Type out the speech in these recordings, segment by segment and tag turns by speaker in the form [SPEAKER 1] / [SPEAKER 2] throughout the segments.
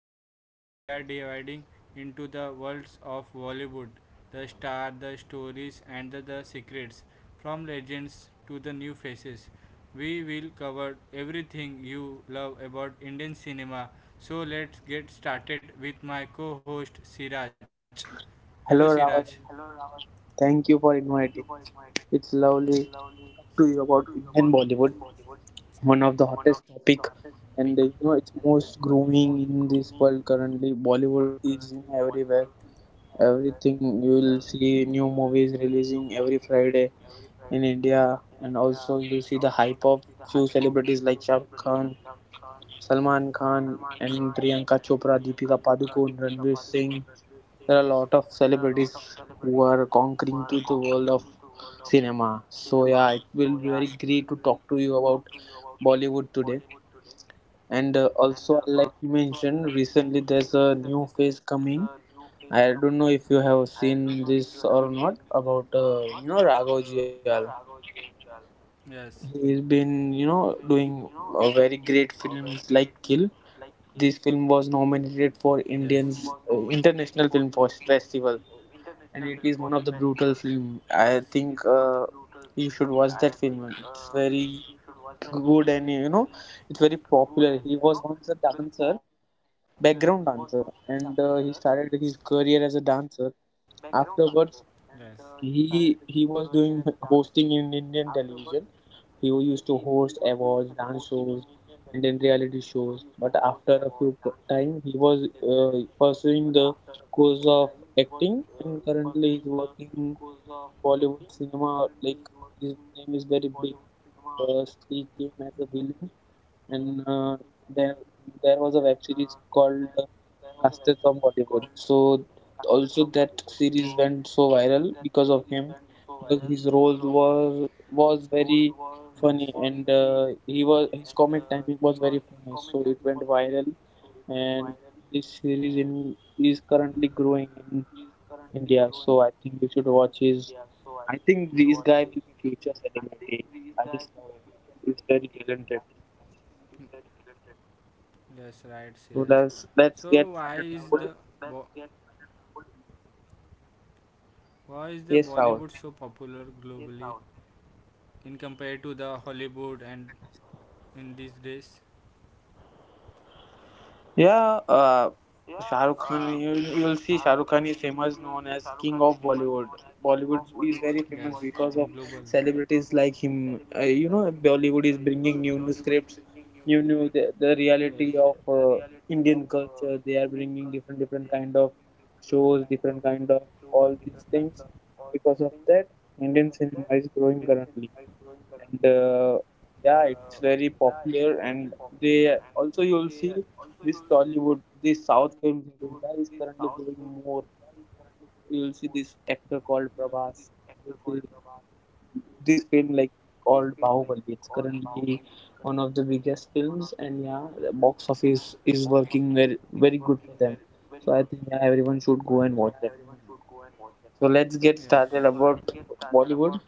[SPEAKER 1] podcast. We are dividing into the worlds of Bollywood, the star, the stories and the secrets from legends to the new faces. We will cover everything you love about Indian cinema. So let's get started with my co-host Siraj. Hello Siraj.
[SPEAKER 2] Hello
[SPEAKER 1] Hello,
[SPEAKER 2] Rahul,
[SPEAKER 1] Raman.
[SPEAKER 2] thank
[SPEAKER 1] Thank
[SPEAKER 2] you
[SPEAKER 1] you
[SPEAKER 2] for
[SPEAKER 1] for
[SPEAKER 2] inviting.
[SPEAKER 1] inviting.
[SPEAKER 2] It's
[SPEAKER 1] It's
[SPEAKER 2] lovely to
[SPEAKER 1] lovely
[SPEAKER 2] talk
[SPEAKER 1] to
[SPEAKER 2] to you
[SPEAKER 1] hear about
[SPEAKER 2] about Indian Bollywood,
[SPEAKER 1] what
[SPEAKER 2] one of the
[SPEAKER 1] you
[SPEAKER 2] hottest
[SPEAKER 1] pick,
[SPEAKER 2] topic,
[SPEAKER 1] and
[SPEAKER 2] and
[SPEAKER 1] there's
[SPEAKER 2] you
[SPEAKER 1] no
[SPEAKER 2] know it's
[SPEAKER 1] excuse
[SPEAKER 2] most growing in this world currently. Bollywood is in everywhere.
[SPEAKER 1] uh,
[SPEAKER 2] Everything you will see
[SPEAKER 1] new
[SPEAKER 2] new
[SPEAKER 1] movies
[SPEAKER 2] movies releasing every Friday
[SPEAKER 1] in
[SPEAKER 2] in
[SPEAKER 1] India
[SPEAKER 2] India,
[SPEAKER 1] and
[SPEAKER 2] and also
[SPEAKER 1] also
[SPEAKER 2] you see
[SPEAKER 1] see
[SPEAKER 2] the
[SPEAKER 1] the hype
[SPEAKER 2] hype
[SPEAKER 1] of
[SPEAKER 2] of few
[SPEAKER 1] few
[SPEAKER 2] celebrities
[SPEAKER 1] celebrities like
[SPEAKER 2] like
[SPEAKER 1] Shah
[SPEAKER 2] Shah Rukh
[SPEAKER 1] Rukh Khan,
[SPEAKER 2] Khan,
[SPEAKER 1] Salman
[SPEAKER 2] Salman
[SPEAKER 1] Khan,
[SPEAKER 2] Khan,
[SPEAKER 1] and
[SPEAKER 2] and Priyanka
[SPEAKER 1] Priyanka
[SPEAKER 2] Chopra,
[SPEAKER 1] Chopra,
[SPEAKER 2] Deepika
[SPEAKER 1] Deepika Padukone,
[SPEAKER 2] Padukone, Ranveer
[SPEAKER 1] Ranveer Singh.
[SPEAKER 2] Singh.
[SPEAKER 1] There
[SPEAKER 2] There are a
[SPEAKER 1] are a lot
[SPEAKER 2] lot
[SPEAKER 1] of
[SPEAKER 2] of
[SPEAKER 1] celebrities
[SPEAKER 2] celebrities
[SPEAKER 1] who
[SPEAKER 2] who
[SPEAKER 1] are
[SPEAKER 2] are conquering to
[SPEAKER 1] concretely to
[SPEAKER 2] the
[SPEAKER 1] the world
[SPEAKER 2] world
[SPEAKER 1] of
[SPEAKER 2] of cinema.
[SPEAKER 1] cinema.
[SPEAKER 2] So yeah,
[SPEAKER 1] Yeah,
[SPEAKER 2] it
[SPEAKER 1] it will
[SPEAKER 2] will
[SPEAKER 1] be
[SPEAKER 2] be very
[SPEAKER 1] very great
[SPEAKER 2] great
[SPEAKER 1] to
[SPEAKER 2] to
[SPEAKER 1] talk
[SPEAKER 2] talk
[SPEAKER 1] to
[SPEAKER 2] to
[SPEAKER 1] you
[SPEAKER 2] you
[SPEAKER 1] about
[SPEAKER 2] about
[SPEAKER 1] Bollywood
[SPEAKER 2] Bollywood
[SPEAKER 1] today.
[SPEAKER 2] today.
[SPEAKER 1] And
[SPEAKER 2] And also I
[SPEAKER 1] also, like
[SPEAKER 2] like to
[SPEAKER 1] you mentioned,
[SPEAKER 2] mention recently
[SPEAKER 1] recently
[SPEAKER 2] there's
[SPEAKER 1] there's
[SPEAKER 2] a
[SPEAKER 1] a new
[SPEAKER 2] new
[SPEAKER 1] phase
[SPEAKER 2] phase
[SPEAKER 1] coming.
[SPEAKER 2] coming. I
[SPEAKER 1] I
[SPEAKER 2] don't
[SPEAKER 1] don't
[SPEAKER 2] know
[SPEAKER 1] know if
[SPEAKER 2] if
[SPEAKER 1] you
[SPEAKER 2] you have
[SPEAKER 1] have seen
[SPEAKER 2] seen
[SPEAKER 1] this
[SPEAKER 2] this
[SPEAKER 1] or
[SPEAKER 2] or
[SPEAKER 1] not
[SPEAKER 2] not
[SPEAKER 1] about
[SPEAKER 2] about you know Raghav
[SPEAKER 1] Raghav
[SPEAKER 2] Jial.
[SPEAKER 1] Jayaswal. Yes.
[SPEAKER 2] He's
[SPEAKER 1] He's
[SPEAKER 2] been
[SPEAKER 1] been
[SPEAKER 2] you know
[SPEAKER 1] doing
[SPEAKER 2] doing very
[SPEAKER 1] very great
[SPEAKER 2] great
[SPEAKER 1] films
[SPEAKER 2] films
[SPEAKER 1] like
[SPEAKER 2] like
[SPEAKER 1] Kill.
[SPEAKER 2] Kill. This
[SPEAKER 1] This Yes.
[SPEAKER 2] film
[SPEAKER 1] film was
[SPEAKER 2] was
[SPEAKER 1] nominated
[SPEAKER 2] nominated for
[SPEAKER 1] for Indian
[SPEAKER 2] Indians
[SPEAKER 1] International
[SPEAKER 2] international
[SPEAKER 1] Film
[SPEAKER 2] film
[SPEAKER 1] Festival.
[SPEAKER 2] Festival,
[SPEAKER 1] Yes.
[SPEAKER 2] and it is
[SPEAKER 1] It is
[SPEAKER 2] one
[SPEAKER 1] one
[SPEAKER 2] of
[SPEAKER 1] of
[SPEAKER 2] the
[SPEAKER 1] the
[SPEAKER 2] brutal film.
[SPEAKER 1] I
[SPEAKER 2] I
[SPEAKER 1] think
[SPEAKER 2] think you
[SPEAKER 1] it-
[SPEAKER 2] should watch that film. It's very good,
[SPEAKER 1] good and
[SPEAKER 2] and you know it's very
[SPEAKER 1] pop
[SPEAKER 2] popular. He was once a
[SPEAKER 1] dancer
[SPEAKER 2] dancer, background dancer,
[SPEAKER 1] and
[SPEAKER 2] and
[SPEAKER 1] Nice.
[SPEAKER 2] he started his
[SPEAKER 1] Career
[SPEAKER 2] career
[SPEAKER 1] as
[SPEAKER 2] as
[SPEAKER 1] a
[SPEAKER 2] a
[SPEAKER 1] dancer.
[SPEAKER 2] dancer.
[SPEAKER 1] Afterwards,
[SPEAKER 2] Afterwards,
[SPEAKER 1] he
[SPEAKER 2] he
[SPEAKER 1] he was
[SPEAKER 2] was
[SPEAKER 1] doing
[SPEAKER 2] doing
[SPEAKER 1] the hosting
[SPEAKER 2] hosting
[SPEAKER 1] in
[SPEAKER 2] in
[SPEAKER 1] Indian
[SPEAKER 2] Indian
[SPEAKER 1] television,
[SPEAKER 2] television. He used to host
[SPEAKER 1] awards,
[SPEAKER 2] awards,
[SPEAKER 1] dance
[SPEAKER 2] dance
[SPEAKER 1] shows,
[SPEAKER 2] shows,
[SPEAKER 1] and
[SPEAKER 2] and
[SPEAKER 1] then
[SPEAKER 2] then
[SPEAKER 1] they are.
[SPEAKER 2] reality shows. But
[SPEAKER 1] But
[SPEAKER 2] after
[SPEAKER 1] after
[SPEAKER 2] a few time, he was pursuing the
[SPEAKER 1] because
[SPEAKER 2] course
[SPEAKER 1] of
[SPEAKER 2] of acting, and currently he's working in
[SPEAKER 1] become
[SPEAKER 2] Bollywood cinema.
[SPEAKER 1] like
[SPEAKER 2] Like his name is very big. First, he came as a villain,
[SPEAKER 1] and
[SPEAKER 2] and
[SPEAKER 1] then
[SPEAKER 2] there
[SPEAKER 1] there
[SPEAKER 2] there
[SPEAKER 1] was
[SPEAKER 2] was
[SPEAKER 1] a
[SPEAKER 2] a
[SPEAKER 1] web
[SPEAKER 2] web
[SPEAKER 1] series
[SPEAKER 2] series
[SPEAKER 1] called
[SPEAKER 2] called Masters
[SPEAKER 1] Success of
[SPEAKER 2] of
[SPEAKER 1] Bollywood.
[SPEAKER 2] Bollywood. So also that
[SPEAKER 1] So
[SPEAKER 2] series went so viral
[SPEAKER 1] because
[SPEAKER 2] because
[SPEAKER 1] of
[SPEAKER 2] of
[SPEAKER 1] him.
[SPEAKER 2] him,
[SPEAKER 1] Like
[SPEAKER 2] because
[SPEAKER 1] his
[SPEAKER 2] his
[SPEAKER 1] roles
[SPEAKER 2] roles
[SPEAKER 1] was
[SPEAKER 2] was
[SPEAKER 1] Yes. was
[SPEAKER 2] was
[SPEAKER 1] very
[SPEAKER 2] very
[SPEAKER 1] funny
[SPEAKER 2] funny,
[SPEAKER 1] and
[SPEAKER 2] and
[SPEAKER 1] uh,
[SPEAKER 2] he
[SPEAKER 1] he was
[SPEAKER 2] was his
[SPEAKER 1] comic
[SPEAKER 2] comic
[SPEAKER 1] and
[SPEAKER 2] timing
[SPEAKER 1] it was
[SPEAKER 2] was
[SPEAKER 1] very
[SPEAKER 2] very funny.
[SPEAKER 1] so
[SPEAKER 2] So
[SPEAKER 1] it
[SPEAKER 2] it
[SPEAKER 1] went
[SPEAKER 2] went
[SPEAKER 1] viral
[SPEAKER 2] viral,
[SPEAKER 1] and
[SPEAKER 2] and
[SPEAKER 1] this
[SPEAKER 2] this
[SPEAKER 1] is
[SPEAKER 2] series
[SPEAKER 1] in
[SPEAKER 2] in
[SPEAKER 1] he's
[SPEAKER 2] is currently
[SPEAKER 1] currently growing
[SPEAKER 2] growing
[SPEAKER 1] in
[SPEAKER 2] in
[SPEAKER 1] India,
[SPEAKER 2] India.
[SPEAKER 1] so
[SPEAKER 2] So
[SPEAKER 1] I
[SPEAKER 2] I
[SPEAKER 1] think
[SPEAKER 2] think
[SPEAKER 1] we
[SPEAKER 2] you should
[SPEAKER 1] should watch
[SPEAKER 2] watch
[SPEAKER 1] his
[SPEAKER 2] his. I
[SPEAKER 1] I think
[SPEAKER 2] think this
[SPEAKER 1] these
[SPEAKER 2] guy
[SPEAKER 1] guys
[SPEAKER 2] will be
[SPEAKER 1] we
[SPEAKER 2] future
[SPEAKER 1] can say
[SPEAKER 2] celebrity.
[SPEAKER 1] I
[SPEAKER 2] I
[SPEAKER 1] think
[SPEAKER 2] just love him. He's very talented.
[SPEAKER 1] Yes, right, Siraj. So why is so
[SPEAKER 2] So
[SPEAKER 1] that,
[SPEAKER 2] Let's
[SPEAKER 1] the
[SPEAKER 2] let's
[SPEAKER 1] that get
[SPEAKER 2] get started, Rahul.
[SPEAKER 1] why is the Bollywood so popular Yes,
[SPEAKER 2] Yes,
[SPEAKER 1] globally?
[SPEAKER 2] Rahul.
[SPEAKER 1] In compared to the Hollywood and in these days?
[SPEAKER 2] Yeah,
[SPEAKER 1] Yeah, uh,
[SPEAKER 2] Shah
[SPEAKER 1] Shah
[SPEAKER 2] Rukh
[SPEAKER 1] Rukh Khan.
[SPEAKER 2] Khan. You
[SPEAKER 1] You
[SPEAKER 2] you will
[SPEAKER 1] will
[SPEAKER 2] see
[SPEAKER 1] see
[SPEAKER 2] Shah
[SPEAKER 1] Shah
[SPEAKER 2] Rukh
[SPEAKER 1] Rukh Khan
[SPEAKER 2] Khan is
[SPEAKER 1] is famous,
[SPEAKER 2] famous,
[SPEAKER 1] known
[SPEAKER 2] known
[SPEAKER 1] as
[SPEAKER 2] as
[SPEAKER 1] King
[SPEAKER 2] King
[SPEAKER 1] of
[SPEAKER 2] of Bollywood.
[SPEAKER 1] Bollywood. Yes, Bollywood
[SPEAKER 2] Bollywood
[SPEAKER 1] in
[SPEAKER 2] is very
[SPEAKER 1] global.
[SPEAKER 2] famous because
[SPEAKER 1] Because of
[SPEAKER 2] of
[SPEAKER 1] celebrities
[SPEAKER 2] celebrities like
[SPEAKER 1] like him.
[SPEAKER 2] him.
[SPEAKER 1] You
[SPEAKER 2] You
[SPEAKER 1] know,
[SPEAKER 2] know, Bollywood
[SPEAKER 1] Bollywood
[SPEAKER 2] is
[SPEAKER 1] is bringing
[SPEAKER 2] bringing
[SPEAKER 1] new
[SPEAKER 2] new
[SPEAKER 1] new
[SPEAKER 2] scripts,
[SPEAKER 1] scripts,
[SPEAKER 2] new
[SPEAKER 1] new Yes. new
[SPEAKER 2] new the,
[SPEAKER 1] the,
[SPEAKER 2] the
[SPEAKER 1] the
[SPEAKER 2] reality of Indian culture. They are bringing different
[SPEAKER 1] kind
[SPEAKER 2] kind
[SPEAKER 1] of
[SPEAKER 2] of
[SPEAKER 1] shows,
[SPEAKER 2] shows, different kind
[SPEAKER 1] different
[SPEAKER 2] of all these things. Because of that, Indian cinema is growing
[SPEAKER 1] kind.
[SPEAKER 2] currently. And
[SPEAKER 1] And
[SPEAKER 2] yeah,
[SPEAKER 1] yeah, it's
[SPEAKER 2] it's
[SPEAKER 1] very
[SPEAKER 2] very
[SPEAKER 1] popular.
[SPEAKER 2] popular,
[SPEAKER 1] And
[SPEAKER 2] and they
[SPEAKER 1] they
[SPEAKER 2] also
[SPEAKER 1] also
[SPEAKER 2] you'll
[SPEAKER 1] used to
[SPEAKER 2] see
[SPEAKER 1] this
[SPEAKER 2] this
[SPEAKER 1] song you would
[SPEAKER 2] Tollywood,
[SPEAKER 1] the
[SPEAKER 2] this
[SPEAKER 1] South.
[SPEAKER 2] south films in India is currently growing more. You'll see this actor called Prabhas. You'll see this film like
[SPEAKER 1] Called
[SPEAKER 2] called
[SPEAKER 1] Bao
[SPEAKER 2] Bahubali. It's currently
[SPEAKER 1] One
[SPEAKER 2] one
[SPEAKER 1] of
[SPEAKER 2] of
[SPEAKER 1] the
[SPEAKER 2] the biggest films, and yeah, the box office is working very good for them. So I think yeah,
[SPEAKER 1] and
[SPEAKER 2] everyone should go and watch that movie.
[SPEAKER 1] yeah. So Yes. So
[SPEAKER 2] So
[SPEAKER 1] let's
[SPEAKER 2] let's
[SPEAKER 1] get
[SPEAKER 2] get started
[SPEAKER 1] started about.
[SPEAKER 2] about Bollywood.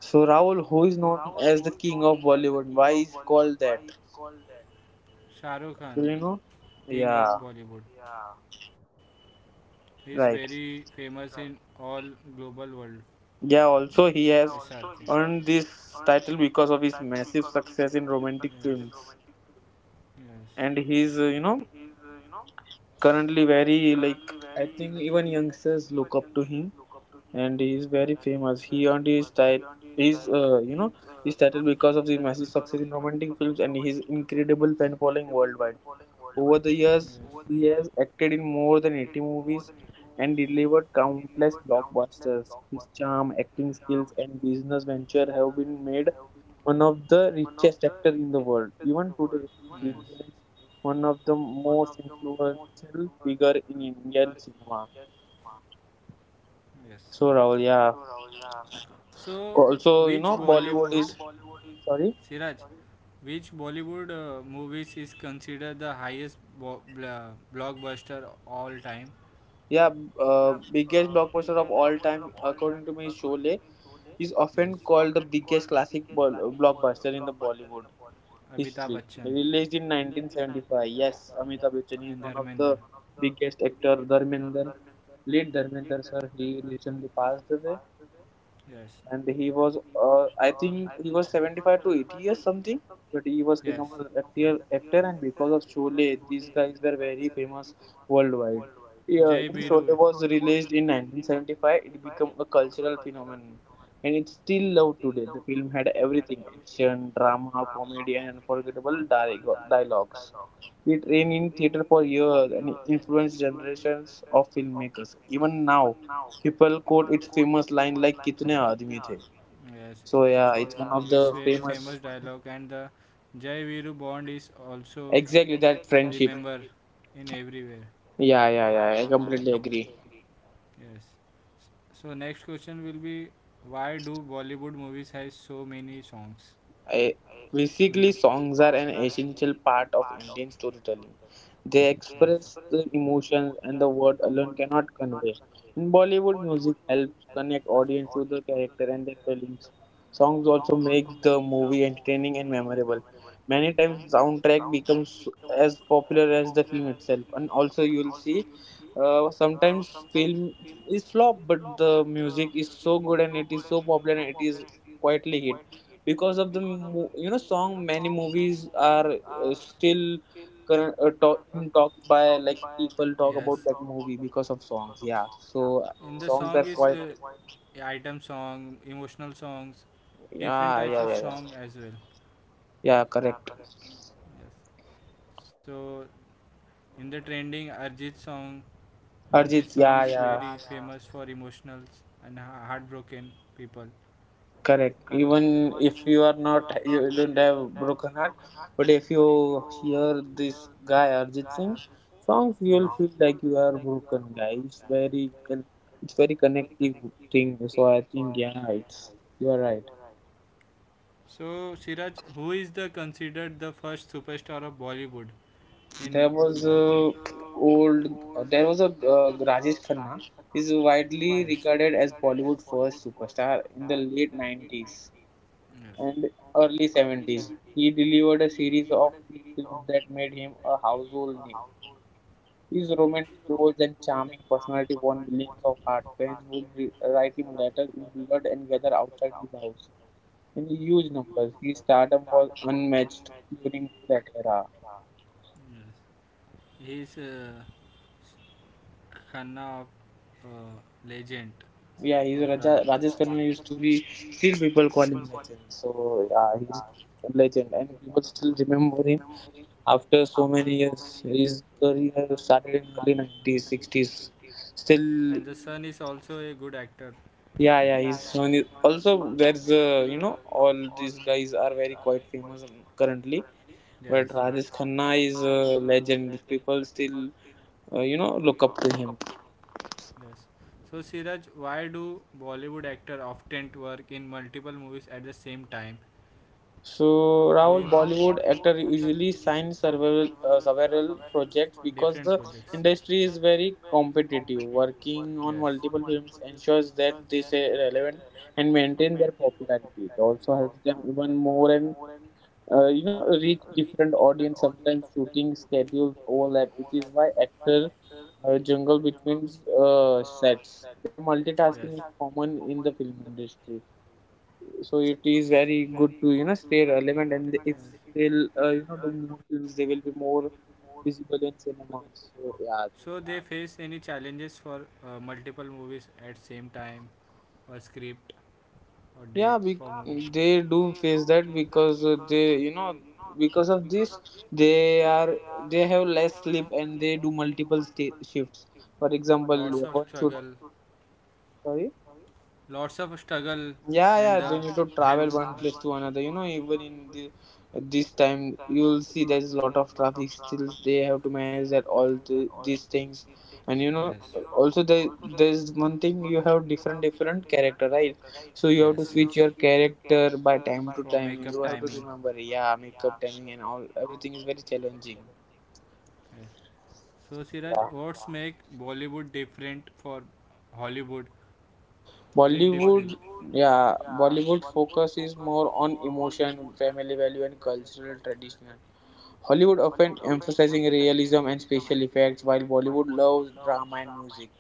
[SPEAKER 2] So
[SPEAKER 1] So Rahul,
[SPEAKER 2] Rahul,
[SPEAKER 1] who
[SPEAKER 2] who
[SPEAKER 1] is
[SPEAKER 2] is
[SPEAKER 1] known
[SPEAKER 2] known
[SPEAKER 1] as
[SPEAKER 2] as
[SPEAKER 1] the
[SPEAKER 2] the
[SPEAKER 1] king
[SPEAKER 2] king
[SPEAKER 1] of,
[SPEAKER 2] of Bollywood,
[SPEAKER 1] why
[SPEAKER 2] why
[SPEAKER 1] is
[SPEAKER 2] is
[SPEAKER 1] called
[SPEAKER 2] called
[SPEAKER 1] that?
[SPEAKER 2] that?
[SPEAKER 1] Shah Rukh Khan.
[SPEAKER 2] Do you
[SPEAKER 1] King of
[SPEAKER 2] know?
[SPEAKER 1] Bollywood.
[SPEAKER 2] Yeah,
[SPEAKER 1] Yeah. He is very famous in
[SPEAKER 2] right.
[SPEAKER 1] all global world.
[SPEAKER 2] Yeah,
[SPEAKER 1] Yeah, Yes, also
[SPEAKER 2] also he
[SPEAKER 1] he has
[SPEAKER 2] has
[SPEAKER 1] earned
[SPEAKER 2] earned
[SPEAKER 1] this
[SPEAKER 2] this
[SPEAKER 1] title
[SPEAKER 2] title
[SPEAKER 1] because
[SPEAKER 2] because
[SPEAKER 1] of
[SPEAKER 2] of
[SPEAKER 1] his,
[SPEAKER 2] his
[SPEAKER 1] his
[SPEAKER 2] massive
[SPEAKER 1] success Yes.
[SPEAKER 2] success
[SPEAKER 1] in
[SPEAKER 2] in romantic
[SPEAKER 1] 23
[SPEAKER 2] films,
[SPEAKER 1] Yes. and
[SPEAKER 2] and
[SPEAKER 1] he's,
[SPEAKER 2] he's you
[SPEAKER 1] you know,
[SPEAKER 2] know
[SPEAKER 1] currently
[SPEAKER 2] currently
[SPEAKER 1] very
[SPEAKER 2] very
[SPEAKER 1] like
[SPEAKER 2] like
[SPEAKER 1] I
[SPEAKER 2] I
[SPEAKER 1] think
[SPEAKER 2] think
[SPEAKER 1] even
[SPEAKER 2] even
[SPEAKER 1] youngsters
[SPEAKER 2] youngsters
[SPEAKER 1] look
[SPEAKER 2] look
[SPEAKER 1] up
[SPEAKER 2] up
[SPEAKER 1] to
[SPEAKER 2] to
[SPEAKER 1] him,
[SPEAKER 2] him,
[SPEAKER 1] and
[SPEAKER 2] and
[SPEAKER 1] he
[SPEAKER 2] he
[SPEAKER 1] is
[SPEAKER 2] is
[SPEAKER 1] very
[SPEAKER 2] very
[SPEAKER 1] famous.
[SPEAKER 2] famous.
[SPEAKER 1] He
[SPEAKER 2] He
[SPEAKER 1] earned
[SPEAKER 2] earned
[SPEAKER 1] his
[SPEAKER 2] his
[SPEAKER 1] title.
[SPEAKER 2] title,
[SPEAKER 1] He's
[SPEAKER 2] his uh,
[SPEAKER 1] you
[SPEAKER 2] you
[SPEAKER 1] know
[SPEAKER 2] know
[SPEAKER 1] his
[SPEAKER 2] his title
[SPEAKER 1] title
[SPEAKER 2] because
[SPEAKER 1] because of
[SPEAKER 2] of
[SPEAKER 1] his
[SPEAKER 2] his massive
[SPEAKER 1] massive success
[SPEAKER 2] success
[SPEAKER 1] in
[SPEAKER 2] in
[SPEAKER 1] romantic
[SPEAKER 2] romantic
[SPEAKER 1] films
[SPEAKER 2] films
[SPEAKER 1] and
[SPEAKER 2] and
[SPEAKER 1] his
[SPEAKER 2] his
[SPEAKER 1] incredible
[SPEAKER 2] incredible
[SPEAKER 1] fan
[SPEAKER 2] fan
[SPEAKER 1] following
[SPEAKER 2] following
[SPEAKER 1] worldwide.
[SPEAKER 2] worldwide.
[SPEAKER 1] Yes. Over
[SPEAKER 2] Over
[SPEAKER 1] Yes.
[SPEAKER 2] the
[SPEAKER 1] the years,
[SPEAKER 2] years,
[SPEAKER 1] he
[SPEAKER 2] he
[SPEAKER 1] has
[SPEAKER 2] has acted
[SPEAKER 1] acted in
[SPEAKER 2] in
[SPEAKER 1] more
[SPEAKER 2] more
[SPEAKER 1] than
[SPEAKER 2] than 80
[SPEAKER 1] 80 movies
[SPEAKER 2] movies
[SPEAKER 1] and
[SPEAKER 2] and
[SPEAKER 1] delivered
[SPEAKER 2] delivered
[SPEAKER 1] countless
[SPEAKER 2] countless
[SPEAKER 1] blockbusters.
[SPEAKER 2] blockbusters.
[SPEAKER 1] His
[SPEAKER 2] His charm,
[SPEAKER 1] charm, acting
[SPEAKER 2] acting
[SPEAKER 1] skills,
[SPEAKER 2] skills,
[SPEAKER 1] and
[SPEAKER 2] and
[SPEAKER 1] business
[SPEAKER 2] business
[SPEAKER 1] venture
[SPEAKER 2] venture
[SPEAKER 1] have
[SPEAKER 2] have
[SPEAKER 1] been
[SPEAKER 2] been
[SPEAKER 1] made
[SPEAKER 2] made
[SPEAKER 1] one
[SPEAKER 2] one
[SPEAKER 1] of
[SPEAKER 2] of
[SPEAKER 1] the
[SPEAKER 2] the
[SPEAKER 1] richest
[SPEAKER 2] richest actors
[SPEAKER 1] actors in
[SPEAKER 2] in
[SPEAKER 1] the
[SPEAKER 2] the
[SPEAKER 1] world.
[SPEAKER 2] world.
[SPEAKER 1] Even
[SPEAKER 2] Even
[SPEAKER 1] today,
[SPEAKER 2] today,
[SPEAKER 1] Yes.
[SPEAKER 2] he
[SPEAKER 1] his
[SPEAKER 2] remains one
[SPEAKER 1] one of
[SPEAKER 2] of the
[SPEAKER 1] the most
[SPEAKER 2] most influential
[SPEAKER 1] influential
[SPEAKER 2] figure in Indian cinema.
[SPEAKER 1] Yes.
[SPEAKER 2] So Rahul,
[SPEAKER 1] So
[SPEAKER 2] yeah.
[SPEAKER 1] Rahul, yeah. So,
[SPEAKER 2] Also, you
[SPEAKER 1] which
[SPEAKER 2] know,
[SPEAKER 1] Also, Bollywood,
[SPEAKER 2] Bollywood
[SPEAKER 1] you
[SPEAKER 2] is
[SPEAKER 1] know, Bollywood,
[SPEAKER 2] sorry.
[SPEAKER 1] is Siraj, sorry. Which Bollywood movies is considered the highest blockbuster all time?
[SPEAKER 2] Yeah,
[SPEAKER 1] Yeah,
[SPEAKER 2] biggest
[SPEAKER 1] biggest poster
[SPEAKER 2] blockbuster
[SPEAKER 1] of
[SPEAKER 2] of
[SPEAKER 1] all
[SPEAKER 2] all
[SPEAKER 1] time
[SPEAKER 2] time
[SPEAKER 1] according
[SPEAKER 2] according
[SPEAKER 1] to
[SPEAKER 2] to
[SPEAKER 1] me.
[SPEAKER 2] me is
[SPEAKER 1] So
[SPEAKER 2] Sholay
[SPEAKER 1] Yes. you
[SPEAKER 2] is often
[SPEAKER 1] you call
[SPEAKER 2] called
[SPEAKER 1] the
[SPEAKER 2] the biggest
[SPEAKER 1] classic
[SPEAKER 2] classic
[SPEAKER 1] blockbuster
[SPEAKER 2] blockbuster
[SPEAKER 1] in
[SPEAKER 2] in the
[SPEAKER 1] the Bollywood.
[SPEAKER 2] Bollywood
[SPEAKER 1] Amitabh Bachchan
[SPEAKER 2] history.
[SPEAKER 1] In
[SPEAKER 2] Released in 1975,
[SPEAKER 1] 1975, yes.
[SPEAKER 2] yes,
[SPEAKER 1] of and course,
[SPEAKER 2] Amitabh Bachchan
[SPEAKER 1] Dharmender. One
[SPEAKER 2] is one of
[SPEAKER 1] of
[SPEAKER 2] the biggest actor. Dharmender, late Dharmender sir, he recently passed away,
[SPEAKER 1] Yes. and
[SPEAKER 2] and he was I think
[SPEAKER 1] he
[SPEAKER 2] he
[SPEAKER 1] was
[SPEAKER 2] was 75 to 80 years something,
[SPEAKER 1] but
[SPEAKER 2] but
[SPEAKER 1] Yes. he
[SPEAKER 2] he
[SPEAKER 1] Yes. was
[SPEAKER 2] was phenomenal actor, and
[SPEAKER 1] because
[SPEAKER 2] because
[SPEAKER 1] of
[SPEAKER 2] of Sholay these guys were very famous
[SPEAKER 1] what
[SPEAKER 2] worldwide.
[SPEAKER 1] Jai Yeah.
[SPEAKER 2] Yeah, you
[SPEAKER 1] Biru.
[SPEAKER 2] know Sholay
[SPEAKER 1] Was
[SPEAKER 2] was released
[SPEAKER 1] released in
[SPEAKER 2] in
[SPEAKER 1] 1965
[SPEAKER 2] 1975. It became a cultural phenomenon, and
[SPEAKER 1] and
[SPEAKER 2] it's
[SPEAKER 1] it's
[SPEAKER 2] still
[SPEAKER 1] still
[SPEAKER 2] loved
[SPEAKER 1] loved to
[SPEAKER 2] today. The film had everything: action,
[SPEAKER 1] drama
[SPEAKER 2] drama, comedy,
[SPEAKER 1] comedy and
[SPEAKER 2] and
[SPEAKER 1] incredible
[SPEAKER 2] unforgettable
[SPEAKER 1] dialogue
[SPEAKER 2] dialogues. It
[SPEAKER 1] the
[SPEAKER 2] ran in theater for years and
[SPEAKER 1] influence
[SPEAKER 2] influenced generations
[SPEAKER 1] of
[SPEAKER 2] of filmmakers.
[SPEAKER 1] one
[SPEAKER 2] Even now
[SPEAKER 1] now people
[SPEAKER 2] people
[SPEAKER 1] quote
[SPEAKER 2] quote
[SPEAKER 1] its
[SPEAKER 2] its
[SPEAKER 1] famous
[SPEAKER 2] famous
[SPEAKER 1] line
[SPEAKER 2] line like kitne aadmi the.
[SPEAKER 1] Yes, it's
[SPEAKER 2] So
[SPEAKER 1] So, yeah,
[SPEAKER 2] yeah,
[SPEAKER 1] it's
[SPEAKER 2] it's
[SPEAKER 1] it's
[SPEAKER 2] one of
[SPEAKER 1] very
[SPEAKER 2] the
[SPEAKER 1] famous
[SPEAKER 2] famous.
[SPEAKER 1] dialogue and the Jai Viru Bond is also Actually,
[SPEAKER 2] Exactly,
[SPEAKER 1] that's my
[SPEAKER 2] that
[SPEAKER 1] remember
[SPEAKER 2] friendship.
[SPEAKER 1] in everywhere. Yeah,
[SPEAKER 2] yeah yeah
[SPEAKER 1] yeah,
[SPEAKER 2] yeah I
[SPEAKER 1] yeah.
[SPEAKER 2] completely agree.
[SPEAKER 1] Yes. S- So next question will be why do Bollywood movies have so many songs?
[SPEAKER 2] I,
[SPEAKER 1] Basically,
[SPEAKER 2] basically,
[SPEAKER 1] songs
[SPEAKER 2] songs
[SPEAKER 1] are
[SPEAKER 2] are an
[SPEAKER 1] an
[SPEAKER 2] essential
[SPEAKER 1] part
[SPEAKER 2] part
[SPEAKER 1] of
[SPEAKER 2] of
[SPEAKER 1] it
[SPEAKER 2] Indian storytelling. They express the emotions and the word alone cannot convey. In Bollywood,
[SPEAKER 1] Bollywood
[SPEAKER 2] music
[SPEAKER 1] music helps
[SPEAKER 2] helps connect
[SPEAKER 1] connect audience
[SPEAKER 2] audience
[SPEAKER 1] to
[SPEAKER 2] to
[SPEAKER 1] the
[SPEAKER 2] the character
[SPEAKER 1] character and
[SPEAKER 2] and
[SPEAKER 1] the
[SPEAKER 2] their
[SPEAKER 1] story.
[SPEAKER 2] feelings. Songs
[SPEAKER 1] Songs
[SPEAKER 2] also
[SPEAKER 1] also make
[SPEAKER 2] make
[SPEAKER 1] the
[SPEAKER 2] the movie
[SPEAKER 1] movie
[SPEAKER 2] entertaining
[SPEAKER 1] entertaining and
[SPEAKER 2] and memorable.
[SPEAKER 1] memorable. Many
[SPEAKER 2] Many
[SPEAKER 1] times
[SPEAKER 2] times,
[SPEAKER 1] soundtrack
[SPEAKER 2] soundtrack
[SPEAKER 1] becomes
[SPEAKER 2] becomes
[SPEAKER 1] as
[SPEAKER 2] as
[SPEAKER 1] popular
[SPEAKER 2] popular
[SPEAKER 1] as
[SPEAKER 2] as
[SPEAKER 1] the
[SPEAKER 2] the
[SPEAKER 1] film
[SPEAKER 2] film itself,
[SPEAKER 1] itself, and
[SPEAKER 2] and also
[SPEAKER 1] also
[SPEAKER 2] you'll
[SPEAKER 1] you'll see
[SPEAKER 2] see
[SPEAKER 1] sometimes
[SPEAKER 2] sometimes
[SPEAKER 1] film
[SPEAKER 2] film
[SPEAKER 1] is
[SPEAKER 2] is
[SPEAKER 1] flop.
[SPEAKER 2] flop,
[SPEAKER 1] The
[SPEAKER 2] but the
[SPEAKER 1] music
[SPEAKER 2] music
[SPEAKER 1] is
[SPEAKER 2] is so
[SPEAKER 1] so
[SPEAKER 2] good
[SPEAKER 1] good and
[SPEAKER 2] and
[SPEAKER 1] it
[SPEAKER 2] it
[SPEAKER 1] is
[SPEAKER 2] is
[SPEAKER 1] so
[SPEAKER 2] so popular, and it is
[SPEAKER 1] quite
[SPEAKER 2] quietly hit because of the you know
[SPEAKER 1] the song
[SPEAKER 2] song. Many
[SPEAKER 1] many
[SPEAKER 2] movies
[SPEAKER 1] are
[SPEAKER 2] are still current,
[SPEAKER 1] uh,
[SPEAKER 2] in talk
[SPEAKER 1] by
[SPEAKER 2] by
[SPEAKER 1] like
[SPEAKER 2] like
[SPEAKER 1] Yes.
[SPEAKER 2] people
[SPEAKER 1] people talk
[SPEAKER 2] talk about
[SPEAKER 1] about that
[SPEAKER 2] that movie
[SPEAKER 1] movie because
[SPEAKER 2] because
[SPEAKER 1] of
[SPEAKER 2] of
[SPEAKER 1] song.
[SPEAKER 2] songs. Yeah,
[SPEAKER 1] Yeah. In So
[SPEAKER 2] so
[SPEAKER 1] the song is
[SPEAKER 2] songs
[SPEAKER 1] song
[SPEAKER 2] are quite.
[SPEAKER 1] that's item song, emotional songs, different
[SPEAKER 2] yeah
[SPEAKER 1] types of
[SPEAKER 2] yeah
[SPEAKER 1] Ah, yeah,
[SPEAKER 2] yeah yeah
[SPEAKER 1] song yeah. as well.
[SPEAKER 2] yeah
[SPEAKER 1] Yeah,
[SPEAKER 2] correct.
[SPEAKER 1] correct. Yes. So in the trending Arjit song is Arjit, yeah
[SPEAKER 2] Arjit,
[SPEAKER 1] very
[SPEAKER 2] yeah,
[SPEAKER 1] yeah, yeah.
[SPEAKER 2] yeah.
[SPEAKER 1] famous for emotionals and heartbroken people. Correct.
[SPEAKER 2] Correct.
[SPEAKER 1] Even
[SPEAKER 2] Even
[SPEAKER 1] if
[SPEAKER 2] if
[SPEAKER 1] you
[SPEAKER 2] you are
[SPEAKER 1] are not,
[SPEAKER 2] not,
[SPEAKER 1] you
[SPEAKER 2] you
[SPEAKER 1] don't
[SPEAKER 2] don't
[SPEAKER 1] have
[SPEAKER 2] have
[SPEAKER 1] broken
[SPEAKER 2] broken
[SPEAKER 1] heart,
[SPEAKER 2] heart,
[SPEAKER 1] but
[SPEAKER 2] but
[SPEAKER 1] if
[SPEAKER 2] if
[SPEAKER 1] you
[SPEAKER 2] you
[SPEAKER 1] hear
[SPEAKER 2] hear
[SPEAKER 1] this
[SPEAKER 2] this
[SPEAKER 1] guy,
[SPEAKER 2] guy Arjit
[SPEAKER 1] Arjit
[SPEAKER 2] Singh
[SPEAKER 1] Yes. Wrong.
[SPEAKER 2] songs, you'll feel like you are broken guy. It's very, it's very connective
[SPEAKER 1] King
[SPEAKER 2] thing.
[SPEAKER 1] is
[SPEAKER 2] So I
[SPEAKER 1] what
[SPEAKER 2] think yeah,
[SPEAKER 1] Indian
[SPEAKER 2] it's you are
[SPEAKER 1] You
[SPEAKER 2] right.
[SPEAKER 1] are right. So Siraj, who is the considered the first superstar of Bollywood? In
[SPEAKER 2] There
[SPEAKER 1] There
[SPEAKER 2] was
[SPEAKER 1] was
[SPEAKER 2] a
[SPEAKER 1] a old.
[SPEAKER 2] old, there
[SPEAKER 1] There
[SPEAKER 2] was
[SPEAKER 1] was
[SPEAKER 2] a
[SPEAKER 1] a Rajesh
[SPEAKER 2] Rajesh
[SPEAKER 1] Khanna.
[SPEAKER 2] Khanna.
[SPEAKER 1] He's
[SPEAKER 2] He's
[SPEAKER 1] a white yes.
[SPEAKER 2] widely regarded as Bollywood first
[SPEAKER 1] superstar.
[SPEAKER 2] superstar
[SPEAKER 1] In
[SPEAKER 2] in
[SPEAKER 1] the
[SPEAKER 2] the late
[SPEAKER 1] 90s.
[SPEAKER 2] nineties.
[SPEAKER 1] Yes, and
[SPEAKER 2] and
[SPEAKER 1] uh,
[SPEAKER 2] early 70s. He
[SPEAKER 1] he
[SPEAKER 2] delivered a
[SPEAKER 1] delivered a
[SPEAKER 2] series of
[SPEAKER 1] series
[SPEAKER 2] hit
[SPEAKER 1] of
[SPEAKER 2] films that
[SPEAKER 1] that
[SPEAKER 2] made him
[SPEAKER 1] made
[SPEAKER 2] a
[SPEAKER 1] him a
[SPEAKER 2] household name.
[SPEAKER 1] household. Name.
[SPEAKER 2] His
[SPEAKER 1] He's a
[SPEAKER 2] romantic roles
[SPEAKER 1] romantic,
[SPEAKER 2] and charming
[SPEAKER 1] charming, person
[SPEAKER 2] personality won millions
[SPEAKER 1] of
[SPEAKER 2] of
[SPEAKER 1] heart.
[SPEAKER 2] heart. Fans would write him letters in blood and
[SPEAKER 1] Other
[SPEAKER 2] gather outside his house in huge numbers. His
[SPEAKER 1] Yes.
[SPEAKER 2] stardom was unmatched during that era.
[SPEAKER 1] He is Khanna of uh, legend of Yeah,
[SPEAKER 2] Yeah,
[SPEAKER 1] Raj.
[SPEAKER 2] he's
[SPEAKER 1] Because Rajesh
[SPEAKER 2] Rajesh
[SPEAKER 1] Khanna
[SPEAKER 2] Khanna used
[SPEAKER 1] used to
[SPEAKER 2] to
[SPEAKER 1] be
[SPEAKER 2] be
[SPEAKER 1] still
[SPEAKER 2] still
[SPEAKER 1] people
[SPEAKER 2] people
[SPEAKER 1] call
[SPEAKER 2] call him
[SPEAKER 1] him
[SPEAKER 2] legend.
[SPEAKER 1] oh,
[SPEAKER 2] So
[SPEAKER 1] Raj.
[SPEAKER 2] yeah, he's a
[SPEAKER 1] Like that,
[SPEAKER 2] legend,
[SPEAKER 1] and
[SPEAKER 2] and people
[SPEAKER 1] people
[SPEAKER 2] still
[SPEAKER 1] still remember
[SPEAKER 2] remember
[SPEAKER 1] him
[SPEAKER 2] him
[SPEAKER 1] after
[SPEAKER 2] after
[SPEAKER 1] so
[SPEAKER 2] so many
[SPEAKER 1] many years.
[SPEAKER 2] years.
[SPEAKER 1] He's
[SPEAKER 2] His
[SPEAKER 1] the
[SPEAKER 2] career started in early
[SPEAKER 1] Still,
[SPEAKER 2] 1960s.
[SPEAKER 1] And the
[SPEAKER 2] Still,
[SPEAKER 1] son is also a good actor. Yeah, yeah,
[SPEAKER 2] yeah, he's
[SPEAKER 1] he's not,
[SPEAKER 2] also there's you
[SPEAKER 1] you know,
[SPEAKER 2] know
[SPEAKER 1] all
[SPEAKER 2] all
[SPEAKER 1] his
[SPEAKER 2] these
[SPEAKER 1] movies
[SPEAKER 2] guys
[SPEAKER 1] are
[SPEAKER 2] are
[SPEAKER 1] very
[SPEAKER 2] very quite famous
[SPEAKER 1] famous.
[SPEAKER 2] currently,
[SPEAKER 1] Yes. But
[SPEAKER 2] but
[SPEAKER 1] Rajesh
[SPEAKER 2] Rajesh
[SPEAKER 1] Khanna
[SPEAKER 2] Khanna
[SPEAKER 1] is
[SPEAKER 2] is a
[SPEAKER 1] a legend.
[SPEAKER 2] legend.
[SPEAKER 1] People
[SPEAKER 2] People
[SPEAKER 1] still,
[SPEAKER 2] still you
[SPEAKER 1] you
[SPEAKER 2] know
[SPEAKER 1] know,
[SPEAKER 2] look
[SPEAKER 1] look
[SPEAKER 2] up
[SPEAKER 1] up to
[SPEAKER 2] to him.
[SPEAKER 1] him. Yes. So Siraj, why do Bollywood actors often work in multiple movies at the same time? So
[SPEAKER 2] So
[SPEAKER 1] Do you know? Rahul,
[SPEAKER 2] Rahul,
[SPEAKER 1] Bollywood
[SPEAKER 2] Bollywood actor usually
[SPEAKER 1] usually signs
[SPEAKER 2] sign several several
[SPEAKER 1] projects
[SPEAKER 2] projects
[SPEAKER 1] Different because
[SPEAKER 2] because
[SPEAKER 1] projects.
[SPEAKER 2] the
[SPEAKER 1] The projects.
[SPEAKER 2] industry is
[SPEAKER 1] Is
[SPEAKER 2] very
[SPEAKER 1] complex,
[SPEAKER 2] competitive.
[SPEAKER 1] Yes.
[SPEAKER 2] Working on
[SPEAKER 1] non-multiple,
[SPEAKER 2] multiple films ensures that they stay relevant and
[SPEAKER 1] and it
[SPEAKER 2] maintain their popularity. It
[SPEAKER 1] also
[SPEAKER 2] also helps
[SPEAKER 1] has
[SPEAKER 2] them even more,
[SPEAKER 1] more and
[SPEAKER 2] and
[SPEAKER 1] uh,
[SPEAKER 2] you know reach
[SPEAKER 1] different
[SPEAKER 2] different audience.
[SPEAKER 1] audience
[SPEAKER 2] Sometimes shooting schedules overlap, which is
[SPEAKER 1] by
[SPEAKER 2] why
[SPEAKER 1] jungle,
[SPEAKER 2] actor
[SPEAKER 1] jungle
[SPEAKER 2] jungle
[SPEAKER 1] between
[SPEAKER 2] between
[SPEAKER 1] sets.
[SPEAKER 2] sets. Their
[SPEAKER 1] Multitasking
[SPEAKER 2] multitasking is
[SPEAKER 1] yes. is common
[SPEAKER 2] common
[SPEAKER 1] in
[SPEAKER 2] in the
[SPEAKER 1] the
[SPEAKER 2] film
[SPEAKER 1] business
[SPEAKER 2] industry,
[SPEAKER 1] industry.
[SPEAKER 2] so
[SPEAKER 1] So
[SPEAKER 2] it
[SPEAKER 1] if he
[SPEAKER 2] is
[SPEAKER 1] is
[SPEAKER 2] very
[SPEAKER 1] very good
[SPEAKER 2] good to
[SPEAKER 1] to
[SPEAKER 2] you know stay
[SPEAKER 1] stay
[SPEAKER 2] relevant,
[SPEAKER 1] relevant and
[SPEAKER 2] and
[SPEAKER 1] Yes.
[SPEAKER 2] if they'll
[SPEAKER 1] Will
[SPEAKER 2] you
[SPEAKER 1] you
[SPEAKER 2] know do more
[SPEAKER 1] know
[SPEAKER 2] films
[SPEAKER 1] they
[SPEAKER 2] they
[SPEAKER 1] will
[SPEAKER 2] will
[SPEAKER 1] be
[SPEAKER 2] be
[SPEAKER 1] more
[SPEAKER 2] more visible
[SPEAKER 1] visible in
[SPEAKER 2] in
[SPEAKER 1] cinema.
[SPEAKER 2] cinemas. So
[SPEAKER 1] So they
[SPEAKER 2] yeah,
[SPEAKER 1] And face any challenges for multiple movies at same time, or script, or date for
[SPEAKER 2] yeah
[SPEAKER 1] Yeah,
[SPEAKER 2] we,
[SPEAKER 1] movie. They
[SPEAKER 2] they
[SPEAKER 1] do
[SPEAKER 2] do
[SPEAKER 1] face
[SPEAKER 2] face that
[SPEAKER 1] that
[SPEAKER 2] because
[SPEAKER 1] because they
[SPEAKER 2] they
[SPEAKER 1] you
[SPEAKER 2] you
[SPEAKER 1] know
[SPEAKER 2] know because
[SPEAKER 1] because of
[SPEAKER 2] of this
[SPEAKER 1] this they
[SPEAKER 2] they
[SPEAKER 1] are
[SPEAKER 2] are
[SPEAKER 1] they
[SPEAKER 2] they have
[SPEAKER 1] have less
[SPEAKER 2] less sleep,
[SPEAKER 1] clip and
[SPEAKER 2] and
[SPEAKER 1] they
[SPEAKER 2] they do
[SPEAKER 1] do
[SPEAKER 2] multiple
[SPEAKER 1] multiple
[SPEAKER 2] sta shifts.
[SPEAKER 1] shifts.
[SPEAKER 2] For
[SPEAKER 1] For Lots example, of
[SPEAKER 2] example, one
[SPEAKER 1] struggle.
[SPEAKER 2] shoot. Sorry.
[SPEAKER 1] Lots of struggle and yeah, the
[SPEAKER 2] Yeah, yeah,
[SPEAKER 1] yeah, when
[SPEAKER 2] they
[SPEAKER 1] you
[SPEAKER 2] need to
[SPEAKER 1] health. Travel
[SPEAKER 2] travel
[SPEAKER 1] one
[SPEAKER 2] one
[SPEAKER 1] place
[SPEAKER 2] place
[SPEAKER 1] to
[SPEAKER 2] to another.
[SPEAKER 1] another,
[SPEAKER 2] You
[SPEAKER 1] you
[SPEAKER 2] know,
[SPEAKER 1] know, you will
[SPEAKER 2] even in the,
[SPEAKER 1] this
[SPEAKER 2] this
[SPEAKER 1] time
[SPEAKER 2] time,
[SPEAKER 1] you
[SPEAKER 2] you'll
[SPEAKER 1] will
[SPEAKER 2] see
[SPEAKER 1] see
[SPEAKER 2] there's a
[SPEAKER 1] lot
[SPEAKER 2] lot
[SPEAKER 1] of
[SPEAKER 2] of
[SPEAKER 1] traffic
[SPEAKER 2] traffic. Still, they have to manage
[SPEAKER 1] and
[SPEAKER 2] that
[SPEAKER 1] all,
[SPEAKER 2] all the, these
[SPEAKER 1] And
[SPEAKER 2] things, and
[SPEAKER 1] Yes.
[SPEAKER 2] you
[SPEAKER 1] you know,
[SPEAKER 2] know, also
[SPEAKER 1] also
[SPEAKER 2] they, there's
[SPEAKER 1] one
[SPEAKER 2] one
[SPEAKER 1] thing
[SPEAKER 2] thing
[SPEAKER 1] you
[SPEAKER 2] you
[SPEAKER 1] have
[SPEAKER 2] have different character,
[SPEAKER 1] to
[SPEAKER 2] right?
[SPEAKER 1] Yes.
[SPEAKER 2] So you
[SPEAKER 1] to
[SPEAKER 2] have to switch your character
[SPEAKER 1] For
[SPEAKER 2] by
[SPEAKER 1] to
[SPEAKER 2] time to
[SPEAKER 1] makeup plan,
[SPEAKER 2] time.
[SPEAKER 1] timing.
[SPEAKER 2] You
[SPEAKER 1] Have
[SPEAKER 2] have
[SPEAKER 1] to
[SPEAKER 2] to remember,
[SPEAKER 1] remember, yeah,
[SPEAKER 2] yeah, makeup
[SPEAKER 1] makeup
[SPEAKER 2] timing and
[SPEAKER 1] timing and
[SPEAKER 2] all.
[SPEAKER 1] all
[SPEAKER 2] Everything is
[SPEAKER 1] everything
[SPEAKER 2] very
[SPEAKER 1] is very
[SPEAKER 2] challenging.
[SPEAKER 1] challenging. Yes. So Siraj,
[SPEAKER 2] Yeah.
[SPEAKER 1] what's Yeah. make Bollywood different for Hollywood? Big difference.
[SPEAKER 2] Bollywood,
[SPEAKER 1] Bollywood,
[SPEAKER 2] yeah,
[SPEAKER 1] yeah,
[SPEAKER 2] Bollywood
[SPEAKER 1] Bollywood
[SPEAKER 2] focus is
[SPEAKER 1] focuses
[SPEAKER 2] more
[SPEAKER 1] more
[SPEAKER 2] on
[SPEAKER 1] on
[SPEAKER 2] emotion,
[SPEAKER 1] emotion,
[SPEAKER 2] family
[SPEAKER 1] family
[SPEAKER 2] value, and
[SPEAKER 1] value, and
[SPEAKER 2] cultural
[SPEAKER 1] cultural
[SPEAKER 2] tradition.
[SPEAKER 1] tradition.
[SPEAKER 2] Hollywood
[SPEAKER 1] Hollywood
[SPEAKER 2] often
[SPEAKER 1] often
[SPEAKER 2] emphasizing
[SPEAKER 1] emphasizing
[SPEAKER 2] realism
[SPEAKER 1] realism
[SPEAKER 2] and
[SPEAKER 1] and special
[SPEAKER 2] special
[SPEAKER 1] effects,
[SPEAKER 2] effects, while
[SPEAKER 1] while
[SPEAKER 2] Bollywood
[SPEAKER 1] Bollywood loves
[SPEAKER 2] loves drama
[SPEAKER 1] drama and
[SPEAKER 2] and music.
[SPEAKER 1] action.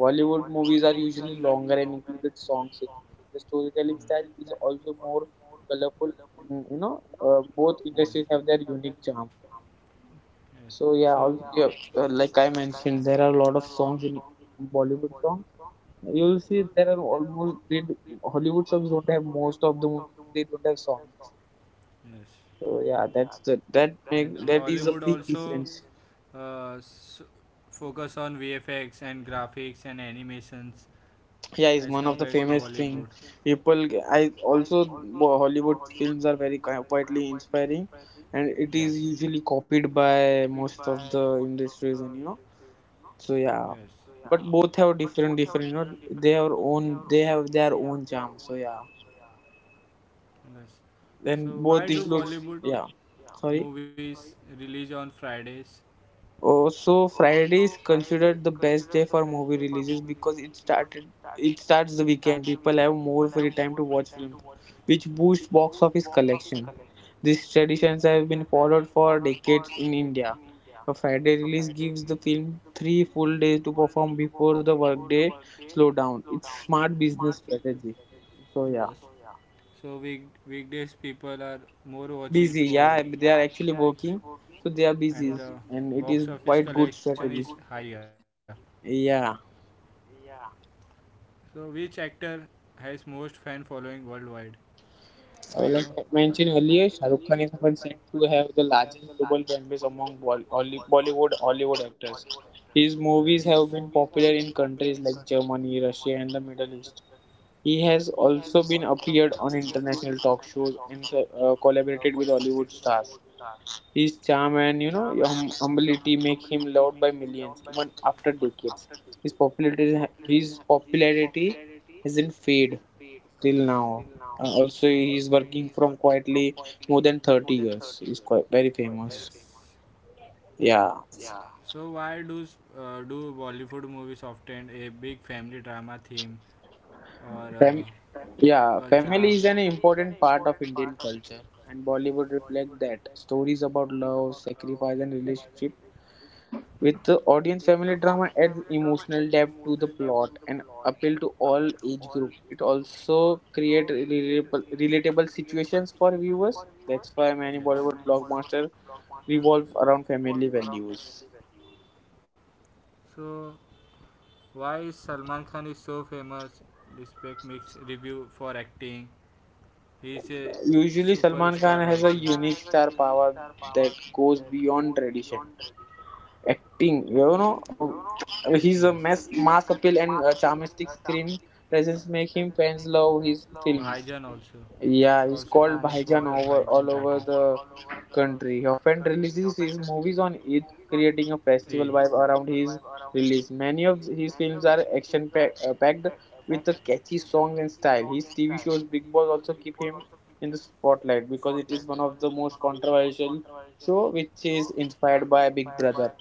[SPEAKER 1] Bollywood
[SPEAKER 2] movies are
[SPEAKER 1] usually
[SPEAKER 2] usually
[SPEAKER 1] loves
[SPEAKER 2] longer and
[SPEAKER 1] with
[SPEAKER 2] included song
[SPEAKER 1] songs,
[SPEAKER 2] sequences. The
[SPEAKER 1] historical,
[SPEAKER 2] storytelling style is also more
[SPEAKER 1] you
[SPEAKER 2] colorful, and you
[SPEAKER 1] know,
[SPEAKER 2] know,
[SPEAKER 1] both.
[SPEAKER 2] both
[SPEAKER 1] Yes.
[SPEAKER 2] industries have their unique
[SPEAKER 1] drama.
[SPEAKER 2] charm.
[SPEAKER 1] Yes. So So
[SPEAKER 2] So
[SPEAKER 1] yeah,
[SPEAKER 2] yeah,
[SPEAKER 1] all,
[SPEAKER 2] also yeah, like
[SPEAKER 1] like I
[SPEAKER 2] I
[SPEAKER 1] mentioned,
[SPEAKER 2] mentioned,
[SPEAKER 1] there
[SPEAKER 2] there
[SPEAKER 1] are
[SPEAKER 2] are
[SPEAKER 1] a
[SPEAKER 2] a
[SPEAKER 1] lot
[SPEAKER 2] lot of
[SPEAKER 1] of songs
[SPEAKER 2] songs
[SPEAKER 1] in
[SPEAKER 2] in Bollywood songs. You will see
[SPEAKER 1] there
[SPEAKER 2] there are
[SPEAKER 1] are
[SPEAKER 2] almost
[SPEAKER 1] almost
[SPEAKER 2] they
[SPEAKER 1] they
[SPEAKER 2] do, Hollywood
[SPEAKER 1] Hollywood
[SPEAKER 2] songs
[SPEAKER 1] songs
[SPEAKER 2] don't
[SPEAKER 1] don't
[SPEAKER 2] have
[SPEAKER 1] have
[SPEAKER 2] most
[SPEAKER 1] most
[SPEAKER 2] of the
[SPEAKER 1] of the
[SPEAKER 2] movies. They
[SPEAKER 1] they
[SPEAKER 2] don't have
[SPEAKER 1] don't have
[SPEAKER 2] songs.
[SPEAKER 1] songs. Yes.
[SPEAKER 2] So
[SPEAKER 1] So
[SPEAKER 2] yeah,
[SPEAKER 1] yeah,
[SPEAKER 2] that's the
[SPEAKER 1] that's the
[SPEAKER 2] that
[SPEAKER 1] that And
[SPEAKER 2] make that is a
[SPEAKER 1] Hollywood that
[SPEAKER 2] big
[SPEAKER 1] makes a
[SPEAKER 2] difference.
[SPEAKER 1] big difference. Focus on vfx and graphics and animations as Yeah,
[SPEAKER 2] Yeah, is
[SPEAKER 1] it's
[SPEAKER 2] one of the
[SPEAKER 1] compared to one of the
[SPEAKER 2] famous thing
[SPEAKER 1] bollywood famous thing.
[SPEAKER 2] people. I
[SPEAKER 1] I
[SPEAKER 2] also
[SPEAKER 1] also
[SPEAKER 2] Hollywood
[SPEAKER 1] Hollywood
[SPEAKER 2] films are very
[SPEAKER 1] films are very
[SPEAKER 2] quietly
[SPEAKER 1] widely
[SPEAKER 2] inspiring,
[SPEAKER 1] inspiring,
[SPEAKER 2] and
[SPEAKER 1] and
[SPEAKER 2] it is
[SPEAKER 1] Yes. it is
[SPEAKER 2] usually
[SPEAKER 1] usually
[SPEAKER 2] copied by
[SPEAKER 1] copied by
[SPEAKER 2] most of
[SPEAKER 1] most
[SPEAKER 2] the
[SPEAKER 1] of the
[SPEAKER 2] industries, and you
[SPEAKER 1] industries,
[SPEAKER 2] know
[SPEAKER 1] you know.
[SPEAKER 2] so
[SPEAKER 1] Yes. So
[SPEAKER 2] yeah,
[SPEAKER 1] yeah,
[SPEAKER 2] but
[SPEAKER 1] but
[SPEAKER 2] both have
[SPEAKER 1] both have
[SPEAKER 2] different
[SPEAKER 1] different
[SPEAKER 2] different you know
[SPEAKER 1] different, you know,
[SPEAKER 2] they have
[SPEAKER 1] they have
[SPEAKER 2] own
[SPEAKER 1] own
[SPEAKER 2] they
[SPEAKER 1] they
[SPEAKER 2] have
[SPEAKER 1] have
[SPEAKER 2] their
[SPEAKER 1] their
[SPEAKER 2] own
[SPEAKER 1] own
[SPEAKER 2] charm.
[SPEAKER 1] charm.
[SPEAKER 2] So
[SPEAKER 1] So
[SPEAKER 2] yeah,
[SPEAKER 1] yeah, Yes. So why
[SPEAKER 2] then
[SPEAKER 1] do Both
[SPEAKER 2] both
[SPEAKER 1] Bollywood include
[SPEAKER 2] includes yeah
[SPEAKER 1] yeah. movies
[SPEAKER 2] sorry.
[SPEAKER 1] Sorry. Release on Fridays?
[SPEAKER 2] Oh,
[SPEAKER 1] Oh,
[SPEAKER 2] so
[SPEAKER 1] so
[SPEAKER 2] Friday
[SPEAKER 1] Friday
[SPEAKER 2] is considered the best day
[SPEAKER 1] for
[SPEAKER 2] for movie
[SPEAKER 1] movies
[SPEAKER 2] releases because it
[SPEAKER 1] start.
[SPEAKER 2] started
[SPEAKER 1] We
[SPEAKER 2] it
[SPEAKER 1] start
[SPEAKER 2] starts the weekend.
[SPEAKER 1] people
[SPEAKER 2] People
[SPEAKER 1] have
[SPEAKER 2] have more free
[SPEAKER 1] movie time
[SPEAKER 2] time
[SPEAKER 1] to
[SPEAKER 2] to
[SPEAKER 1] watch,
[SPEAKER 2] watch films,
[SPEAKER 1] movies,
[SPEAKER 2] which
[SPEAKER 1] which
[SPEAKER 2] boosts
[SPEAKER 1] box
[SPEAKER 2] box
[SPEAKER 1] office
[SPEAKER 2] office collection. These traditions have been
[SPEAKER 1] followed
[SPEAKER 2] followed for
[SPEAKER 1] for decades
[SPEAKER 2] decades
[SPEAKER 1] in
[SPEAKER 2] in
[SPEAKER 1] India.
[SPEAKER 2] India.
[SPEAKER 1] A
[SPEAKER 2] A
[SPEAKER 1] Friday
[SPEAKER 2] Friday
[SPEAKER 1] release
[SPEAKER 2] release
[SPEAKER 1] gives
[SPEAKER 2] gives
[SPEAKER 1] the
[SPEAKER 2] the
[SPEAKER 1] film
[SPEAKER 2] film three
[SPEAKER 1] three full
[SPEAKER 2] full days
[SPEAKER 1] days to
[SPEAKER 2] to
[SPEAKER 1] perform
[SPEAKER 2] perform
[SPEAKER 1] before
[SPEAKER 2] before the
[SPEAKER 1] the workday
[SPEAKER 2] workday
[SPEAKER 1] slowdown.
[SPEAKER 2] slowdown. It's
[SPEAKER 1] It's smart
[SPEAKER 2] smart
[SPEAKER 1] business
[SPEAKER 2] business
[SPEAKER 1] strategy.
[SPEAKER 2] strategy.
[SPEAKER 1] Yes. So
[SPEAKER 2] So
[SPEAKER 1] yeah,
[SPEAKER 2] yeah,
[SPEAKER 1] So week weekdays people are more watching for
[SPEAKER 2] busy.
[SPEAKER 1] busy. Yeah,
[SPEAKER 2] Yeah, they
[SPEAKER 1] they are
[SPEAKER 2] are actually
[SPEAKER 1] actually working.
[SPEAKER 2] working, so they
[SPEAKER 1] And
[SPEAKER 2] are
[SPEAKER 1] the
[SPEAKER 2] busy,
[SPEAKER 1] busy. Box
[SPEAKER 2] and it
[SPEAKER 1] office
[SPEAKER 2] is
[SPEAKER 1] collection
[SPEAKER 2] quite
[SPEAKER 1] is good.
[SPEAKER 2] good
[SPEAKER 1] Higher.
[SPEAKER 2] strategy.
[SPEAKER 1] Yeah.
[SPEAKER 2] Yeah.
[SPEAKER 1] So which actor has most fan following worldwide? Do you know?
[SPEAKER 2] Like I
[SPEAKER 1] Mention
[SPEAKER 2] mentioned earlier, Shah Rukh Khan is often said to have the
[SPEAKER 1] the last
[SPEAKER 2] largest global fan base
[SPEAKER 1] of
[SPEAKER 2] among
[SPEAKER 1] Hollywood.
[SPEAKER 2] Bollywood Hollywood actors.
[SPEAKER 1] Yes. His
[SPEAKER 2] His
[SPEAKER 1] movie
[SPEAKER 2] movies have been popular in countries like Germany, Russia, and the Middle East.
[SPEAKER 1] He's
[SPEAKER 2] He has also been
[SPEAKER 1] been appeared
[SPEAKER 2] appeared
[SPEAKER 1] on
[SPEAKER 2] on
[SPEAKER 1] and
[SPEAKER 2] international talk shows and collaborated
[SPEAKER 1] collaborated
[SPEAKER 2] with
[SPEAKER 1] with Hollywood
[SPEAKER 2] Hollywood
[SPEAKER 1] stars.
[SPEAKER 2] stars. His
[SPEAKER 1] His
[SPEAKER 2] charm
[SPEAKER 1] charm
[SPEAKER 2] and
[SPEAKER 1] and
[SPEAKER 2] humility
[SPEAKER 1] humility
[SPEAKER 2] make
[SPEAKER 1] make
[SPEAKER 2] him
[SPEAKER 1] him
[SPEAKER 2] loved
[SPEAKER 1] loved
[SPEAKER 2] by
[SPEAKER 1] by
[SPEAKER 2] millions
[SPEAKER 1] much
[SPEAKER 2] even after
[SPEAKER 1] after
[SPEAKER 2] decades. His popularity hasn't faded till
[SPEAKER 1] now.
[SPEAKER 2] now. Also, he's working from quietly
[SPEAKER 1] More
[SPEAKER 2] more
[SPEAKER 1] than
[SPEAKER 2] than 30 years. He's quite very famous.
[SPEAKER 1] yeah.
[SPEAKER 2] Yeah.
[SPEAKER 1] So why do do Bollywood movies often a big family drama theme or
[SPEAKER 2] Fam-
[SPEAKER 1] cultural? Yeah,
[SPEAKER 2] yeah, family is an important
[SPEAKER 1] part
[SPEAKER 2] part
[SPEAKER 1] of
[SPEAKER 2] of Indian culture, and Bollywood reflects that. Stories about
[SPEAKER 1] love,
[SPEAKER 2] love, sacrifice, and relationship with the
[SPEAKER 1] The
[SPEAKER 2] audience, family
[SPEAKER 1] audience's
[SPEAKER 2] drama
[SPEAKER 1] drama adds
[SPEAKER 2] adds
[SPEAKER 1] emotional
[SPEAKER 2] emotional
[SPEAKER 1] depth,
[SPEAKER 2] depth to the
[SPEAKER 1] plot,
[SPEAKER 2] plot
[SPEAKER 1] and
[SPEAKER 2] and
[SPEAKER 1] appeal
[SPEAKER 2] appeal
[SPEAKER 1] to
[SPEAKER 2] to
[SPEAKER 1] all.
[SPEAKER 2] all age group.
[SPEAKER 1] It
[SPEAKER 2] It
[SPEAKER 1] also
[SPEAKER 2] also
[SPEAKER 1] creates
[SPEAKER 2] creates
[SPEAKER 1] relatable
[SPEAKER 2] relatable situations
[SPEAKER 1] for
[SPEAKER 2] for
[SPEAKER 1] him.
[SPEAKER 2] viewers.
[SPEAKER 1] That's
[SPEAKER 2] That's
[SPEAKER 1] Yes. why
[SPEAKER 2] why
[SPEAKER 1] many
[SPEAKER 2] many
[SPEAKER 1] Bollywood
[SPEAKER 2] Bollywood
[SPEAKER 1] blockbusters
[SPEAKER 2] blockbusters revolve
[SPEAKER 1] around
[SPEAKER 2] around
[SPEAKER 1] the
[SPEAKER 2] family
[SPEAKER 1] themes.
[SPEAKER 2] values.
[SPEAKER 1] So, why Salman Khan is so famous? Respect mixed review for acting. He is a
[SPEAKER 2] Usually,
[SPEAKER 1] superstar also.
[SPEAKER 2] Salman
[SPEAKER 1] Salman
[SPEAKER 2] Khan
[SPEAKER 1] Khan has
[SPEAKER 2] has a
[SPEAKER 1] a
[SPEAKER 2] unique
[SPEAKER 1] unique star
[SPEAKER 2] star
[SPEAKER 1] power
[SPEAKER 2] power that
[SPEAKER 1] that's
[SPEAKER 2] goes
[SPEAKER 1] beyond
[SPEAKER 2] beyond tradition.
[SPEAKER 1] tradition. Acting,
[SPEAKER 2] Acting, you
[SPEAKER 1] you know,
[SPEAKER 2] know,
[SPEAKER 1] Yes. he's
[SPEAKER 2] he's a
[SPEAKER 1] a
[SPEAKER 2] mass
[SPEAKER 1] mass
[SPEAKER 2] appeal and charmistic
[SPEAKER 1] Dramatic
[SPEAKER 2] screen presence make him fans
[SPEAKER 1] flow
[SPEAKER 2] love his
[SPEAKER 1] Bhaijan also.
[SPEAKER 2] films.
[SPEAKER 1] He is also and
[SPEAKER 2] Yeah,
[SPEAKER 1] famous
[SPEAKER 2] he's
[SPEAKER 1] for all the
[SPEAKER 2] called
[SPEAKER 1] called
[SPEAKER 2] Bhaijan
[SPEAKER 1] Bhaijan
[SPEAKER 2] over
[SPEAKER 1] title. Over,
[SPEAKER 2] all
[SPEAKER 1] all
[SPEAKER 2] over
[SPEAKER 1] over
[SPEAKER 2] the
[SPEAKER 1] the
[SPEAKER 2] country. He
[SPEAKER 1] country. He
[SPEAKER 2] often
[SPEAKER 1] often
[SPEAKER 2] releases
[SPEAKER 1] releases
[SPEAKER 2] his
[SPEAKER 1] his
[SPEAKER 2] movies
[SPEAKER 1] movies
[SPEAKER 2] on
[SPEAKER 1] on
[SPEAKER 2] Eid,
[SPEAKER 1] Eid,
[SPEAKER 2] creating
[SPEAKER 1] creating
[SPEAKER 2] a
[SPEAKER 1] a
[SPEAKER 2] festival
[SPEAKER 1] festival
[SPEAKER 2] vibe
[SPEAKER 1] vibe
[SPEAKER 2] around
[SPEAKER 1] around his
[SPEAKER 2] his
[SPEAKER 1] release.
[SPEAKER 2] release. Many
[SPEAKER 1] Many of
[SPEAKER 2] of
[SPEAKER 1] his
[SPEAKER 2] his
[SPEAKER 1] films
[SPEAKER 2] films
[SPEAKER 1] are
[SPEAKER 2] are action
[SPEAKER 1] backed
[SPEAKER 2] packed with a
[SPEAKER 1] with
[SPEAKER 2] catchy
[SPEAKER 1] song
[SPEAKER 2] songs and
[SPEAKER 1] and style.
[SPEAKER 2] style.
[SPEAKER 1] His
[SPEAKER 2] His
[SPEAKER 1] TV
[SPEAKER 2] TV
[SPEAKER 1] shows
[SPEAKER 2] shows
[SPEAKER 1] Big
[SPEAKER 2] Big Boss
[SPEAKER 1] Boss also
[SPEAKER 2] also
[SPEAKER 1] keep
[SPEAKER 2] keep
[SPEAKER 1] him
[SPEAKER 2] him
[SPEAKER 1] in
[SPEAKER 2] in the
[SPEAKER 1] the spotlight
[SPEAKER 2] spotlight
[SPEAKER 1] because
[SPEAKER 2] because it is
[SPEAKER 1] he's
[SPEAKER 2] one
[SPEAKER 1] one of
[SPEAKER 2] of the
[SPEAKER 1] the most
[SPEAKER 2] most
[SPEAKER 1] controversial
[SPEAKER 2] controversial show
[SPEAKER 1] show with
[SPEAKER 2] which is
[SPEAKER 1] inspired
[SPEAKER 2] inspired
[SPEAKER 1] by
[SPEAKER 2] by
[SPEAKER 1] Big
[SPEAKER 2] Big
[SPEAKER 1] Brother.
[SPEAKER 2] Brother.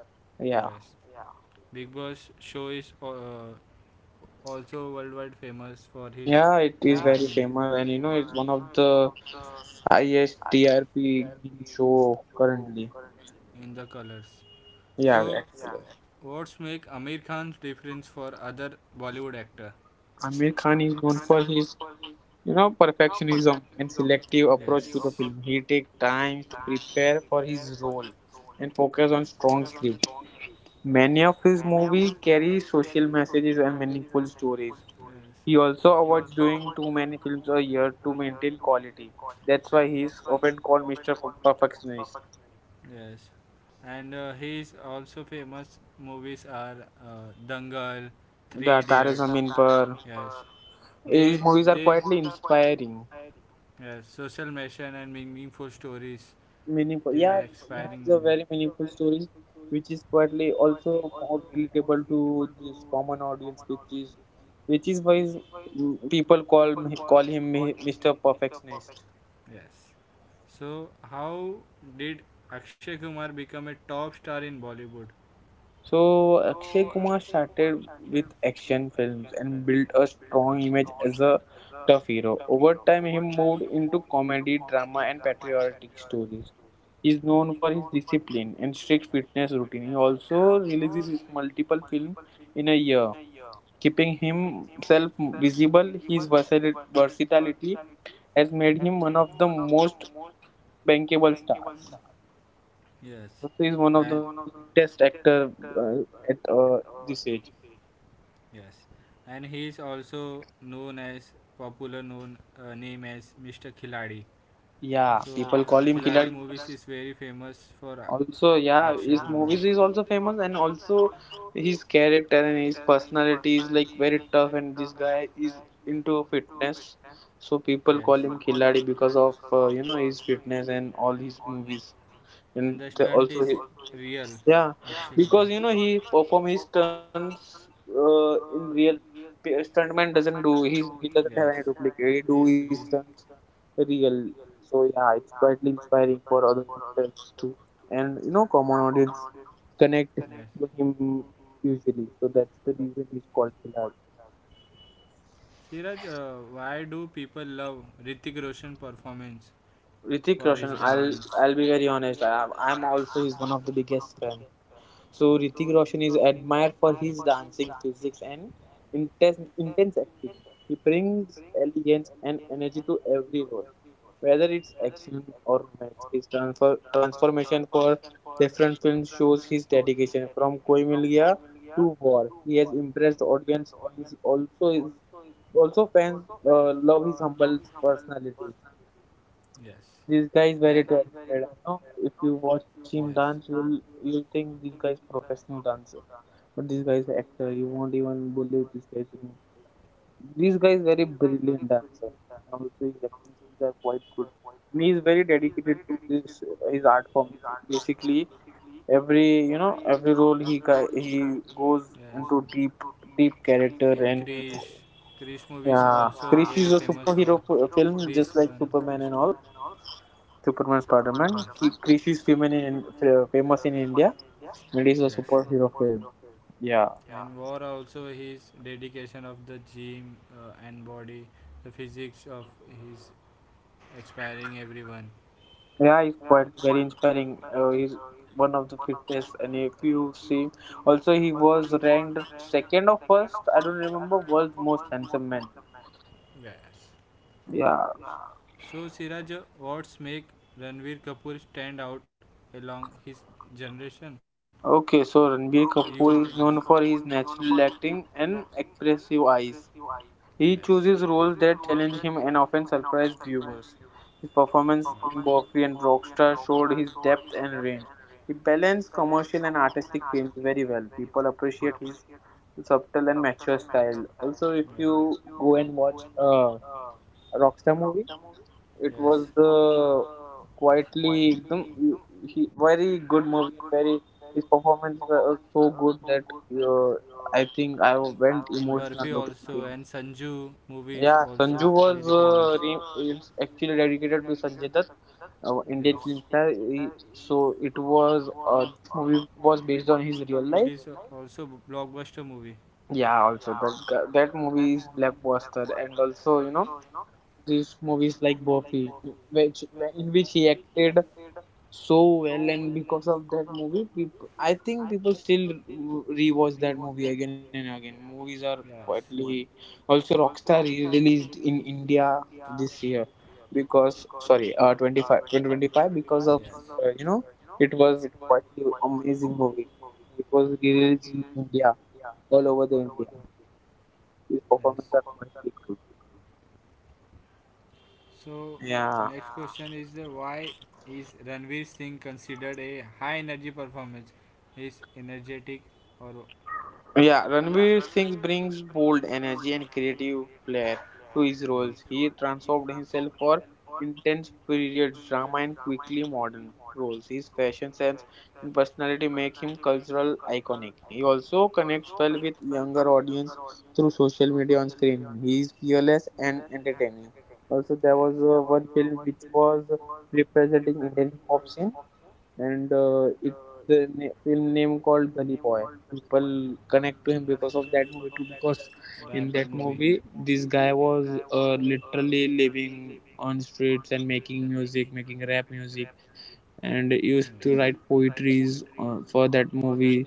[SPEAKER 1] Yes. Yeah.
[SPEAKER 2] Yeah.
[SPEAKER 1] Big Boss show is also worldwide famous for his. Yeah,
[SPEAKER 2] Yeah,
[SPEAKER 1] ranking.
[SPEAKER 2] it
[SPEAKER 1] It is
[SPEAKER 2] is
[SPEAKER 1] very
[SPEAKER 2] very
[SPEAKER 1] famous,
[SPEAKER 2] famous and
[SPEAKER 1] and
[SPEAKER 2] you
[SPEAKER 1] you
[SPEAKER 2] know
[SPEAKER 1] know
[SPEAKER 2] it's
[SPEAKER 1] it's one
[SPEAKER 2] one
[SPEAKER 1] of
[SPEAKER 2] of
[SPEAKER 1] the
[SPEAKER 2] the
[SPEAKER 1] highest
[SPEAKER 2] highest TRP game show currently.
[SPEAKER 1] currently in the colors. So, yeah,
[SPEAKER 2] Yeah,
[SPEAKER 1] yeah,
[SPEAKER 2] absolutely.
[SPEAKER 1] what's make Amir Khan's difference for other Bollywood actor? Amir
[SPEAKER 2] Amir
[SPEAKER 1] Khan
[SPEAKER 2] Khan
[SPEAKER 1] is
[SPEAKER 2] is
[SPEAKER 1] known
[SPEAKER 2] known
[SPEAKER 1] for
[SPEAKER 2] for
[SPEAKER 1] his,
[SPEAKER 2] his, you
[SPEAKER 1] you
[SPEAKER 2] know,
[SPEAKER 1] know, perfect
[SPEAKER 2] perfectionism and
[SPEAKER 1] selective, yes,
[SPEAKER 2] selective
[SPEAKER 1] approach,
[SPEAKER 2] approach to the film. He takes
[SPEAKER 1] time,
[SPEAKER 2] time to prepare for his
[SPEAKER 1] role,
[SPEAKER 2] role
[SPEAKER 1] and
[SPEAKER 2] and
[SPEAKER 1] focus
[SPEAKER 2] focus on
[SPEAKER 1] on strong.
[SPEAKER 2] strong script.
[SPEAKER 1] Many
[SPEAKER 2] Many
[SPEAKER 1] of
[SPEAKER 2] of his movies carry
[SPEAKER 1] his ill
[SPEAKER 2] social messages
[SPEAKER 1] messages.
[SPEAKER 2] and meaningful stories.
[SPEAKER 1] Yes. He
[SPEAKER 2] He also
[SPEAKER 1] also avoids
[SPEAKER 2] avoids
[SPEAKER 1] doing
[SPEAKER 2] doing
[SPEAKER 1] too
[SPEAKER 2] too
[SPEAKER 1] many
[SPEAKER 2] many films a year to
[SPEAKER 1] things
[SPEAKER 2] maintain
[SPEAKER 1] calls.
[SPEAKER 2] quality.
[SPEAKER 1] That's
[SPEAKER 2] That's
[SPEAKER 1] why
[SPEAKER 2] why he
[SPEAKER 1] he is
[SPEAKER 2] is
[SPEAKER 1] often
[SPEAKER 2] often
[SPEAKER 1] called
[SPEAKER 2] called
[SPEAKER 1] Mr.
[SPEAKER 2] Mr.
[SPEAKER 1] Perfectionist.
[SPEAKER 2] Perfectionist.
[SPEAKER 1] Yes. And his also famous movies are Dangal, Three Idiot. The
[SPEAKER 2] The
[SPEAKER 1] Tare
[SPEAKER 2] Tare
[SPEAKER 1] Zameen,
[SPEAKER 2] Zameen
[SPEAKER 1] yes, Par.
[SPEAKER 2] Par.
[SPEAKER 1] They. His they
[SPEAKER 2] His movies
[SPEAKER 1] movies
[SPEAKER 2] are
[SPEAKER 1] are quite,
[SPEAKER 2] quietly inspiring.
[SPEAKER 1] yes, social mission and meaningful stories. They are. So yeah,
[SPEAKER 2] Meaningful. Yeah,
[SPEAKER 1] expiring
[SPEAKER 2] these
[SPEAKER 1] movie.
[SPEAKER 2] movies
[SPEAKER 1] It's
[SPEAKER 2] are
[SPEAKER 1] a very
[SPEAKER 2] very meaningful
[SPEAKER 1] meaningful story.
[SPEAKER 2] stories, which
[SPEAKER 1] It
[SPEAKER 2] is
[SPEAKER 1] is
[SPEAKER 2] quietly
[SPEAKER 1] widely also
[SPEAKER 2] also
[SPEAKER 1] more
[SPEAKER 2] more
[SPEAKER 1] reachable
[SPEAKER 2] relatable
[SPEAKER 1] to
[SPEAKER 2] to this
[SPEAKER 1] the
[SPEAKER 2] common
[SPEAKER 1] common
[SPEAKER 2] audience,
[SPEAKER 1] audience,
[SPEAKER 2] which
[SPEAKER 1] which is
[SPEAKER 2] is why
[SPEAKER 1] why
[SPEAKER 2] mm,
[SPEAKER 1] people
[SPEAKER 2] people
[SPEAKER 1] call
[SPEAKER 2] call me,
[SPEAKER 1] call
[SPEAKER 2] call him
[SPEAKER 1] him
[SPEAKER 2] Mr.
[SPEAKER 1] Mr. Perfect.
[SPEAKER 2] Perfectionist.
[SPEAKER 1] Yes. So how did Akshay Kumar become a top star in Bollywood? So
[SPEAKER 2] So
[SPEAKER 1] Akshay
[SPEAKER 2] Akshay Kumar
[SPEAKER 1] Kumar started
[SPEAKER 2] started
[SPEAKER 1] with
[SPEAKER 2] with
[SPEAKER 1] action,
[SPEAKER 2] action films and built a
[SPEAKER 1] strong.
[SPEAKER 2] strong image as a
[SPEAKER 1] The
[SPEAKER 2] tough hero. Over
[SPEAKER 1] third time
[SPEAKER 2] time,
[SPEAKER 1] he
[SPEAKER 2] he moved
[SPEAKER 1] moved
[SPEAKER 2] into comedy,
[SPEAKER 1] comedy,
[SPEAKER 2] drama,
[SPEAKER 1] drama, and
[SPEAKER 2] and
[SPEAKER 1] patriotic
[SPEAKER 2] patriotic
[SPEAKER 1] stories.
[SPEAKER 2] stories. He
[SPEAKER 1] He is
[SPEAKER 2] is
[SPEAKER 1] known
[SPEAKER 2] known
[SPEAKER 1] for
[SPEAKER 2] for
[SPEAKER 1] his
[SPEAKER 2] his
[SPEAKER 1] discipline
[SPEAKER 2] discipline
[SPEAKER 1] and
[SPEAKER 2] and
[SPEAKER 1] strict
[SPEAKER 2] strict
[SPEAKER 1] fitness
[SPEAKER 2] fitness
[SPEAKER 1] routine.
[SPEAKER 2] routine. He
[SPEAKER 1] He
[SPEAKER 2] also
[SPEAKER 1] also
[SPEAKER 2] releases
[SPEAKER 1] releases
[SPEAKER 2] his multiple
[SPEAKER 1] multiple
[SPEAKER 2] films
[SPEAKER 1] in
[SPEAKER 2] in a
[SPEAKER 1] a year,
[SPEAKER 2] year,
[SPEAKER 1] keeping
[SPEAKER 2] keeping
[SPEAKER 1] himself
[SPEAKER 2] himself visible. His versatility
[SPEAKER 1] as
[SPEAKER 2] has made him one
[SPEAKER 1] one of
[SPEAKER 2] of the
[SPEAKER 1] the most
[SPEAKER 2] most bankable
[SPEAKER 1] bankable
[SPEAKER 2] stars.
[SPEAKER 1] stars. Yes.
[SPEAKER 2] Also, he is one
[SPEAKER 1] He is.
[SPEAKER 2] of the
[SPEAKER 1] And one of
[SPEAKER 2] fittest
[SPEAKER 1] the
[SPEAKER 2] actor
[SPEAKER 1] best
[SPEAKER 2] uh,
[SPEAKER 1] actors
[SPEAKER 2] at uh,
[SPEAKER 1] at
[SPEAKER 2] this age.
[SPEAKER 1] this age. Yes. And he is also known as popular known name as Mr. Khiladi.
[SPEAKER 2] Yeah,
[SPEAKER 1] So yeah,
[SPEAKER 2] people
[SPEAKER 1] the
[SPEAKER 2] call
[SPEAKER 1] but Khiladi
[SPEAKER 2] him
[SPEAKER 1] according
[SPEAKER 2] Killer.
[SPEAKER 1] to movies that- is very famous for A-. Also,
[SPEAKER 2] Also,
[SPEAKER 1] Akshay,
[SPEAKER 2] yeah,
[SPEAKER 1] yeah, Kumar.
[SPEAKER 2] his
[SPEAKER 1] This
[SPEAKER 2] movies
[SPEAKER 1] movies
[SPEAKER 2] is
[SPEAKER 1] is also
[SPEAKER 2] also famous,
[SPEAKER 1] famous,
[SPEAKER 2] and
[SPEAKER 1] and
[SPEAKER 2] also
[SPEAKER 1] also it
[SPEAKER 2] his character
[SPEAKER 1] tells
[SPEAKER 2] and
[SPEAKER 1] his
[SPEAKER 2] his
[SPEAKER 1] personality
[SPEAKER 2] personality is like very
[SPEAKER 1] stuff,
[SPEAKER 2] tough.
[SPEAKER 1] and
[SPEAKER 2] And this
[SPEAKER 1] this guy
[SPEAKER 2] guy
[SPEAKER 1] is
[SPEAKER 2] is
[SPEAKER 1] into
[SPEAKER 2] into
[SPEAKER 1] fitness.
[SPEAKER 2] fitness,
[SPEAKER 1] So,
[SPEAKER 2] so
[SPEAKER 1] yes,
[SPEAKER 2] people
[SPEAKER 1] people call
[SPEAKER 2] call him
[SPEAKER 1] him
[SPEAKER 2] Khiladi because
[SPEAKER 1] because of
[SPEAKER 2] of you know his fitness
[SPEAKER 1] and
[SPEAKER 2] and all
[SPEAKER 1] all
[SPEAKER 2] his
[SPEAKER 1] this thing.
[SPEAKER 2] movies.
[SPEAKER 1] And the
[SPEAKER 2] And
[SPEAKER 1] stunt
[SPEAKER 2] they
[SPEAKER 1] it's is. Also,
[SPEAKER 2] also,
[SPEAKER 1] he-
[SPEAKER 2] he,
[SPEAKER 1] real. Yeah.
[SPEAKER 2] yeah,
[SPEAKER 1] Akshay Kumar
[SPEAKER 2] because you know he perform his
[SPEAKER 1] formation
[SPEAKER 2] stunts in
[SPEAKER 1] in
[SPEAKER 2] real.
[SPEAKER 1] real
[SPEAKER 2] Stuntman
[SPEAKER 1] stuntman
[SPEAKER 2] doesn't do
[SPEAKER 1] doesn't do. He,
[SPEAKER 2] he
[SPEAKER 1] yes,
[SPEAKER 2] doesn't
[SPEAKER 1] doesn't
[SPEAKER 2] have
[SPEAKER 1] have
[SPEAKER 2] any
[SPEAKER 1] any duplicate.
[SPEAKER 2] duplicate.
[SPEAKER 1] He's
[SPEAKER 2] He
[SPEAKER 1] he re- do
[SPEAKER 2] do his
[SPEAKER 1] his stunt
[SPEAKER 2] stunts real.
[SPEAKER 1] real.
[SPEAKER 2] So
[SPEAKER 1] So
[SPEAKER 2] yeah,
[SPEAKER 1] yeah,
[SPEAKER 2] it's
[SPEAKER 1] it's quite
[SPEAKER 2] quietly inspiring
[SPEAKER 1] inspiring
[SPEAKER 2] for
[SPEAKER 1] for
[SPEAKER 2] other
[SPEAKER 1] other stuff
[SPEAKER 2] actors too,
[SPEAKER 1] too. And
[SPEAKER 2] and you know
[SPEAKER 1] you know,
[SPEAKER 2] common
[SPEAKER 1] common
[SPEAKER 2] audience
[SPEAKER 1] audience
[SPEAKER 2] connect
[SPEAKER 1] connects, yes,
[SPEAKER 2] to
[SPEAKER 1] the
[SPEAKER 2] him
[SPEAKER 1] full team
[SPEAKER 2] usually. So
[SPEAKER 1] easily.
[SPEAKER 2] that's
[SPEAKER 1] So
[SPEAKER 2] the
[SPEAKER 1] that's
[SPEAKER 2] reason
[SPEAKER 1] the
[SPEAKER 2] he's
[SPEAKER 1] reason
[SPEAKER 2] called
[SPEAKER 1] it's called
[SPEAKER 2] Khiladi.
[SPEAKER 1] the lab. Siraj, why do people love Ritik Roshan performance
[SPEAKER 2] Ritik
[SPEAKER 1] for his
[SPEAKER 2] Roshan,
[SPEAKER 1] Hrithik Roshan, dance? Roshan,
[SPEAKER 2] I'll be very
[SPEAKER 1] I'll be
[SPEAKER 2] honest.
[SPEAKER 1] very honest.
[SPEAKER 2] I'm
[SPEAKER 1] I'm,
[SPEAKER 2] also
[SPEAKER 1] I'm
[SPEAKER 2] his one of
[SPEAKER 1] also
[SPEAKER 2] the
[SPEAKER 1] one of
[SPEAKER 2] biggest
[SPEAKER 1] the
[SPEAKER 2] fan.
[SPEAKER 1] biggest fans.
[SPEAKER 2] So Ritik
[SPEAKER 1] So
[SPEAKER 2] Roshan is
[SPEAKER 1] Hrithik is
[SPEAKER 2] admired for his
[SPEAKER 1] admired for his
[SPEAKER 2] dancing, physics,
[SPEAKER 1] dancing
[SPEAKER 2] and
[SPEAKER 1] skills and intense,
[SPEAKER 2] intense acting.
[SPEAKER 1] intense
[SPEAKER 2] He
[SPEAKER 1] acting. He
[SPEAKER 2] brings
[SPEAKER 1] brings
[SPEAKER 2] elegance and
[SPEAKER 1] elegance
[SPEAKER 2] energy to every
[SPEAKER 1] to
[SPEAKER 2] role,
[SPEAKER 1] every role,
[SPEAKER 2] whether it's
[SPEAKER 1] whether
[SPEAKER 2] action
[SPEAKER 1] it's
[SPEAKER 2] or
[SPEAKER 1] acting
[SPEAKER 2] romance.
[SPEAKER 1] or
[SPEAKER 2] His transfer transformation for
[SPEAKER 1] transformation for
[SPEAKER 2] different
[SPEAKER 1] different
[SPEAKER 2] films
[SPEAKER 1] films
[SPEAKER 2] shows
[SPEAKER 1] shows
[SPEAKER 2] his
[SPEAKER 1] his dedication.
[SPEAKER 2] dedication.
[SPEAKER 1] From
[SPEAKER 2] From Koimilia
[SPEAKER 1] Korea,
[SPEAKER 2] to War, he
[SPEAKER 1] he has
[SPEAKER 2] has impressed
[SPEAKER 1] impressed audience
[SPEAKER 2] audience fans.
[SPEAKER 1] and
[SPEAKER 2] Also,
[SPEAKER 1] also
[SPEAKER 2] is also
[SPEAKER 1] also
[SPEAKER 2] fans
[SPEAKER 1] fans
[SPEAKER 2] love his
[SPEAKER 1] love his
[SPEAKER 2] humble
[SPEAKER 1] humble
[SPEAKER 2] personality.
[SPEAKER 1] personality. Yes.
[SPEAKER 2] This guy is
[SPEAKER 1] You.
[SPEAKER 2] very
[SPEAKER 1] And- guys
[SPEAKER 2] talented.
[SPEAKER 1] very
[SPEAKER 2] I know
[SPEAKER 1] talented.
[SPEAKER 2] if
[SPEAKER 1] You know,
[SPEAKER 2] you
[SPEAKER 1] if
[SPEAKER 2] watch
[SPEAKER 1] you
[SPEAKER 2] him
[SPEAKER 1] watch, yes,
[SPEAKER 2] dance,
[SPEAKER 1] him dance,
[SPEAKER 2] you'll
[SPEAKER 1] you'll,
[SPEAKER 2] think this
[SPEAKER 1] you'll
[SPEAKER 2] guy
[SPEAKER 1] think
[SPEAKER 2] is
[SPEAKER 1] these guys
[SPEAKER 2] professional
[SPEAKER 1] are
[SPEAKER 2] dancer,
[SPEAKER 1] professional dancers.
[SPEAKER 2] but this guy is
[SPEAKER 1] But
[SPEAKER 2] an
[SPEAKER 1] these
[SPEAKER 2] actor.
[SPEAKER 1] guys
[SPEAKER 2] You
[SPEAKER 1] are
[SPEAKER 2] won't
[SPEAKER 1] actors.
[SPEAKER 2] even
[SPEAKER 1] You won't
[SPEAKER 2] believe
[SPEAKER 1] even
[SPEAKER 2] this guy. Is
[SPEAKER 1] believe it.
[SPEAKER 2] This guy is very
[SPEAKER 1] These guys very
[SPEAKER 2] brilliant dancer,
[SPEAKER 1] brilliant dancer.
[SPEAKER 2] and also his acting
[SPEAKER 1] Obviously,
[SPEAKER 2] skills are
[SPEAKER 1] that's
[SPEAKER 2] quite good.
[SPEAKER 1] their point.
[SPEAKER 2] And he is very
[SPEAKER 1] He is
[SPEAKER 2] dedicated
[SPEAKER 1] very
[SPEAKER 2] to
[SPEAKER 1] dedicated
[SPEAKER 2] this
[SPEAKER 1] to
[SPEAKER 2] his art form.
[SPEAKER 1] his art form.
[SPEAKER 2] Basically,
[SPEAKER 1] Basically,
[SPEAKER 2] every
[SPEAKER 1] every
[SPEAKER 2] every role he
[SPEAKER 1] every
[SPEAKER 2] guy
[SPEAKER 1] role he ca-
[SPEAKER 2] he
[SPEAKER 1] he,
[SPEAKER 2] goes
[SPEAKER 1] yes, goes
[SPEAKER 2] into
[SPEAKER 1] to deep
[SPEAKER 2] deep
[SPEAKER 1] deep.
[SPEAKER 2] character
[SPEAKER 1] And character. And
[SPEAKER 2] and
[SPEAKER 1] Krish, Krish movies
[SPEAKER 2] yeah,
[SPEAKER 1] also, yeah,
[SPEAKER 2] Krish
[SPEAKER 1] very
[SPEAKER 2] is a
[SPEAKER 1] Chris famous is a for
[SPEAKER 2] superhero
[SPEAKER 1] superhero fo-
[SPEAKER 2] film
[SPEAKER 1] Chris
[SPEAKER 2] just
[SPEAKER 1] film,
[SPEAKER 2] like
[SPEAKER 1] one, just like Chris
[SPEAKER 2] Superman
[SPEAKER 1] two.
[SPEAKER 2] and all
[SPEAKER 1] Superman and all.
[SPEAKER 2] Superman,
[SPEAKER 1] Superman, yes,
[SPEAKER 2] Spider-Man.
[SPEAKER 1] Spider-Man
[SPEAKER 2] Krishi is
[SPEAKER 1] film
[SPEAKER 2] in,
[SPEAKER 1] is
[SPEAKER 2] famous in
[SPEAKER 1] famous
[SPEAKER 2] India.
[SPEAKER 1] in India.
[SPEAKER 2] And it is a
[SPEAKER 1] Yes. And
[SPEAKER 2] superhero film. Yeah.
[SPEAKER 1] yeah, and war also his dedication of the gym and body the physics of his inspiring everyone.
[SPEAKER 2] Yeah, he's
[SPEAKER 1] Yeah,
[SPEAKER 2] quite
[SPEAKER 1] he's
[SPEAKER 2] very
[SPEAKER 1] quite very
[SPEAKER 2] inspiring.
[SPEAKER 1] inspiring.
[SPEAKER 2] He's
[SPEAKER 1] He's
[SPEAKER 2] one of the
[SPEAKER 1] one of the
[SPEAKER 2] fittest, and if you
[SPEAKER 1] few
[SPEAKER 2] see,
[SPEAKER 1] seen.
[SPEAKER 2] also he
[SPEAKER 1] Also,
[SPEAKER 2] was
[SPEAKER 1] he was
[SPEAKER 2] ranked
[SPEAKER 1] ranked
[SPEAKER 2] second or
[SPEAKER 1] second or
[SPEAKER 2] first. I don't
[SPEAKER 1] first. I
[SPEAKER 2] remember.
[SPEAKER 1] don't
[SPEAKER 2] World's
[SPEAKER 1] remember.
[SPEAKER 2] most
[SPEAKER 1] World's most
[SPEAKER 2] handsome man.
[SPEAKER 1] handsome man. Yes.
[SPEAKER 2] Yeah.
[SPEAKER 1] Yeah. So Siraj, what's make Ranveer Kapoor stand out along his generation?
[SPEAKER 2] Okay,
[SPEAKER 1] Okay, huge
[SPEAKER 2] so
[SPEAKER 1] so
[SPEAKER 2] Ranbir
[SPEAKER 1] image. Kapoor
[SPEAKER 2] Kapoor
[SPEAKER 1] is
[SPEAKER 2] is
[SPEAKER 1] known
[SPEAKER 2] known
[SPEAKER 1] for
[SPEAKER 2] for
[SPEAKER 1] his
[SPEAKER 2] his natural
[SPEAKER 1] thin
[SPEAKER 2] acting
[SPEAKER 1] and
[SPEAKER 2] and expressive
[SPEAKER 1] expressive eyes.
[SPEAKER 2] eyes.
[SPEAKER 1] Yes.
[SPEAKER 2] He
[SPEAKER 1] He chooses
[SPEAKER 2] chooses roles
[SPEAKER 1] roles that
[SPEAKER 2] that
[SPEAKER 1] challenge
[SPEAKER 2] challenge
[SPEAKER 1] him
[SPEAKER 2] him
[SPEAKER 1] and
[SPEAKER 2] and
[SPEAKER 1] often
[SPEAKER 2] often
[SPEAKER 1] surprise
[SPEAKER 2] surprise
[SPEAKER 1] viewers.
[SPEAKER 2] viewers. His
[SPEAKER 1] Performance
[SPEAKER 2] performance in
[SPEAKER 1] Buffy
[SPEAKER 2] Buffy
[SPEAKER 1] and
[SPEAKER 2] and
[SPEAKER 1] Rockstar
[SPEAKER 2] Rockstar showed
[SPEAKER 1] showed his
[SPEAKER 2] his
[SPEAKER 1] depth
[SPEAKER 2] depth
[SPEAKER 1] and
[SPEAKER 2] and
[SPEAKER 1] range.
[SPEAKER 2] range. He
[SPEAKER 1] He balanced
[SPEAKER 2] balanced
[SPEAKER 1] commercial
[SPEAKER 2] commercial
[SPEAKER 1] and
[SPEAKER 2] and
[SPEAKER 1] artistic
[SPEAKER 2] artistic films
[SPEAKER 1] films very
[SPEAKER 2] very
[SPEAKER 1] well.
[SPEAKER 2] well.
[SPEAKER 1] People
[SPEAKER 2] People appreciate
[SPEAKER 1] appreciate
[SPEAKER 2] his
[SPEAKER 1] his subtle
[SPEAKER 2] subtle
[SPEAKER 1] and
[SPEAKER 2] and
[SPEAKER 1] mature
[SPEAKER 2] mature
[SPEAKER 1] style.
[SPEAKER 2] style.
[SPEAKER 1] Yeah. Also,
[SPEAKER 2] Also, if
[SPEAKER 1] if you
[SPEAKER 2] you
[SPEAKER 1] go
[SPEAKER 2] go
[SPEAKER 1] and
[SPEAKER 2] and
[SPEAKER 1] watch
[SPEAKER 2] watch Rockstar
[SPEAKER 1] Rockstar movie,
[SPEAKER 2] movie,
[SPEAKER 1] yes. It
[SPEAKER 2] it
[SPEAKER 1] was
[SPEAKER 2] was the quietly
[SPEAKER 1] quietly, you know,
[SPEAKER 2] एकदम,
[SPEAKER 1] very
[SPEAKER 2] very good
[SPEAKER 1] good movie.
[SPEAKER 2] movie and very
[SPEAKER 1] Very the
[SPEAKER 2] his
[SPEAKER 1] performance
[SPEAKER 2] performance
[SPEAKER 1] was
[SPEAKER 2] was so
[SPEAKER 1] so good
[SPEAKER 2] good
[SPEAKER 1] that
[SPEAKER 2] that
[SPEAKER 1] uh,
[SPEAKER 2] uh,
[SPEAKER 1] I
[SPEAKER 2] I
[SPEAKER 1] think
[SPEAKER 2] think
[SPEAKER 1] I
[SPEAKER 2] I
[SPEAKER 1] was. And very-
[SPEAKER 2] went
[SPEAKER 1] Barfi
[SPEAKER 2] emotional
[SPEAKER 1] also
[SPEAKER 2] looking
[SPEAKER 1] and
[SPEAKER 2] at him.
[SPEAKER 1] Sanju movie is also, yeah,
[SPEAKER 2] Yeah,
[SPEAKER 1] f- very Sanju was
[SPEAKER 2] Sanju
[SPEAKER 1] famous.
[SPEAKER 2] was
[SPEAKER 1] Is
[SPEAKER 2] is
[SPEAKER 1] actually
[SPEAKER 2] actually
[SPEAKER 1] dedicated
[SPEAKER 2] dedicated to
[SPEAKER 1] to Sanjay
[SPEAKER 2] Sanjay
[SPEAKER 1] Dutt.
[SPEAKER 2] Dutt,
[SPEAKER 1] Our, yes,
[SPEAKER 2] Indian
[SPEAKER 1] Indian
[SPEAKER 2] film.
[SPEAKER 1] cinema, i-. So
[SPEAKER 2] So it
[SPEAKER 1] it was
[SPEAKER 2] was
[SPEAKER 1] uh,
[SPEAKER 2] this
[SPEAKER 1] movie
[SPEAKER 2] movie
[SPEAKER 1] was
[SPEAKER 2] was based
[SPEAKER 1] based on
[SPEAKER 2] on
[SPEAKER 1] his.
[SPEAKER 2] his
[SPEAKER 1] It is
[SPEAKER 2] real
[SPEAKER 1] his a- life.
[SPEAKER 2] life.
[SPEAKER 1] Also b- blockbuster movie. Yeah,
[SPEAKER 2] Yeah, also
[SPEAKER 1] also
[SPEAKER 2] that
[SPEAKER 1] that, that
[SPEAKER 2] that movie
[SPEAKER 1] movie
[SPEAKER 2] is
[SPEAKER 1] was
[SPEAKER 2] blockbuster, and
[SPEAKER 1] correct.
[SPEAKER 2] also
[SPEAKER 1] So
[SPEAKER 2] you
[SPEAKER 1] you know,
[SPEAKER 2] know these movies like Buffy, which in which he acted so
[SPEAKER 1] so well and
[SPEAKER 2] well and
[SPEAKER 1] in
[SPEAKER 2] because of
[SPEAKER 1] of
[SPEAKER 2] that movie
[SPEAKER 1] I
[SPEAKER 2] I
[SPEAKER 1] still
[SPEAKER 2] think people still
[SPEAKER 1] rewatch
[SPEAKER 2] rewatch
[SPEAKER 1] that
[SPEAKER 2] that movie
[SPEAKER 1] movie
[SPEAKER 2] again
[SPEAKER 1] again and
[SPEAKER 2] and again.
[SPEAKER 1] again.
[SPEAKER 2] Movies are
[SPEAKER 1] Movies are, yes, quite
[SPEAKER 2] quietly
[SPEAKER 1] really-.
[SPEAKER 2] also
[SPEAKER 1] Also,
[SPEAKER 2] Rockstar
[SPEAKER 1] Rockstar usually
[SPEAKER 2] released in
[SPEAKER 1] in
[SPEAKER 2] India
[SPEAKER 1] India
[SPEAKER 2] this
[SPEAKER 1] this
[SPEAKER 2] year
[SPEAKER 1] year
[SPEAKER 2] because
[SPEAKER 1] because
[SPEAKER 2] sorry
[SPEAKER 1] sorry, 25,
[SPEAKER 2] twenty
[SPEAKER 1] twenty
[SPEAKER 2] twenty
[SPEAKER 1] twenty
[SPEAKER 2] five
[SPEAKER 1] five
[SPEAKER 2] because of
[SPEAKER 1] because, yes, of
[SPEAKER 2] you know
[SPEAKER 1] you know
[SPEAKER 2] it
[SPEAKER 1] it
[SPEAKER 2] was
[SPEAKER 1] was
[SPEAKER 2] quite an
[SPEAKER 1] quite
[SPEAKER 2] amazing movie.
[SPEAKER 1] amazing movie.
[SPEAKER 2] It was
[SPEAKER 1] It was
[SPEAKER 2] released in
[SPEAKER 1] released in
[SPEAKER 2] India
[SPEAKER 1] India
[SPEAKER 2] all over the
[SPEAKER 1] all over
[SPEAKER 2] India.
[SPEAKER 1] the world.
[SPEAKER 2] His
[SPEAKER 1] His, yes,
[SPEAKER 2] performance are quite
[SPEAKER 1] performance are.
[SPEAKER 2] good,
[SPEAKER 1] So,
[SPEAKER 2] yeah.
[SPEAKER 1] next, yeah, question is why is Ranveer Singh considered a high energy performance? He's energetic or.
[SPEAKER 2] Yeah,
[SPEAKER 1] Yeah,
[SPEAKER 2] Ranveer
[SPEAKER 1] Ranveer
[SPEAKER 2] Singh
[SPEAKER 1] Singh brings
[SPEAKER 2] brings
[SPEAKER 1] bold
[SPEAKER 2] bold energy
[SPEAKER 1] Indian
[SPEAKER 2] and
[SPEAKER 1] flair
[SPEAKER 2] creative flair
[SPEAKER 1] to his,
[SPEAKER 2] to his
[SPEAKER 1] nice, role.
[SPEAKER 2] roles. He
[SPEAKER 1] He transforms
[SPEAKER 2] transformed
[SPEAKER 1] his
[SPEAKER 2] himself
[SPEAKER 1] for
[SPEAKER 2] for intense period drama
[SPEAKER 1] drama and
[SPEAKER 2] and quickly
[SPEAKER 1] new modern
[SPEAKER 2] modern
[SPEAKER 1] roles.
[SPEAKER 2] roles.
[SPEAKER 1] His
[SPEAKER 2] His
[SPEAKER 1] pa-
[SPEAKER 2] fashion sense and personality
[SPEAKER 1] personality makes
[SPEAKER 2] make
[SPEAKER 1] him
[SPEAKER 2] him
[SPEAKER 1] cultural
[SPEAKER 2] cultural iconic.
[SPEAKER 1] iconic. He
[SPEAKER 2] He also
[SPEAKER 1] also connects
[SPEAKER 2] connects
[SPEAKER 1] well
[SPEAKER 2] well with
[SPEAKER 1] with younger
[SPEAKER 2] younger
[SPEAKER 1] audience
[SPEAKER 2] audience through social media on screen. He is fearless and
[SPEAKER 1] and, yes,
[SPEAKER 2] entertaining.
[SPEAKER 1] also,
[SPEAKER 2] Also,
[SPEAKER 1] yes, there
[SPEAKER 2] there
[SPEAKER 1] was
[SPEAKER 2] was one film which was representing Indian hip hop scene and
[SPEAKER 1] the
[SPEAKER 2] film name
[SPEAKER 1] name
[SPEAKER 2] called
[SPEAKER 1] called
[SPEAKER 2] Gully
[SPEAKER 1] Valley
[SPEAKER 2] Boy.
[SPEAKER 1] Boy.
[SPEAKER 2] People
[SPEAKER 1] Yes. Connect
[SPEAKER 2] connect to
[SPEAKER 1] him
[SPEAKER 2] him because
[SPEAKER 1] because of
[SPEAKER 2] of
[SPEAKER 1] that
[SPEAKER 2] that movie
[SPEAKER 1] movie.
[SPEAKER 2] too.
[SPEAKER 1] Because
[SPEAKER 2] Because
[SPEAKER 1] rapper movie.
[SPEAKER 2] in that movie,
[SPEAKER 1] This
[SPEAKER 2] this
[SPEAKER 1] guy
[SPEAKER 2] guy
[SPEAKER 1] was
[SPEAKER 2] was
[SPEAKER 1] uh,
[SPEAKER 2] literally living on
[SPEAKER 1] on
[SPEAKER 2] streets and making music,
[SPEAKER 1] making
[SPEAKER 2] making
[SPEAKER 1] rap
[SPEAKER 2] rap
[SPEAKER 1] music.
[SPEAKER 2] music, and
[SPEAKER 1] And
[SPEAKER 2] used to write poetries for
[SPEAKER 1] uh,
[SPEAKER 2] that movie.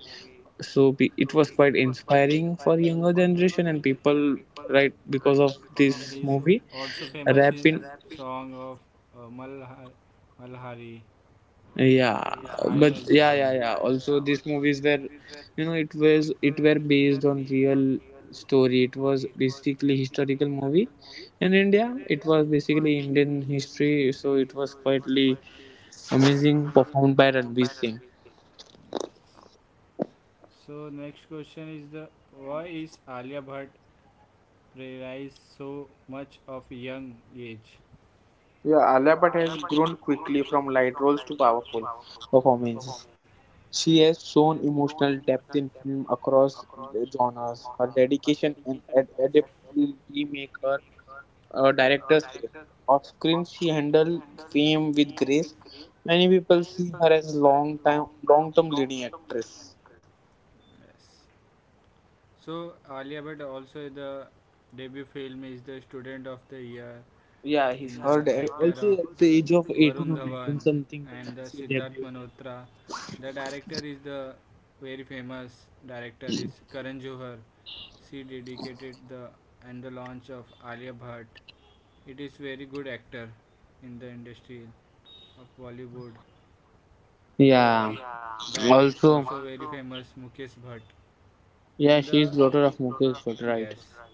[SPEAKER 2] So it was quite
[SPEAKER 1] so,
[SPEAKER 2] inspiring for younger generation and people right
[SPEAKER 1] because
[SPEAKER 2] because
[SPEAKER 1] and
[SPEAKER 2] of
[SPEAKER 1] of he is this
[SPEAKER 2] this
[SPEAKER 1] also
[SPEAKER 2] movie.
[SPEAKER 1] famous his
[SPEAKER 2] Rap
[SPEAKER 1] rapping,
[SPEAKER 2] in
[SPEAKER 1] song of Malha- Malhari. His, yeah,
[SPEAKER 2] yeah
[SPEAKER 1] high energy but
[SPEAKER 2] but
[SPEAKER 1] song. Yeah, yeah, yeah.
[SPEAKER 2] yeah
[SPEAKER 1] Also,
[SPEAKER 2] also these movies were
[SPEAKER 1] you
[SPEAKER 2] you
[SPEAKER 1] know,
[SPEAKER 2] know it were based on real
[SPEAKER 1] it
[SPEAKER 2] story. It was basically historical
[SPEAKER 1] movie.
[SPEAKER 2] movie
[SPEAKER 1] And
[SPEAKER 2] in India.
[SPEAKER 1] India, it
[SPEAKER 2] It was
[SPEAKER 1] was
[SPEAKER 2] basically
[SPEAKER 1] basically Indian
[SPEAKER 2] Indian
[SPEAKER 1] history,
[SPEAKER 2] history,
[SPEAKER 1] so
[SPEAKER 2] so
[SPEAKER 1] it
[SPEAKER 2] it
[SPEAKER 1] was
[SPEAKER 2] was quietly
[SPEAKER 1] quietly amazing,
[SPEAKER 2] amazing
[SPEAKER 1] performed
[SPEAKER 2] performed
[SPEAKER 1] by
[SPEAKER 2] by
[SPEAKER 1] Ranveer
[SPEAKER 2] Ranveer
[SPEAKER 1] Singh.
[SPEAKER 2] Singh.
[SPEAKER 1] Yes. So next question is the why is Alia Bhatt realized so much of young age? Yeah,
[SPEAKER 2] Yeah,
[SPEAKER 1] Alia
[SPEAKER 2] Alia Bhatt
[SPEAKER 1] Bhatt has
[SPEAKER 2] has
[SPEAKER 1] grown
[SPEAKER 2] grown
[SPEAKER 1] quickly
[SPEAKER 2] quickly from
[SPEAKER 1] from light
[SPEAKER 2] light
[SPEAKER 1] roles
[SPEAKER 2] roles
[SPEAKER 1] to
[SPEAKER 2] to
[SPEAKER 1] powerful,
[SPEAKER 2] powerful
[SPEAKER 1] yes, performance.
[SPEAKER 2] performances.
[SPEAKER 1] She
[SPEAKER 2] She
[SPEAKER 1] has
[SPEAKER 2] has
[SPEAKER 1] shown
[SPEAKER 2] shown
[SPEAKER 1] emotional
[SPEAKER 2] emotional depth
[SPEAKER 1] depth in
[SPEAKER 2] in film
[SPEAKER 1] film across
[SPEAKER 2] across
[SPEAKER 1] the genres.
[SPEAKER 2] genres. Her
[SPEAKER 1] Her dedication
[SPEAKER 2] dedication and
[SPEAKER 1] and aesthetic to
[SPEAKER 2] adaptability make
[SPEAKER 1] make her
[SPEAKER 2] her
[SPEAKER 1] a director
[SPEAKER 2] director's favorite.
[SPEAKER 1] of
[SPEAKER 2] Off screen, she handled fame with grace. Many people see her as
[SPEAKER 1] long time long
[SPEAKER 2] long
[SPEAKER 1] term
[SPEAKER 2] term leading
[SPEAKER 1] leading actress.
[SPEAKER 2] actress.
[SPEAKER 1] Yes. So Alia Bhatt also the debut film is the student of the year
[SPEAKER 2] Yeah, he's
[SPEAKER 1] in. Yeah,
[SPEAKER 2] heard
[SPEAKER 1] the actor
[SPEAKER 2] also
[SPEAKER 1] of also
[SPEAKER 2] at the age
[SPEAKER 1] the-
[SPEAKER 2] of 18
[SPEAKER 1] Varun
[SPEAKER 2] or 19
[SPEAKER 1] Dhawan
[SPEAKER 2] something.
[SPEAKER 1] and the
[SPEAKER 2] She
[SPEAKER 1] Siddharth
[SPEAKER 2] debuted.
[SPEAKER 1] Malhotra. The director is the very famous director is Karan Johar. She dedicated the and the launch of Alia Bhatt. It is very good actor in the industry of Bollywood. The,
[SPEAKER 2] Yeah.
[SPEAKER 1] yeah, dad is also
[SPEAKER 2] Also,
[SPEAKER 1] one, very also- famous, Mukesh Bhatt.
[SPEAKER 2] yeah,
[SPEAKER 1] And the,
[SPEAKER 2] she is
[SPEAKER 1] yeah,
[SPEAKER 2] daughter
[SPEAKER 1] she
[SPEAKER 2] of
[SPEAKER 1] is daughter of
[SPEAKER 2] Mukesh Bhatt,
[SPEAKER 1] Mukesh,
[SPEAKER 2] right?
[SPEAKER 1] yes, Bhatt,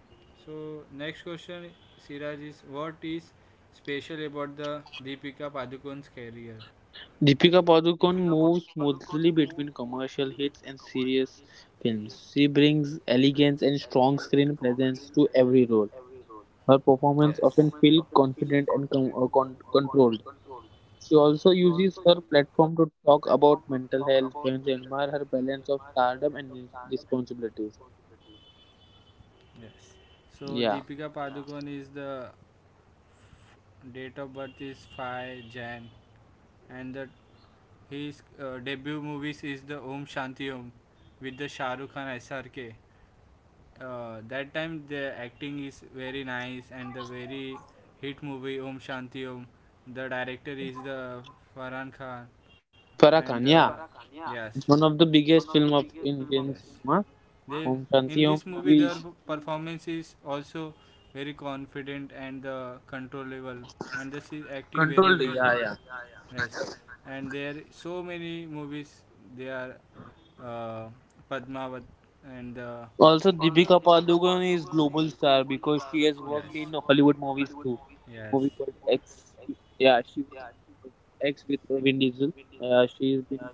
[SPEAKER 1] right. So next question, Siraj is what is special about the Deepika Padukone's career?
[SPEAKER 2] Deepika
[SPEAKER 1] Deepika
[SPEAKER 2] Padukone
[SPEAKER 1] Padukone
[SPEAKER 2] moves
[SPEAKER 1] moves
[SPEAKER 2] smoothly
[SPEAKER 1] smoothly
[SPEAKER 2] between
[SPEAKER 1] between
[SPEAKER 2] commercial
[SPEAKER 1] commercial
[SPEAKER 2] hits and
[SPEAKER 1] hits and
[SPEAKER 2] serious
[SPEAKER 1] serious films.
[SPEAKER 2] films. She
[SPEAKER 1] She brings
[SPEAKER 2] brings elegance
[SPEAKER 1] elegance
[SPEAKER 2] and
[SPEAKER 1] and
[SPEAKER 2] strong
[SPEAKER 1] strong screen
[SPEAKER 2] screen
[SPEAKER 1] presence
[SPEAKER 2] presence
[SPEAKER 1] to
[SPEAKER 2] to
[SPEAKER 1] her,
[SPEAKER 2] every role. Her
[SPEAKER 1] yes, performance.
[SPEAKER 2] performance often feel confident and
[SPEAKER 1] uh,
[SPEAKER 2] controlled.
[SPEAKER 1] She
[SPEAKER 2] She also
[SPEAKER 1] also
[SPEAKER 2] uses her platform to talk
[SPEAKER 1] talk about
[SPEAKER 2] about
[SPEAKER 1] mental
[SPEAKER 2] mental health.
[SPEAKER 1] health when
[SPEAKER 2] Friends
[SPEAKER 1] they
[SPEAKER 2] admire
[SPEAKER 1] admire
[SPEAKER 2] her
[SPEAKER 1] her
[SPEAKER 2] balance
[SPEAKER 1] balance
[SPEAKER 2] of
[SPEAKER 1] of
[SPEAKER 2] stardom
[SPEAKER 1] stardom
[SPEAKER 2] and
[SPEAKER 1] and
[SPEAKER 2] responsibilities.
[SPEAKER 1] responsibility. Yes. So Deepika, yeah,
[SPEAKER 2] Yeah.
[SPEAKER 1] Padukone is the date of birth is 5 January, and the his debut movies is the Om Shanti Om with the Shah Rukh Khan SRK. That time the acting is very nice and the very hit movie Om Shanti Om. The director is the Farhan Khan
[SPEAKER 2] Farah
[SPEAKER 1] and the
[SPEAKER 2] Khan, yeah.
[SPEAKER 1] Farah Khan, yeah. Yes
[SPEAKER 2] One of the
[SPEAKER 1] one of
[SPEAKER 2] biggest
[SPEAKER 1] the
[SPEAKER 2] film of
[SPEAKER 1] biggest film of.
[SPEAKER 2] Indian
[SPEAKER 1] Yes.
[SPEAKER 2] cinema.
[SPEAKER 1] They
[SPEAKER 2] Om
[SPEAKER 1] in this
[SPEAKER 2] Shanti Om,
[SPEAKER 1] movie their performance is also very confident and the controllable and this is acting very well.
[SPEAKER 2] controlled,
[SPEAKER 1] Controlled, yeah,
[SPEAKER 2] yeah.
[SPEAKER 1] yeah. Yes, and there so many movies they are uh, Padmavat
[SPEAKER 2] Also,
[SPEAKER 1] and
[SPEAKER 2] Deepika Padukone is
[SPEAKER 1] also.
[SPEAKER 2] global
[SPEAKER 1] Deepika
[SPEAKER 2] star because
[SPEAKER 1] Padukone
[SPEAKER 2] she
[SPEAKER 1] is
[SPEAKER 2] has worked
[SPEAKER 1] global
[SPEAKER 2] in
[SPEAKER 1] star
[SPEAKER 2] Hollywood
[SPEAKER 1] because, yes, she,
[SPEAKER 2] movies
[SPEAKER 1] yes, has
[SPEAKER 2] too.
[SPEAKER 1] worked in Hollywood
[SPEAKER 2] Movie
[SPEAKER 1] movies.
[SPEAKER 2] called
[SPEAKER 1] Yes,
[SPEAKER 2] X.
[SPEAKER 1] movies
[SPEAKER 2] Yeah,
[SPEAKER 1] like,
[SPEAKER 2] she was in
[SPEAKER 1] yeah, she
[SPEAKER 2] X with Vin
[SPEAKER 1] like
[SPEAKER 2] Diesel.
[SPEAKER 1] with Vin
[SPEAKER 2] Uh,
[SPEAKER 1] Diesel.
[SPEAKER 2] she's been
[SPEAKER 1] Yeah,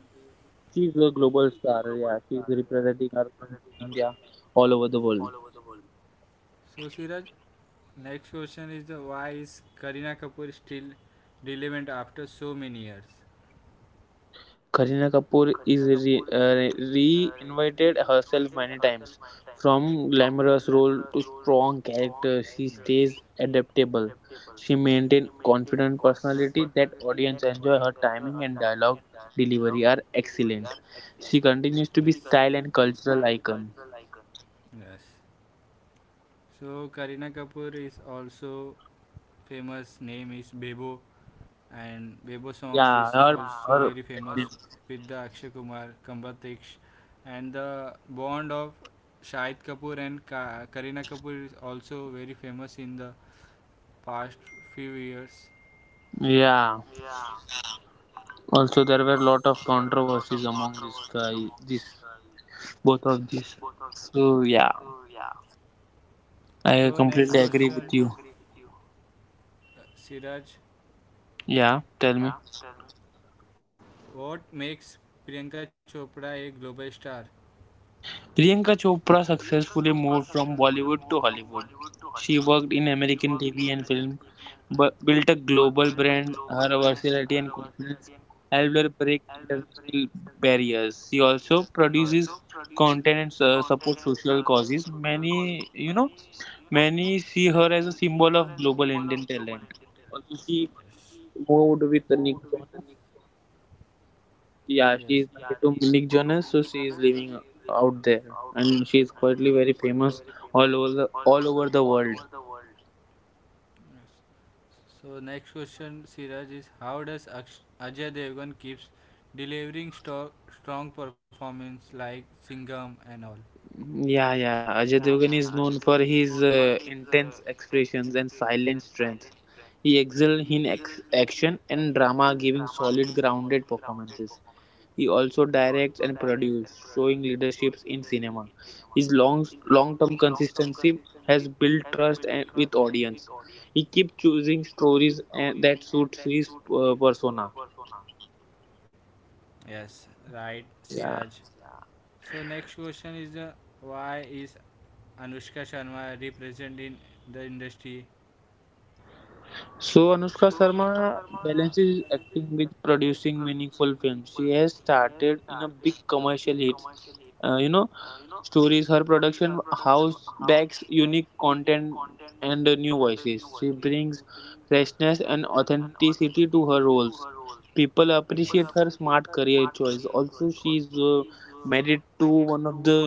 [SPEAKER 2] She's a
[SPEAKER 1] she is
[SPEAKER 2] global
[SPEAKER 1] a
[SPEAKER 2] star.
[SPEAKER 1] global
[SPEAKER 2] Yeah,
[SPEAKER 1] star
[SPEAKER 2] she's representing our country,
[SPEAKER 1] representing
[SPEAKER 2] India,
[SPEAKER 1] Armenia
[SPEAKER 2] all over the
[SPEAKER 1] all
[SPEAKER 2] world.
[SPEAKER 1] over the world. So Siraj, next question is the why is Karina Kapoor still relevant after so many years?
[SPEAKER 2] Kareena
[SPEAKER 1] Kareena
[SPEAKER 2] Kapoor
[SPEAKER 1] Kapoor
[SPEAKER 2] is
[SPEAKER 1] is re- uh, reinvented
[SPEAKER 2] reinvented
[SPEAKER 1] herself
[SPEAKER 2] herself many
[SPEAKER 1] many times,
[SPEAKER 2] times.
[SPEAKER 1] from
[SPEAKER 2] From
[SPEAKER 1] glamorous
[SPEAKER 2] glamorous
[SPEAKER 1] role
[SPEAKER 2] role to
[SPEAKER 1] to strong
[SPEAKER 2] strong
[SPEAKER 1] character.
[SPEAKER 2] character, she
[SPEAKER 1] Yes.
[SPEAKER 2] stays adaptable. She maintains confident personality that audience enjoy.
[SPEAKER 1] Enjoy
[SPEAKER 2] Her
[SPEAKER 1] her time.
[SPEAKER 2] timing and
[SPEAKER 1] I love.
[SPEAKER 2] dialogue delivery are
[SPEAKER 1] She
[SPEAKER 2] excellent.
[SPEAKER 1] Yes. She
[SPEAKER 2] She
[SPEAKER 1] continues
[SPEAKER 2] continues to
[SPEAKER 1] to
[SPEAKER 2] be
[SPEAKER 1] be
[SPEAKER 2] style
[SPEAKER 1] style
[SPEAKER 2] and
[SPEAKER 1] and
[SPEAKER 2] cultural
[SPEAKER 1] cultural icon.
[SPEAKER 2] icon.
[SPEAKER 1] Yes. So Karina Kapoor is also famous name is Bebo, and Bebo song
[SPEAKER 2] Yeah,
[SPEAKER 1] is also, yeah,
[SPEAKER 2] her.
[SPEAKER 1] very famous with the Akshay Kumar, Kambatiksh, and the bond of Shahid Kapoor and Ka- Karina Kapoor is also very famous in the past few years.
[SPEAKER 2] Yeah.
[SPEAKER 1] Yeah,
[SPEAKER 2] Also, there were a lot
[SPEAKER 1] so
[SPEAKER 2] of
[SPEAKER 1] there were a lot of
[SPEAKER 2] controversies among
[SPEAKER 1] controversies among these guys,
[SPEAKER 2] this
[SPEAKER 1] these,
[SPEAKER 2] both of these.
[SPEAKER 1] both of these.
[SPEAKER 2] So yeah,
[SPEAKER 1] So yeah,
[SPEAKER 2] I
[SPEAKER 1] so next I
[SPEAKER 2] completely agree
[SPEAKER 1] question,
[SPEAKER 2] with
[SPEAKER 1] completely
[SPEAKER 2] you.
[SPEAKER 1] agree with you. Siraj.
[SPEAKER 2] Yeah,
[SPEAKER 1] Yeah,
[SPEAKER 2] tell me.
[SPEAKER 1] tell me. What makes Priyanka Chopra a global star?
[SPEAKER 2] Priyanka
[SPEAKER 1] Priyanka
[SPEAKER 2] Chopra
[SPEAKER 1] Chopra suddenly
[SPEAKER 2] successfully
[SPEAKER 1] moved
[SPEAKER 2] moved
[SPEAKER 1] from
[SPEAKER 2] from
[SPEAKER 1] Bollywood
[SPEAKER 2] Bollywood
[SPEAKER 1] to
[SPEAKER 2] to Hollywood.
[SPEAKER 1] Hollywood. She
[SPEAKER 2] She
[SPEAKER 1] worked
[SPEAKER 2] worked in American TV and
[SPEAKER 1] in,
[SPEAKER 2] film,
[SPEAKER 1] but built
[SPEAKER 2] built a
[SPEAKER 1] a global
[SPEAKER 2] global brand.
[SPEAKER 1] presence.
[SPEAKER 2] Her
[SPEAKER 1] Her work
[SPEAKER 2] versatility and confidence
[SPEAKER 1] and
[SPEAKER 2] helped her break international barriers.
[SPEAKER 1] she,
[SPEAKER 2] She
[SPEAKER 1] yes, also,
[SPEAKER 2] also
[SPEAKER 1] yes, produced
[SPEAKER 2] produces content and
[SPEAKER 1] content and so-
[SPEAKER 2] supports social
[SPEAKER 1] social
[SPEAKER 2] causes.
[SPEAKER 1] causes. She, you know,
[SPEAKER 2] Many
[SPEAKER 1] many
[SPEAKER 2] see her
[SPEAKER 1] saw her
[SPEAKER 2] as
[SPEAKER 1] as
[SPEAKER 2] a
[SPEAKER 1] a
[SPEAKER 2] symbol
[SPEAKER 1] symbol of
[SPEAKER 2] of global Indian
[SPEAKER 1] talent.
[SPEAKER 2] talent. Also,
[SPEAKER 1] Yes. She
[SPEAKER 2] she moved
[SPEAKER 1] moved
[SPEAKER 2] with
[SPEAKER 1] with the
[SPEAKER 2] Nick
[SPEAKER 1] Nixon.
[SPEAKER 2] Jonas,
[SPEAKER 1] Yes.
[SPEAKER 2] yeah,
[SPEAKER 1] Yeah,
[SPEAKER 2] she is
[SPEAKER 1] she's
[SPEAKER 2] married to
[SPEAKER 1] from
[SPEAKER 2] Nick
[SPEAKER 1] Nick
[SPEAKER 2] Jonas, so
[SPEAKER 1] Jonas, so
[SPEAKER 2] she is
[SPEAKER 1] she's
[SPEAKER 2] living
[SPEAKER 1] living
[SPEAKER 2] out
[SPEAKER 1] out
[SPEAKER 2] there,
[SPEAKER 1] there,
[SPEAKER 2] and she
[SPEAKER 1] and
[SPEAKER 2] is
[SPEAKER 1] she's
[SPEAKER 2] quietly very
[SPEAKER 1] currently very
[SPEAKER 2] famous
[SPEAKER 1] famous all over
[SPEAKER 2] all
[SPEAKER 1] the
[SPEAKER 2] over the
[SPEAKER 1] all over
[SPEAKER 2] world.
[SPEAKER 1] the world. Yes. So next question, Siraj, is how does Aksh- Ajay Devgan keeps delivering sto- strong performance like Singham and all? Yeah,
[SPEAKER 2] Yeah.
[SPEAKER 1] yeah,
[SPEAKER 2] Ajay
[SPEAKER 1] Ajay
[SPEAKER 2] Devgan
[SPEAKER 1] is
[SPEAKER 2] is
[SPEAKER 1] known
[SPEAKER 2] known for his intense
[SPEAKER 1] for
[SPEAKER 2] expressions
[SPEAKER 1] his
[SPEAKER 2] and silent
[SPEAKER 1] silence.
[SPEAKER 2] strength. He
[SPEAKER 1] Excel
[SPEAKER 2] excels in
[SPEAKER 1] in ex- action
[SPEAKER 2] action
[SPEAKER 1] and
[SPEAKER 2] and drama,
[SPEAKER 1] drama, giving
[SPEAKER 2] giving
[SPEAKER 1] solid,
[SPEAKER 2] solid,
[SPEAKER 1] grounded
[SPEAKER 2] grounded
[SPEAKER 1] performances.
[SPEAKER 2] performances. He
[SPEAKER 1] He
[SPEAKER 2] also
[SPEAKER 1] also directs
[SPEAKER 2] directs
[SPEAKER 1] and
[SPEAKER 2] and
[SPEAKER 1] produces,
[SPEAKER 2] produces,
[SPEAKER 1] showing
[SPEAKER 2] showing
[SPEAKER 1] leadership
[SPEAKER 2] leaderships
[SPEAKER 1] in
[SPEAKER 2] in
[SPEAKER 1] cinema,
[SPEAKER 2] cinema. His
[SPEAKER 1] long, long
[SPEAKER 2] long-term consistency has built trust and, with
[SPEAKER 1] with audience
[SPEAKER 2] audience. He keeps choosing
[SPEAKER 1] stories
[SPEAKER 2] stories
[SPEAKER 1] and
[SPEAKER 2] and,
[SPEAKER 1] that
[SPEAKER 2] that
[SPEAKER 1] suits
[SPEAKER 2] suits
[SPEAKER 1] his
[SPEAKER 2] his
[SPEAKER 1] persona.
[SPEAKER 2] persona.
[SPEAKER 1] Yes, right,
[SPEAKER 2] Yeah.
[SPEAKER 1] Siraj. Yeah. So next question is why is Anushka Sharma represented in the industry? So
[SPEAKER 2] So Anushka
[SPEAKER 1] Anushka Sharma
[SPEAKER 2] Sharma
[SPEAKER 1] challenges
[SPEAKER 2] balances acting with
[SPEAKER 1] producer
[SPEAKER 2] producing meaningful films. She has
[SPEAKER 1] started
[SPEAKER 2] started
[SPEAKER 1] in
[SPEAKER 2] in a
[SPEAKER 1] a
[SPEAKER 2] big
[SPEAKER 1] big
[SPEAKER 2] commercial
[SPEAKER 1] commercial
[SPEAKER 2] hits uh,
[SPEAKER 1] uh,
[SPEAKER 2] you
[SPEAKER 1] you know
[SPEAKER 2] know
[SPEAKER 1] is
[SPEAKER 2] stories. Her
[SPEAKER 1] her production
[SPEAKER 2] production
[SPEAKER 1] house
[SPEAKER 2] house
[SPEAKER 1] bags
[SPEAKER 2] backs
[SPEAKER 1] unique
[SPEAKER 2] unique content
[SPEAKER 1] content
[SPEAKER 2] and
[SPEAKER 1] and
[SPEAKER 2] new voices. She brings freshness
[SPEAKER 1] presents
[SPEAKER 2] and
[SPEAKER 1] an
[SPEAKER 2] authenticity
[SPEAKER 1] authenticity to
[SPEAKER 2] to her
[SPEAKER 1] her roles.
[SPEAKER 2] roles.
[SPEAKER 1] People,
[SPEAKER 2] People
[SPEAKER 1] yes, appreciate
[SPEAKER 2] appreciate
[SPEAKER 1] her
[SPEAKER 2] her
[SPEAKER 1] smart
[SPEAKER 2] smart
[SPEAKER 1] career
[SPEAKER 2] career
[SPEAKER 1] choice.
[SPEAKER 2] choice. Also,
[SPEAKER 1] Also,
[SPEAKER 2] she's
[SPEAKER 1] she's
[SPEAKER 2] married
[SPEAKER 1] married to
[SPEAKER 2] to
[SPEAKER 1] one
[SPEAKER 2] one
[SPEAKER 1] of
[SPEAKER 2] of the
[SPEAKER 1] the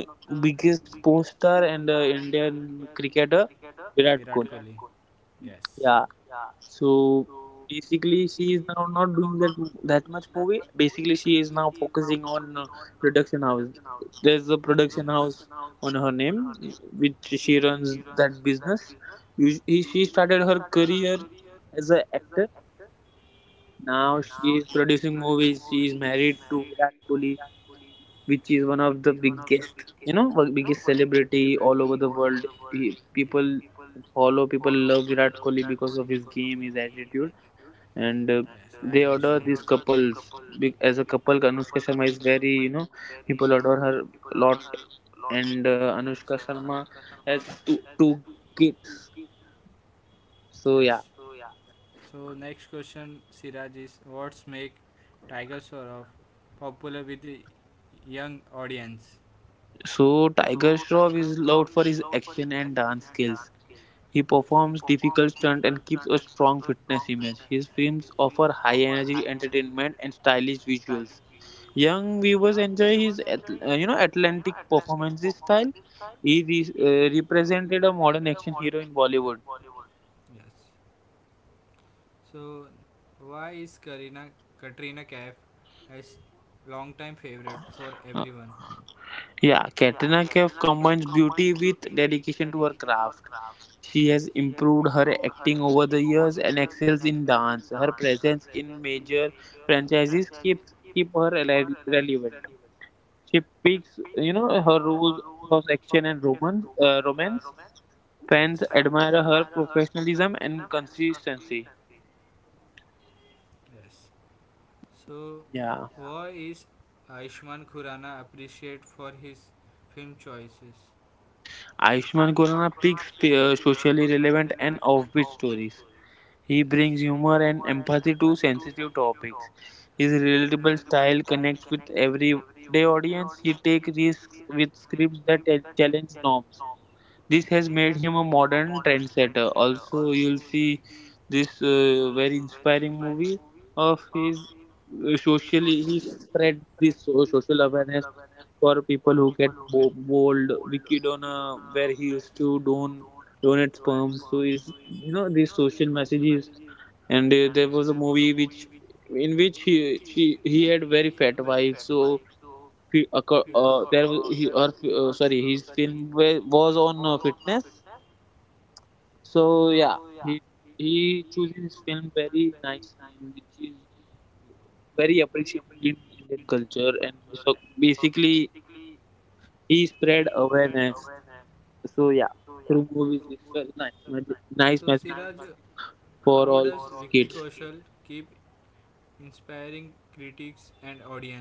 [SPEAKER 1] biggest
[SPEAKER 2] biggest
[SPEAKER 1] post
[SPEAKER 2] post
[SPEAKER 1] star
[SPEAKER 2] star and
[SPEAKER 1] and
[SPEAKER 2] indian cricketer
[SPEAKER 1] Virat
[SPEAKER 2] Virat
[SPEAKER 1] Kohli. Kohli.
[SPEAKER 2] Kohli.
[SPEAKER 1] Yes. Yeah,
[SPEAKER 2] Yeah, So basically, she
[SPEAKER 1] she's
[SPEAKER 2] is now
[SPEAKER 1] now
[SPEAKER 2] not
[SPEAKER 1] not doing,
[SPEAKER 2] doing that much movie. Basically, she
[SPEAKER 1] she's
[SPEAKER 2] is now
[SPEAKER 1] now focusing
[SPEAKER 2] focusing
[SPEAKER 1] on
[SPEAKER 2] on production house. There's a
[SPEAKER 1] production
[SPEAKER 2] production
[SPEAKER 1] house
[SPEAKER 2] house
[SPEAKER 1] on
[SPEAKER 2] on her
[SPEAKER 1] her name.
[SPEAKER 2] name, which she runs that
[SPEAKER 1] That
[SPEAKER 2] business. She
[SPEAKER 1] started
[SPEAKER 2] started her
[SPEAKER 1] her.
[SPEAKER 2] career as an actor.
[SPEAKER 1] Yes, now
[SPEAKER 2] Now she
[SPEAKER 1] she's
[SPEAKER 2] is
[SPEAKER 1] producing
[SPEAKER 2] producing
[SPEAKER 1] movies,
[SPEAKER 2] movies. She
[SPEAKER 1] she's
[SPEAKER 2] is
[SPEAKER 1] married
[SPEAKER 2] married
[SPEAKER 1] to
[SPEAKER 2] to
[SPEAKER 1] Virat
[SPEAKER 2] Virat
[SPEAKER 1] Kohli,
[SPEAKER 2] Kohli, which
[SPEAKER 1] she's
[SPEAKER 2] is
[SPEAKER 1] one
[SPEAKER 2] one
[SPEAKER 1] of
[SPEAKER 2] of
[SPEAKER 1] the
[SPEAKER 2] the biggest, one biggest celebrity
[SPEAKER 1] all
[SPEAKER 2] all
[SPEAKER 1] over
[SPEAKER 2] over
[SPEAKER 1] the
[SPEAKER 2] the
[SPEAKER 1] world
[SPEAKER 2] world. People
[SPEAKER 1] follow
[SPEAKER 2] follow, people
[SPEAKER 1] and
[SPEAKER 2] love Virat Kohli because of his game, his attitude
[SPEAKER 1] yes,
[SPEAKER 2] and
[SPEAKER 1] I agree they
[SPEAKER 2] they
[SPEAKER 1] you.
[SPEAKER 2] adore these
[SPEAKER 1] The
[SPEAKER 2] couples. As a couple, Anushka Sharma is very,
[SPEAKER 1] people
[SPEAKER 2] people
[SPEAKER 1] order
[SPEAKER 2] adore
[SPEAKER 1] her
[SPEAKER 2] her a
[SPEAKER 1] a lot
[SPEAKER 2] lot.
[SPEAKER 1] and
[SPEAKER 2] And
[SPEAKER 1] Anushka
[SPEAKER 2] Anushka
[SPEAKER 1] Sharma
[SPEAKER 2] Sharma has
[SPEAKER 1] has
[SPEAKER 2] two,
[SPEAKER 1] two,
[SPEAKER 2] two
[SPEAKER 1] two kids.
[SPEAKER 2] kids, so
[SPEAKER 1] Yes.
[SPEAKER 2] yeah.
[SPEAKER 1] So yeah. So next question, Siraj, is what's make Tiger Shroff popular with the young audience?
[SPEAKER 2] So
[SPEAKER 1] So
[SPEAKER 2] Tiger
[SPEAKER 1] Tiger
[SPEAKER 2] Shroff
[SPEAKER 1] Shroff is
[SPEAKER 2] is loved
[SPEAKER 1] loved
[SPEAKER 2] for
[SPEAKER 1] for his
[SPEAKER 2] his action
[SPEAKER 1] and
[SPEAKER 2] and dance
[SPEAKER 1] dance.
[SPEAKER 2] skills.
[SPEAKER 1] He
[SPEAKER 2] He
[SPEAKER 1] performs
[SPEAKER 2] performs difficult
[SPEAKER 1] stunt
[SPEAKER 2] stunts
[SPEAKER 1] and
[SPEAKER 2] and keeps
[SPEAKER 1] keeps
[SPEAKER 2] a
[SPEAKER 1] a strong
[SPEAKER 2] strong
[SPEAKER 1] presence.
[SPEAKER 2] fitness image. His films offer
[SPEAKER 1] Offer
[SPEAKER 2] high
[SPEAKER 1] high
[SPEAKER 2] energy
[SPEAKER 1] entertainment
[SPEAKER 2] entertainment
[SPEAKER 1] and
[SPEAKER 2] and stylish
[SPEAKER 1] stylish
[SPEAKER 2] visuals.
[SPEAKER 1] visuals. Yes,
[SPEAKER 2] Young viewers enjoy his
[SPEAKER 1] you know, at least
[SPEAKER 2] Atlantic
[SPEAKER 1] performance
[SPEAKER 2] performances
[SPEAKER 1] this time,
[SPEAKER 2] style. He
[SPEAKER 1] he
[SPEAKER 2] represented
[SPEAKER 1] represented
[SPEAKER 2] a
[SPEAKER 1] a
[SPEAKER 2] modern
[SPEAKER 1] modern
[SPEAKER 2] action
[SPEAKER 1] action
[SPEAKER 2] hero in
[SPEAKER 1] hero in
[SPEAKER 2] Bollywood.
[SPEAKER 1] Bollywood. Yes. So, why is Karina Katrina Kaif as long-time favorite for
[SPEAKER 2] Uh,
[SPEAKER 1] everyone?
[SPEAKER 2] yeah,
[SPEAKER 1] Yeah,
[SPEAKER 2] Katrina
[SPEAKER 1] Katrina
[SPEAKER 2] Kaif
[SPEAKER 1] Kaif
[SPEAKER 2] combines
[SPEAKER 1] combines beauty
[SPEAKER 2] beauty with dedication
[SPEAKER 1] into
[SPEAKER 2] to
[SPEAKER 1] her
[SPEAKER 2] her
[SPEAKER 1] craft,
[SPEAKER 2] craft. She has
[SPEAKER 1] improved
[SPEAKER 2] improved
[SPEAKER 1] her
[SPEAKER 2] her acting over the years and excels in
[SPEAKER 1] dance,
[SPEAKER 2] dance.
[SPEAKER 1] her
[SPEAKER 2] Her presence in major
[SPEAKER 1] friends,
[SPEAKER 2] franchises
[SPEAKER 1] keep
[SPEAKER 2] keeps
[SPEAKER 1] keep
[SPEAKER 2] keep her
[SPEAKER 1] her rele- relevant.
[SPEAKER 2] relevant.
[SPEAKER 1] She
[SPEAKER 2] She
[SPEAKER 1] speaks,
[SPEAKER 2] picks,
[SPEAKER 1] you know, her
[SPEAKER 2] her
[SPEAKER 1] rules,
[SPEAKER 2] roles across action and romance.
[SPEAKER 1] romance. Yes,
[SPEAKER 2] Fans
[SPEAKER 1] fans admire
[SPEAKER 2] admire
[SPEAKER 1] her.
[SPEAKER 2] her professionalism and
[SPEAKER 1] Con-
[SPEAKER 2] consistency.
[SPEAKER 1] yes. So,
[SPEAKER 2] Yeah,
[SPEAKER 1] why is Aishman Khurana appreciated for his film choices?
[SPEAKER 2] Ayushmann
[SPEAKER 1] Aishman Khurana
[SPEAKER 2] Khurrana picks
[SPEAKER 1] appears
[SPEAKER 2] socially relevant
[SPEAKER 1] an
[SPEAKER 2] and
[SPEAKER 1] of.
[SPEAKER 2] offbeat stories. He
[SPEAKER 1] Yes.
[SPEAKER 2] brings
[SPEAKER 1] Humor
[SPEAKER 2] humor
[SPEAKER 1] and
[SPEAKER 2] and
[SPEAKER 1] empathy
[SPEAKER 2] empathy to
[SPEAKER 1] sensitive
[SPEAKER 2] sensitive
[SPEAKER 1] topics.
[SPEAKER 2] topics. His
[SPEAKER 1] His
[SPEAKER 2] relatable style
[SPEAKER 1] style
[SPEAKER 2] connects with
[SPEAKER 1] the
[SPEAKER 2] everyday
[SPEAKER 1] audience
[SPEAKER 2] audience. He takes risks
[SPEAKER 1] with
[SPEAKER 2] with scripts that challenge
[SPEAKER 1] norm.
[SPEAKER 2] norms.
[SPEAKER 1] This
[SPEAKER 2] This has made
[SPEAKER 1] became
[SPEAKER 2] him a
[SPEAKER 1] a modern
[SPEAKER 2] modern
[SPEAKER 1] theater.
[SPEAKER 2] trendsetter. Also,
[SPEAKER 1] Also,
[SPEAKER 2] you'll see this
[SPEAKER 1] this
[SPEAKER 2] very inspiring movie
[SPEAKER 1] uh,
[SPEAKER 2] of his.
[SPEAKER 1] socially
[SPEAKER 2] Socially, he
[SPEAKER 1] spread
[SPEAKER 2] spread
[SPEAKER 1] this
[SPEAKER 2] this
[SPEAKER 1] social
[SPEAKER 2] social
[SPEAKER 1] awareness
[SPEAKER 2] awareness
[SPEAKER 1] for
[SPEAKER 2] for
[SPEAKER 1] people
[SPEAKER 2] people
[SPEAKER 1] who
[SPEAKER 2] who
[SPEAKER 1] get
[SPEAKER 2] get
[SPEAKER 1] po- old,
[SPEAKER 2] bold,
[SPEAKER 1] wicked
[SPEAKER 2] wicked
[SPEAKER 1] on
[SPEAKER 2] on a,
[SPEAKER 1] where
[SPEAKER 2] where he
[SPEAKER 1] he
[SPEAKER 2] used
[SPEAKER 1] you
[SPEAKER 2] to
[SPEAKER 1] don't donate
[SPEAKER 2] donate
[SPEAKER 1] sperms
[SPEAKER 2] sperms.
[SPEAKER 1] to
[SPEAKER 2] So
[SPEAKER 1] his,
[SPEAKER 2] is,
[SPEAKER 1] you know, these
[SPEAKER 2] these
[SPEAKER 1] social
[SPEAKER 2] social
[SPEAKER 1] messages.
[SPEAKER 2] messages.
[SPEAKER 1] And
[SPEAKER 2] And there
[SPEAKER 1] there was
[SPEAKER 2] was a
[SPEAKER 1] a
[SPEAKER 2] movie
[SPEAKER 1] movie which
[SPEAKER 2] which
[SPEAKER 1] in
[SPEAKER 2] in
[SPEAKER 1] which
[SPEAKER 2] which
[SPEAKER 1] he, he,
[SPEAKER 2] he
[SPEAKER 1] he had
[SPEAKER 2] had very
[SPEAKER 1] very fat
[SPEAKER 2] fat
[SPEAKER 1] wife,
[SPEAKER 2] wife.
[SPEAKER 1] so
[SPEAKER 2] So
[SPEAKER 1] he, yes, acco- that
[SPEAKER 2] he,
[SPEAKER 1] he, her
[SPEAKER 2] her fi- sorry his film
[SPEAKER 1] was
[SPEAKER 2] was
[SPEAKER 1] on
[SPEAKER 2] on
[SPEAKER 1] fitness.
[SPEAKER 2] fitness, so
[SPEAKER 1] So yeah,
[SPEAKER 2] yeah. He he chooses his film very nicely, and which is very
[SPEAKER 1] very
[SPEAKER 2] appreciated
[SPEAKER 1] appreciative
[SPEAKER 2] in
[SPEAKER 1] of
[SPEAKER 2] indian culture,
[SPEAKER 1] culture.
[SPEAKER 2] and
[SPEAKER 1] And so
[SPEAKER 2] so basically
[SPEAKER 1] basically,
[SPEAKER 2] he
[SPEAKER 1] he
[SPEAKER 2] spread
[SPEAKER 1] said awareness.
[SPEAKER 2] awareness. So yeah, through movies, it's very nice
[SPEAKER 1] So
[SPEAKER 2] nice
[SPEAKER 1] Siraj,
[SPEAKER 2] messages
[SPEAKER 1] how does
[SPEAKER 2] for
[SPEAKER 1] overall,
[SPEAKER 2] all
[SPEAKER 1] Vicky
[SPEAKER 2] these
[SPEAKER 1] Kaushal
[SPEAKER 2] kids.
[SPEAKER 1] keep inspiring critics and audience?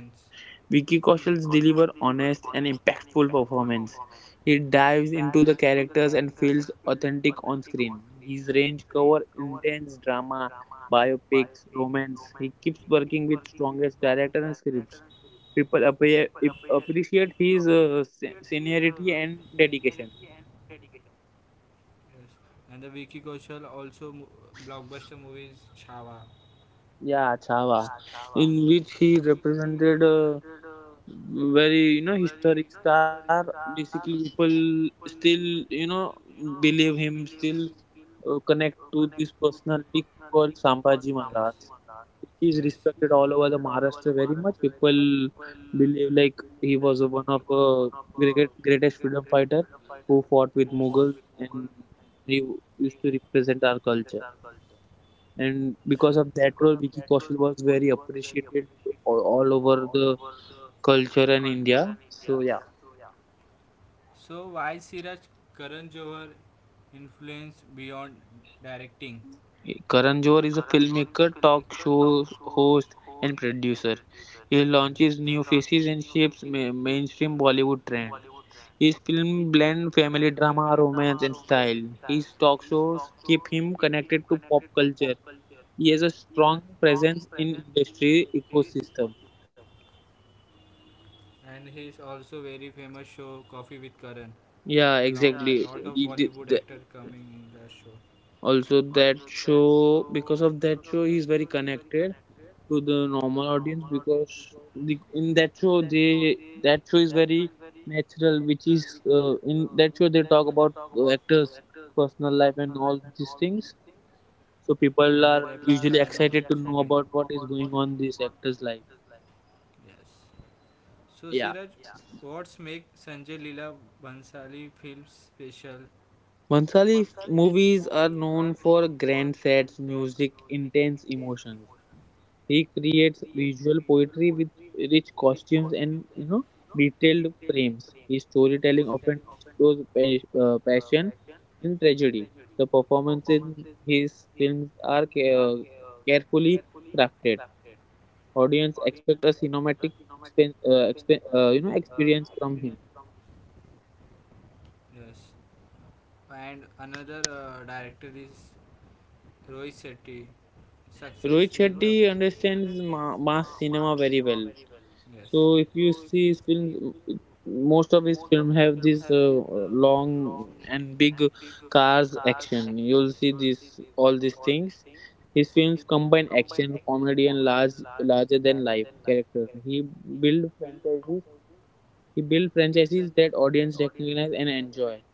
[SPEAKER 2] Vicky Kaushal delivers
[SPEAKER 1] Honest
[SPEAKER 2] honest and impactful
[SPEAKER 1] performance.
[SPEAKER 2] performance.
[SPEAKER 1] Yes.
[SPEAKER 2] He
[SPEAKER 1] It dives
[SPEAKER 2] dives into the characters and feels
[SPEAKER 1] thick
[SPEAKER 2] authentic
[SPEAKER 1] on
[SPEAKER 2] on screen. His range covers intense
[SPEAKER 1] drama,
[SPEAKER 2] drama,
[SPEAKER 1] bio,
[SPEAKER 2] biopics,
[SPEAKER 1] romance.
[SPEAKER 2] romance. He keeps working with strongest directors and scripts. People
[SPEAKER 1] People appreciate,
[SPEAKER 2] appreciate
[SPEAKER 1] is
[SPEAKER 2] his seniority
[SPEAKER 1] seniority and
[SPEAKER 2] and
[SPEAKER 1] dedication.
[SPEAKER 2] dedication.
[SPEAKER 1] Yes. And the Vicky Kaushal also mo- blockbuster movies Chhava.
[SPEAKER 2] Yeah,
[SPEAKER 1] Yeah,
[SPEAKER 2] Chava,
[SPEAKER 1] Sava, in
[SPEAKER 2] in
[SPEAKER 1] which
[SPEAKER 2] which he
[SPEAKER 1] he
[SPEAKER 2] represented
[SPEAKER 1] represented a
[SPEAKER 2] very,
[SPEAKER 1] very
[SPEAKER 2] historic
[SPEAKER 1] historic star,
[SPEAKER 2] star. Basically,
[SPEAKER 1] which people
[SPEAKER 2] people still,
[SPEAKER 1] still,
[SPEAKER 2] you
[SPEAKER 1] you
[SPEAKER 2] know
[SPEAKER 1] know,
[SPEAKER 2] believe
[SPEAKER 1] believe him,
[SPEAKER 2] him,
[SPEAKER 1] still
[SPEAKER 2] still connect
[SPEAKER 1] connect
[SPEAKER 2] to
[SPEAKER 1] to
[SPEAKER 2] this
[SPEAKER 1] this
[SPEAKER 2] personality
[SPEAKER 1] personality called,
[SPEAKER 2] called
[SPEAKER 1] yes,
[SPEAKER 2] Sambhaji
[SPEAKER 1] Sambhaji Mandar.
[SPEAKER 2] Maharaj.
[SPEAKER 1] Yes.
[SPEAKER 2] He
[SPEAKER 1] He's,
[SPEAKER 2] is
[SPEAKER 1] yes,
[SPEAKER 2] respected
[SPEAKER 1] respected
[SPEAKER 2] all
[SPEAKER 1] all
[SPEAKER 2] over
[SPEAKER 1] over
[SPEAKER 2] the
[SPEAKER 1] the
[SPEAKER 2] Maharashtra
[SPEAKER 1] Maharashtra
[SPEAKER 2] very
[SPEAKER 1] very much.
[SPEAKER 2] much.
[SPEAKER 1] People,
[SPEAKER 2] People believe like he was
[SPEAKER 1] one
[SPEAKER 2] one
[SPEAKER 1] of
[SPEAKER 2] of greatest freedom fighter who fought with Mughals, and he used to
[SPEAKER 1] these
[SPEAKER 2] represent our
[SPEAKER 1] are
[SPEAKER 2] culture. And because of that role, Vicky Kaushal was very appreciated
[SPEAKER 1] or all
[SPEAKER 2] all
[SPEAKER 1] over
[SPEAKER 2] over
[SPEAKER 1] the
[SPEAKER 2] the
[SPEAKER 1] country.
[SPEAKER 2] culture and India. So yeah,
[SPEAKER 1] So why, Siraj, Karan Johar influence beyond directing?
[SPEAKER 2] Karan
[SPEAKER 1] Karan
[SPEAKER 2] Johar is
[SPEAKER 1] Johar
[SPEAKER 2] a
[SPEAKER 1] is
[SPEAKER 2] filmmaker,
[SPEAKER 1] the
[SPEAKER 2] talk
[SPEAKER 1] talk
[SPEAKER 2] show
[SPEAKER 1] show.
[SPEAKER 2] host, and producer.
[SPEAKER 1] He, yes,
[SPEAKER 2] He
[SPEAKER 1] he launches
[SPEAKER 2] launches new faces and shapes mainstream Bollywood trend. His film blend family
[SPEAKER 1] drama,
[SPEAKER 2] drama,
[SPEAKER 1] romance,
[SPEAKER 2] romance,
[SPEAKER 1] and
[SPEAKER 2] and
[SPEAKER 1] style.
[SPEAKER 2] style.
[SPEAKER 1] His
[SPEAKER 2] His
[SPEAKER 1] talk
[SPEAKER 2] talk
[SPEAKER 1] show
[SPEAKER 2] shows
[SPEAKER 1] he,
[SPEAKER 2] keep him connected to pop culture.
[SPEAKER 1] he
[SPEAKER 2] He
[SPEAKER 1] has
[SPEAKER 2] has
[SPEAKER 1] a
[SPEAKER 2] a
[SPEAKER 1] strong
[SPEAKER 2] strong presence in industry ecosystem.
[SPEAKER 1] and his also very famous show Coffee with Karan. The lot,
[SPEAKER 2] Yeah,
[SPEAKER 1] yeah, lot of,
[SPEAKER 2] exactly.
[SPEAKER 1] exactly, Bollywood
[SPEAKER 2] The-
[SPEAKER 1] actor,
[SPEAKER 2] the-
[SPEAKER 1] yes,
[SPEAKER 2] the-
[SPEAKER 1] coming in that show.
[SPEAKER 2] Also
[SPEAKER 1] Also,
[SPEAKER 2] that show, because of that show, he's very connected to
[SPEAKER 1] to
[SPEAKER 2] the
[SPEAKER 1] normal
[SPEAKER 2] normal audience.
[SPEAKER 1] audience.
[SPEAKER 2] Because in that show, they, that show is very natural. Which is, in that show,
[SPEAKER 1] They
[SPEAKER 2] they
[SPEAKER 1] talk
[SPEAKER 2] talk
[SPEAKER 1] about
[SPEAKER 2] about actors
[SPEAKER 1] first
[SPEAKER 2] personal life
[SPEAKER 1] and
[SPEAKER 2] and
[SPEAKER 1] all.
[SPEAKER 2] all these
[SPEAKER 1] So, and
[SPEAKER 2] things.
[SPEAKER 1] the
[SPEAKER 2] So
[SPEAKER 1] people rapid
[SPEAKER 2] people
[SPEAKER 1] are
[SPEAKER 2] are
[SPEAKER 1] fire need
[SPEAKER 2] usually
[SPEAKER 1] of-
[SPEAKER 2] excited to
[SPEAKER 1] to
[SPEAKER 2] know
[SPEAKER 1] know
[SPEAKER 2] about what
[SPEAKER 1] about
[SPEAKER 2] is going
[SPEAKER 1] anyone.
[SPEAKER 2] on this actor's life.
[SPEAKER 1] Yes. So Siraj, yeah,
[SPEAKER 2] Yeah,
[SPEAKER 1] what's make Sanjay Leela Bhansali film special? One
[SPEAKER 2] Mansali movies are
[SPEAKER 1] is
[SPEAKER 2] known for grand sets, music, intense emotions. He creates visual poetry with
[SPEAKER 1] are
[SPEAKER 2] rich costumes and, detailed frames. His storytelling often explores passion and tragedy. The performances in his
[SPEAKER 1] his
[SPEAKER 2] films
[SPEAKER 1] films
[SPEAKER 2] are
[SPEAKER 1] are ca-
[SPEAKER 2] carefully crafted. Audience expect a cinematic experience from him.
[SPEAKER 1] yes. And another director is Rohit Shetty. Success with the-
[SPEAKER 2] Rohit Shetty understands
[SPEAKER 1] ma- mass
[SPEAKER 2] mass cinema
[SPEAKER 1] cinema, very
[SPEAKER 2] very well.
[SPEAKER 1] yes.
[SPEAKER 2] So if you see his films, it- most of his film have this
[SPEAKER 1] Long
[SPEAKER 2] long and
[SPEAKER 1] and
[SPEAKER 2] big
[SPEAKER 1] cars
[SPEAKER 2] cars action. You'll see this all these things. His films
[SPEAKER 1] come
[SPEAKER 2] combine action,
[SPEAKER 1] comedy
[SPEAKER 2] comedy,
[SPEAKER 1] and
[SPEAKER 2] and
[SPEAKER 1] large.
[SPEAKER 2] larger than life characters. He build franchises. He build franchises that audience recognize and enjoy.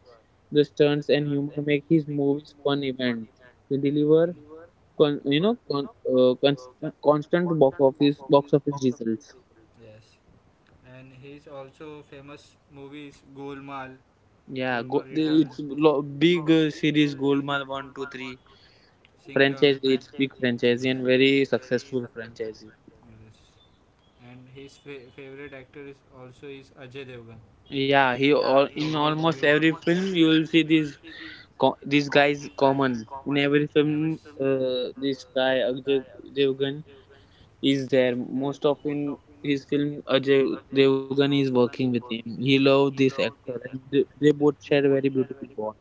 [SPEAKER 2] The stunts and humor make his movies fun events. They deliver, constant box office results.
[SPEAKER 1] Yes. And he's also famous movies Golmaal, Golmaal, yeah,
[SPEAKER 2] Yeah,
[SPEAKER 1] Return, Gul-
[SPEAKER 2] it's
[SPEAKER 1] Lo-
[SPEAKER 2] big series
[SPEAKER 1] Gulmaal
[SPEAKER 2] Golmaal
[SPEAKER 1] one,
[SPEAKER 2] one, 2,
[SPEAKER 1] two, three,
[SPEAKER 2] 3
[SPEAKER 1] Singham.
[SPEAKER 2] franchise. It's big franchise
[SPEAKER 1] Brazilian,
[SPEAKER 2] and
[SPEAKER 1] very
[SPEAKER 2] very
[SPEAKER 1] successful
[SPEAKER 2] successful
[SPEAKER 1] franchise.
[SPEAKER 2] franchise.
[SPEAKER 1] Yes. And his fa- favorite actor is also is Ajay Devgan. In, yeah,
[SPEAKER 2] Yeah,
[SPEAKER 1] he
[SPEAKER 2] he
[SPEAKER 1] every all,
[SPEAKER 2] all
[SPEAKER 1] in
[SPEAKER 2] in
[SPEAKER 1] movie, almost
[SPEAKER 2] almost every
[SPEAKER 1] every film,
[SPEAKER 2] film you will see this.
[SPEAKER 1] co-
[SPEAKER 2] This guy is
[SPEAKER 1] is common
[SPEAKER 2] common in every film. This guy
[SPEAKER 1] by
[SPEAKER 2] Ajay
[SPEAKER 1] Ajay Devgan
[SPEAKER 2] Devgan
[SPEAKER 1] is
[SPEAKER 2] is
[SPEAKER 1] there.
[SPEAKER 2] there.
[SPEAKER 1] Most
[SPEAKER 2] Most
[SPEAKER 1] of
[SPEAKER 2] of
[SPEAKER 1] him
[SPEAKER 2] in
[SPEAKER 1] is
[SPEAKER 2] his
[SPEAKER 1] still
[SPEAKER 2] film
[SPEAKER 1] Ajay
[SPEAKER 2] Ajay Devgan
[SPEAKER 1] Devgan
[SPEAKER 2] is working with him. He
[SPEAKER 1] below.
[SPEAKER 2] loved this actor, and they both share very beautiful bond.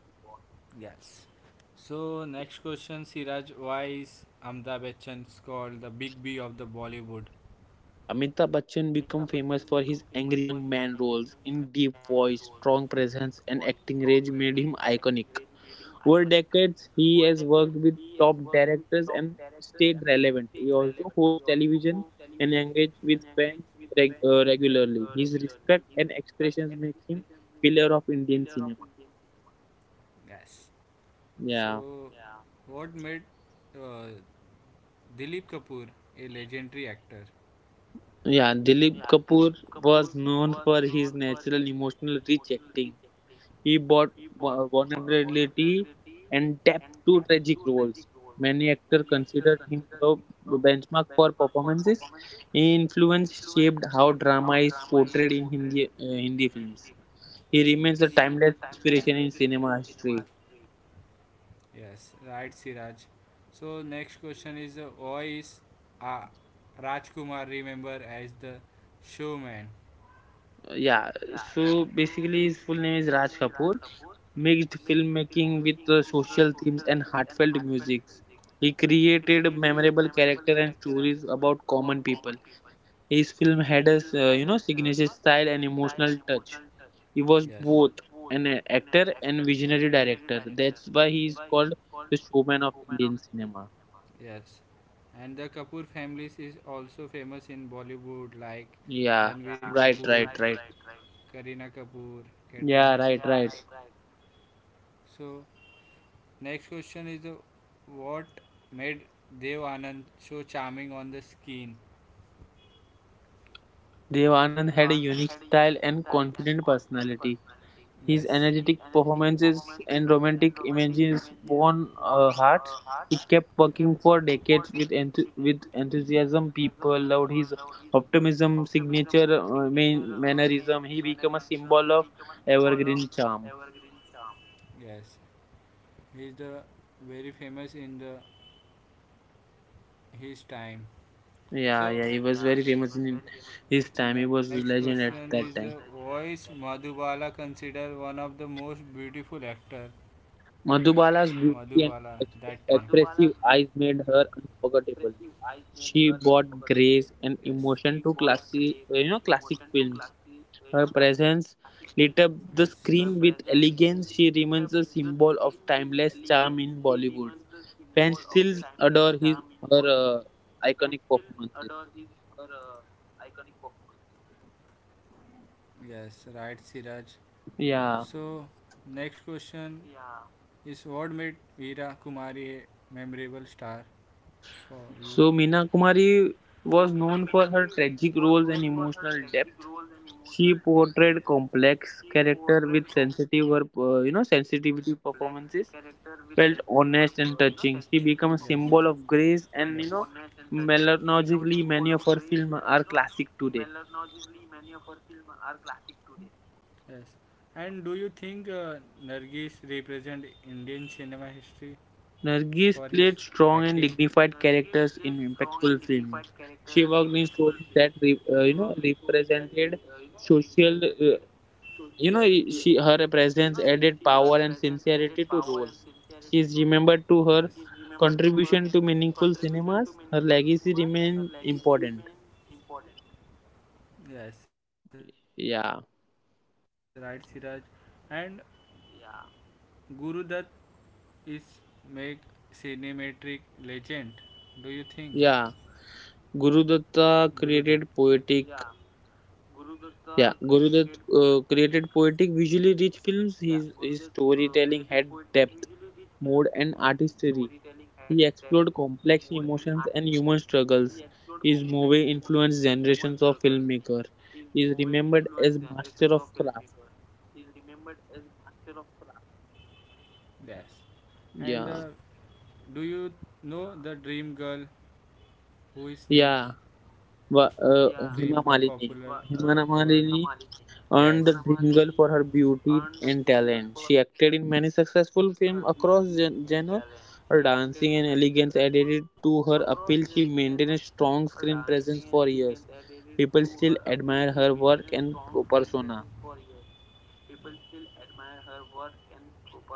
[SPEAKER 1] So next question, Siraj, why is Amitabh Bachchan called the Big B of the Bollywood?
[SPEAKER 2] Amitabh Bachchan became famous for his
[SPEAKER 1] Angry
[SPEAKER 2] angry young
[SPEAKER 1] man
[SPEAKER 2] man
[SPEAKER 1] role.
[SPEAKER 2] roles. In deep voice,
[SPEAKER 1] Strong
[SPEAKER 2] strong presence, and acting range made
[SPEAKER 1] team
[SPEAKER 2] him
[SPEAKER 1] icon.
[SPEAKER 2] iconic. Over
[SPEAKER 1] Would
[SPEAKER 2] decades, he has worked with
[SPEAKER 1] top
[SPEAKER 2] top directors and stayed relevant. He also
[SPEAKER 1] whole
[SPEAKER 2] hosts
[SPEAKER 1] television
[SPEAKER 2] television
[SPEAKER 1] and
[SPEAKER 2] and engages with fans regularly. His respect and expressions make him
[SPEAKER 1] pillar
[SPEAKER 2] pillar of
[SPEAKER 1] of
[SPEAKER 2] Indian
[SPEAKER 1] Indian
[SPEAKER 2] cinema.
[SPEAKER 1] cinema. Yes.
[SPEAKER 2] Yeah.
[SPEAKER 1] So, yeah, what made uh, Dilip Kapoor a legendary actor?
[SPEAKER 2] Yeah,
[SPEAKER 1] Yeah,
[SPEAKER 2] Dilip
[SPEAKER 1] Dilip
[SPEAKER 2] Kapoor
[SPEAKER 1] Kapoor
[SPEAKER 2] was
[SPEAKER 1] was
[SPEAKER 2] known
[SPEAKER 1] known
[SPEAKER 2] for
[SPEAKER 1] for
[SPEAKER 2] his
[SPEAKER 1] his natural
[SPEAKER 2] natural, emotional,
[SPEAKER 1] emotional
[SPEAKER 2] rich acting. He
[SPEAKER 1] wa-
[SPEAKER 2] brought
[SPEAKER 1] wa-
[SPEAKER 2] vulnerability
[SPEAKER 1] and
[SPEAKER 2] and depth to tragic roles. Many actors considered him a benchmark
[SPEAKER 1] for
[SPEAKER 2] for
[SPEAKER 1] performances.
[SPEAKER 2] performances.
[SPEAKER 1] He
[SPEAKER 2] His
[SPEAKER 1] influence
[SPEAKER 2] influence
[SPEAKER 1] shaped
[SPEAKER 2] shaped how
[SPEAKER 1] how drama
[SPEAKER 2] drama
[SPEAKER 1] is
[SPEAKER 2] is
[SPEAKER 1] portrayed
[SPEAKER 2] portrayed
[SPEAKER 1] in
[SPEAKER 2] in
[SPEAKER 1] India.
[SPEAKER 2] Hindi,
[SPEAKER 1] In
[SPEAKER 2] Hindi
[SPEAKER 1] India.
[SPEAKER 2] films.
[SPEAKER 1] Yes. He,
[SPEAKER 2] He
[SPEAKER 1] yes,
[SPEAKER 2] remains
[SPEAKER 1] remains
[SPEAKER 2] a
[SPEAKER 1] a
[SPEAKER 2] timeless
[SPEAKER 1] timeless
[SPEAKER 2] inspiration
[SPEAKER 1] inspiration
[SPEAKER 2] in
[SPEAKER 1] in
[SPEAKER 2] cinema
[SPEAKER 1] cinema
[SPEAKER 2] history.
[SPEAKER 1] history. Yes, right, Siraj. So next question is, why is uh, Rajkumar remembered as the showman?
[SPEAKER 2] Yeah,
[SPEAKER 1] Yeah,
[SPEAKER 2] so
[SPEAKER 1] so
[SPEAKER 2] basically
[SPEAKER 1] basically
[SPEAKER 2] his full name
[SPEAKER 1] is
[SPEAKER 2] is Raj
[SPEAKER 1] Raj
[SPEAKER 2] Kapoor.
[SPEAKER 1] Kapoor
[SPEAKER 2] Mixed filmmaking with social themes
[SPEAKER 1] and
[SPEAKER 2] and
[SPEAKER 1] heart
[SPEAKER 2] heartfelt music. He created
[SPEAKER 1] memory
[SPEAKER 2] memorable character and stories
[SPEAKER 1] about
[SPEAKER 2] about
[SPEAKER 1] common
[SPEAKER 2] common
[SPEAKER 1] people.
[SPEAKER 2] people. His film had a, signature style and
[SPEAKER 1] Style,
[SPEAKER 2] emotional touch.
[SPEAKER 1] yes,
[SPEAKER 2] He was both an actor and visionary director. That's why he is
[SPEAKER 1] called
[SPEAKER 2] called the
[SPEAKER 1] women
[SPEAKER 2] showman
[SPEAKER 1] of
[SPEAKER 2] of
[SPEAKER 1] Indian
[SPEAKER 2] Indian cinema.
[SPEAKER 1] cinema. Yes, and the Kapoor families is also famous in Bollywood, like Ranveer, yeah,
[SPEAKER 2] Yeah,
[SPEAKER 1] Kapoor, right,
[SPEAKER 2] right, right,
[SPEAKER 1] right,
[SPEAKER 2] right.
[SPEAKER 1] right. Kareena Kapoor, Katrina. Yeah,
[SPEAKER 2] Yeah, right,
[SPEAKER 1] right,
[SPEAKER 2] right.
[SPEAKER 1] right. So, next question is the what made Dev Anand so charming on the screen? Dev
[SPEAKER 2] Devanand
[SPEAKER 1] Anand
[SPEAKER 2] had a
[SPEAKER 1] had a
[SPEAKER 2] unique
[SPEAKER 1] unique style
[SPEAKER 2] style
[SPEAKER 1] and
[SPEAKER 2] and
[SPEAKER 1] confident
[SPEAKER 2] confident
[SPEAKER 1] personality.
[SPEAKER 2] personality.
[SPEAKER 1] Yes. His
[SPEAKER 2] His energetic
[SPEAKER 1] performance
[SPEAKER 2] performances and
[SPEAKER 1] romantic
[SPEAKER 2] romantic images
[SPEAKER 1] own
[SPEAKER 2] won
[SPEAKER 1] heart.
[SPEAKER 2] hearts.
[SPEAKER 1] He
[SPEAKER 2] He
[SPEAKER 1] kept
[SPEAKER 2] kept
[SPEAKER 1] working
[SPEAKER 2] working for
[SPEAKER 1] for decades
[SPEAKER 2] decades
[SPEAKER 1] with
[SPEAKER 2] with
[SPEAKER 1] enthusiasm.
[SPEAKER 2] enthusiasm.
[SPEAKER 1] People
[SPEAKER 2] People loved
[SPEAKER 1] loved his
[SPEAKER 2] his
[SPEAKER 1] optimism,
[SPEAKER 2] optimism,
[SPEAKER 1] signature
[SPEAKER 2] signature mannerism.
[SPEAKER 1] mannerism.
[SPEAKER 2] He
[SPEAKER 1] He
[SPEAKER 2] became a
[SPEAKER 1] became a
[SPEAKER 2] symbol
[SPEAKER 1] symbol
[SPEAKER 2] of
[SPEAKER 1] of
[SPEAKER 2] evergreen
[SPEAKER 1] evergreen
[SPEAKER 2] charm.
[SPEAKER 1] charm. Yes, he is the very famous in the his time. So yeah,
[SPEAKER 2] Yeah, yeah,
[SPEAKER 1] yeah,
[SPEAKER 2] he
[SPEAKER 1] he was
[SPEAKER 2] was very
[SPEAKER 1] very
[SPEAKER 2] famous
[SPEAKER 1] famous
[SPEAKER 2] in
[SPEAKER 1] in next his time. He
[SPEAKER 2] his time. He
[SPEAKER 1] question was
[SPEAKER 2] was
[SPEAKER 1] is the
[SPEAKER 2] a
[SPEAKER 1] very famous
[SPEAKER 2] legend at
[SPEAKER 1] voice
[SPEAKER 2] that time.
[SPEAKER 1] Madhubala considered one of the most beautiful actor Madhubala that time.
[SPEAKER 2] Madhubala's
[SPEAKER 1] Madhubala's beauty
[SPEAKER 2] beauty and
[SPEAKER 1] and ex-
[SPEAKER 2] expressive
[SPEAKER 1] expressive
[SPEAKER 2] eyes
[SPEAKER 1] eyes
[SPEAKER 2] made
[SPEAKER 1] made her
[SPEAKER 2] her unforgettable.
[SPEAKER 1] forgettable. Yes.
[SPEAKER 2] She
[SPEAKER 1] She
[SPEAKER 2] brought
[SPEAKER 1] brought
[SPEAKER 2] grace
[SPEAKER 1] grace
[SPEAKER 2] and
[SPEAKER 1] and
[SPEAKER 2] emotion
[SPEAKER 1] emotion
[SPEAKER 2] to
[SPEAKER 1] to
[SPEAKER 2] classic,
[SPEAKER 1] classic, you know,
[SPEAKER 2] classic
[SPEAKER 1] classic films.
[SPEAKER 2] films.
[SPEAKER 1] Yes. Her, yes,
[SPEAKER 2] Her
[SPEAKER 1] her presence
[SPEAKER 2] presence lit
[SPEAKER 1] lit
[SPEAKER 2] up
[SPEAKER 1] up
[SPEAKER 2] the
[SPEAKER 1] the screen
[SPEAKER 2] screen with
[SPEAKER 1] with
[SPEAKER 2] elegance.
[SPEAKER 1] elegance.
[SPEAKER 2] She
[SPEAKER 1] She
[SPEAKER 2] remains
[SPEAKER 1] remains
[SPEAKER 2] a
[SPEAKER 1] a
[SPEAKER 2] symbol
[SPEAKER 1] symbol
[SPEAKER 2] of
[SPEAKER 1] of
[SPEAKER 2] timeless
[SPEAKER 1] timeless
[SPEAKER 2] charm
[SPEAKER 1] charm in
[SPEAKER 2] in Bollywood.
[SPEAKER 1] Bollywood.
[SPEAKER 2] Fans still adore
[SPEAKER 1] Adore
[SPEAKER 2] his her
[SPEAKER 1] her
[SPEAKER 2] iconic
[SPEAKER 1] iconic performance.
[SPEAKER 2] performances.
[SPEAKER 1] Yes. Right, Siraj. So, next question,
[SPEAKER 2] Yeah.
[SPEAKER 1] yeah, is what made Veera Kumari a memorable star for you?
[SPEAKER 2] So
[SPEAKER 1] So
[SPEAKER 2] Meena
[SPEAKER 1] Meena Kumari
[SPEAKER 2] Kumari
[SPEAKER 1] was
[SPEAKER 2] was
[SPEAKER 1] known
[SPEAKER 2] known
[SPEAKER 1] for
[SPEAKER 2] for her
[SPEAKER 1] her tragic
[SPEAKER 2] tragic
[SPEAKER 1] roles
[SPEAKER 2] roles
[SPEAKER 1] and
[SPEAKER 2] and
[SPEAKER 1] emotional
[SPEAKER 2] emotional
[SPEAKER 1] depth.
[SPEAKER 2] depth.
[SPEAKER 1] She
[SPEAKER 2] She
[SPEAKER 1] portrayed
[SPEAKER 2] portrayed
[SPEAKER 1] complex
[SPEAKER 2] complex
[SPEAKER 1] character
[SPEAKER 2] character
[SPEAKER 1] with
[SPEAKER 2] with
[SPEAKER 1] sensitive,
[SPEAKER 2] sensitive,
[SPEAKER 1] or,
[SPEAKER 2] her,
[SPEAKER 1] you
[SPEAKER 2] you know,
[SPEAKER 1] know,
[SPEAKER 2] sensitivity
[SPEAKER 1] sensitivity performances.
[SPEAKER 2] performances
[SPEAKER 1] Felt,
[SPEAKER 2] felt
[SPEAKER 1] yes, honest,
[SPEAKER 2] honest and touching. She
[SPEAKER 1] become
[SPEAKER 2] became
[SPEAKER 1] a
[SPEAKER 2] a
[SPEAKER 1] symbol
[SPEAKER 2] symbol
[SPEAKER 1] of
[SPEAKER 2] of
[SPEAKER 1] good
[SPEAKER 2] grace,
[SPEAKER 1] and
[SPEAKER 2] and,
[SPEAKER 1] you know melancholy.
[SPEAKER 2] melodically,
[SPEAKER 1] Sadly,
[SPEAKER 2] many of
[SPEAKER 1] many
[SPEAKER 2] her
[SPEAKER 1] of
[SPEAKER 2] films
[SPEAKER 1] our
[SPEAKER 2] are
[SPEAKER 1] films
[SPEAKER 2] classic
[SPEAKER 1] are
[SPEAKER 2] today.
[SPEAKER 1] classic today. Yes. And do you think Nargis represent Indian cinema history for his
[SPEAKER 2] Nargis
[SPEAKER 1] acting?
[SPEAKER 2] played
[SPEAKER 1] Nargis played
[SPEAKER 2] strong and
[SPEAKER 1] strong and dignified,
[SPEAKER 2] dignified characters in
[SPEAKER 1] respectful
[SPEAKER 2] impactful
[SPEAKER 1] films.
[SPEAKER 2] films.
[SPEAKER 1] She
[SPEAKER 2] She worked in
[SPEAKER 1] was
[SPEAKER 2] stories
[SPEAKER 1] that
[SPEAKER 2] that represented
[SPEAKER 1] to
[SPEAKER 2] social. Uh, you
[SPEAKER 1] give
[SPEAKER 2] know, she her
[SPEAKER 1] her
[SPEAKER 2] presence added
[SPEAKER 1] power.
[SPEAKER 2] power and sincerity to roles.
[SPEAKER 1] Yes,
[SPEAKER 2] She
[SPEAKER 1] is
[SPEAKER 2] is
[SPEAKER 1] remembered
[SPEAKER 2] remembered
[SPEAKER 1] to
[SPEAKER 2] to
[SPEAKER 1] her
[SPEAKER 2] her
[SPEAKER 1] contribution
[SPEAKER 2] contribution to
[SPEAKER 1] to
[SPEAKER 2] meaningful
[SPEAKER 1] meaningful
[SPEAKER 2] cinemas. Her
[SPEAKER 1] cinema.
[SPEAKER 2] legacy remains
[SPEAKER 1] Her
[SPEAKER 2] important.
[SPEAKER 1] legacy remains important.
[SPEAKER 2] Yeah,
[SPEAKER 1] Yes, right, Siraj. And yeah. Guru Dutt is make cinematic legend. Do you think
[SPEAKER 2] yeah. Gurudutta
[SPEAKER 1] Guru Dutt?
[SPEAKER 2] created
[SPEAKER 1] Yeah.
[SPEAKER 2] poetic,
[SPEAKER 1] Guru Datta
[SPEAKER 2] yeah,
[SPEAKER 1] created
[SPEAKER 2] Gurudutt
[SPEAKER 1] poetic.
[SPEAKER 2] created poetic, visually rich
[SPEAKER 1] Yeah,
[SPEAKER 2] films.
[SPEAKER 1] Gurudev
[SPEAKER 2] His
[SPEAKER 1] created poetic
[SPEAKER 2] storytelling
[SPEAKER 1] visually
[SPEAKER 2] had
[SPEAKER 1] rich
[SPEAKER 2] depth,
[SPEAKER 1] films. His
[SPEAKER 2] mood, and
[SPEAKER 1] storytelling had
[SPEAKER 2] artistry.
[SPEAKER 1] depth,
[SPEAKER 2] He
[SPEAKER 1] mood,
[SPEAKER 2] explored
[SPEAKER 1] and
[SPEAKER 2] complex
[SPEAKER 1] artistry.
[SPEAKER 2] emotions and
[SPEAKER 1] He
[SPEAKER 2] human
[SPEAKER 1] explored
[SPEAKER 2] struggles.
[SPEAKER 1] complex emotions
[SPEAKER 2] His
[SPEAKER 1] and
[SPEAKER 2] movie
[SPEAKER 1] human struggles.
[SPEAKER 2] influenced generations
[SPEAKER 1] His
[SPEAKER 2] of
[SPEAKER 1] movie
[SPEAKER 2] filmmakers.
[SPEAKER 1] influenced
[SPEAKER 2] He
[SPEAKER 1] generations
[SPEAKER 2] is
[SPEAKER 1] of
[SPEAKER 2] remembered
[SPEAKER 1] filmmakers.
[SPEAKER 2] as
[SPEAKER 1] He is
[SPEAKER 2] master of
[SPEAKER 1] remembered
[SPEAKER 2] craft.
[SPEAKER 1] as master of craft. Yes. And do you
[SPEAKER 2] Yeah,
[SPEAKER 1] know the dream girl? Who is name?
[SPEAKER 2] yeah.
[SPEAKER 1] Yeah, Dream girl popular.
[SPEAKER 2] Wa-
[SPEAKER 1] Wa-
[SPEAKER 2] Uh,
[SPEAKER 1] word.
[SPEAKER 2] Hema
[SPEAKER 1] Hina Malini.
[SPEAKER 2] Malini.
[SPEAKER 1] Yes.
[SPEAKER 2] Hema
[SPEAKER 1] Hina Malini
[SPEAKER 2] Malini
[SPEAKER 1] earned
[SPEAKER 2] earned the
[SPEAKER 1] the
[SPEAKER 2] Dream Girl for her
[SPEAKER 1] Oscar.
[SPEAKER 2] beauty and talent. She
[SPEAKER 1] She
[SPEAKER 2] acted in many successful
[SPEAKER 1] came
[SPEAKER 2] films
[SPEAKER 1] across
[SPEAKER 2] across genre. Her dancing
[SPEAKER 1] dance
[SPEAKER 2] and elegance added
[SPEAKER 1] to
[SPEAKER 2] to her
[SPEAKER 1] her
[SPEAKER 2] appeal.
[SPEAKER 1] apparent
[SPEAKER 2] She maintained a strong
[SPEAKER 1] strong screen
[SPEAKER 2] screen
[SPEAKER 1] presence
[SPEAKER 2] presence
[SPEAKER 1] for
[SPEAKER 2] for
[SPEAKER 1] years.
[SPEAKER 2] years.
[SPEAKER 1] People
[SPEAKER 2] People still
[SPEAKER 1] admire
[SPEAKER 2] admire
[SPEAKER 1] her
[SPEAKER 2] her
[SPEAKER 1] work
[SPEAKER 2] work
[SPEAKER 1] and
[SPEAKER 2] and
[SPEAKER 1] persona.
[SPEAKER 2] persona.
[SPEAKER 1] Yes, and he is also famous in Sole movie.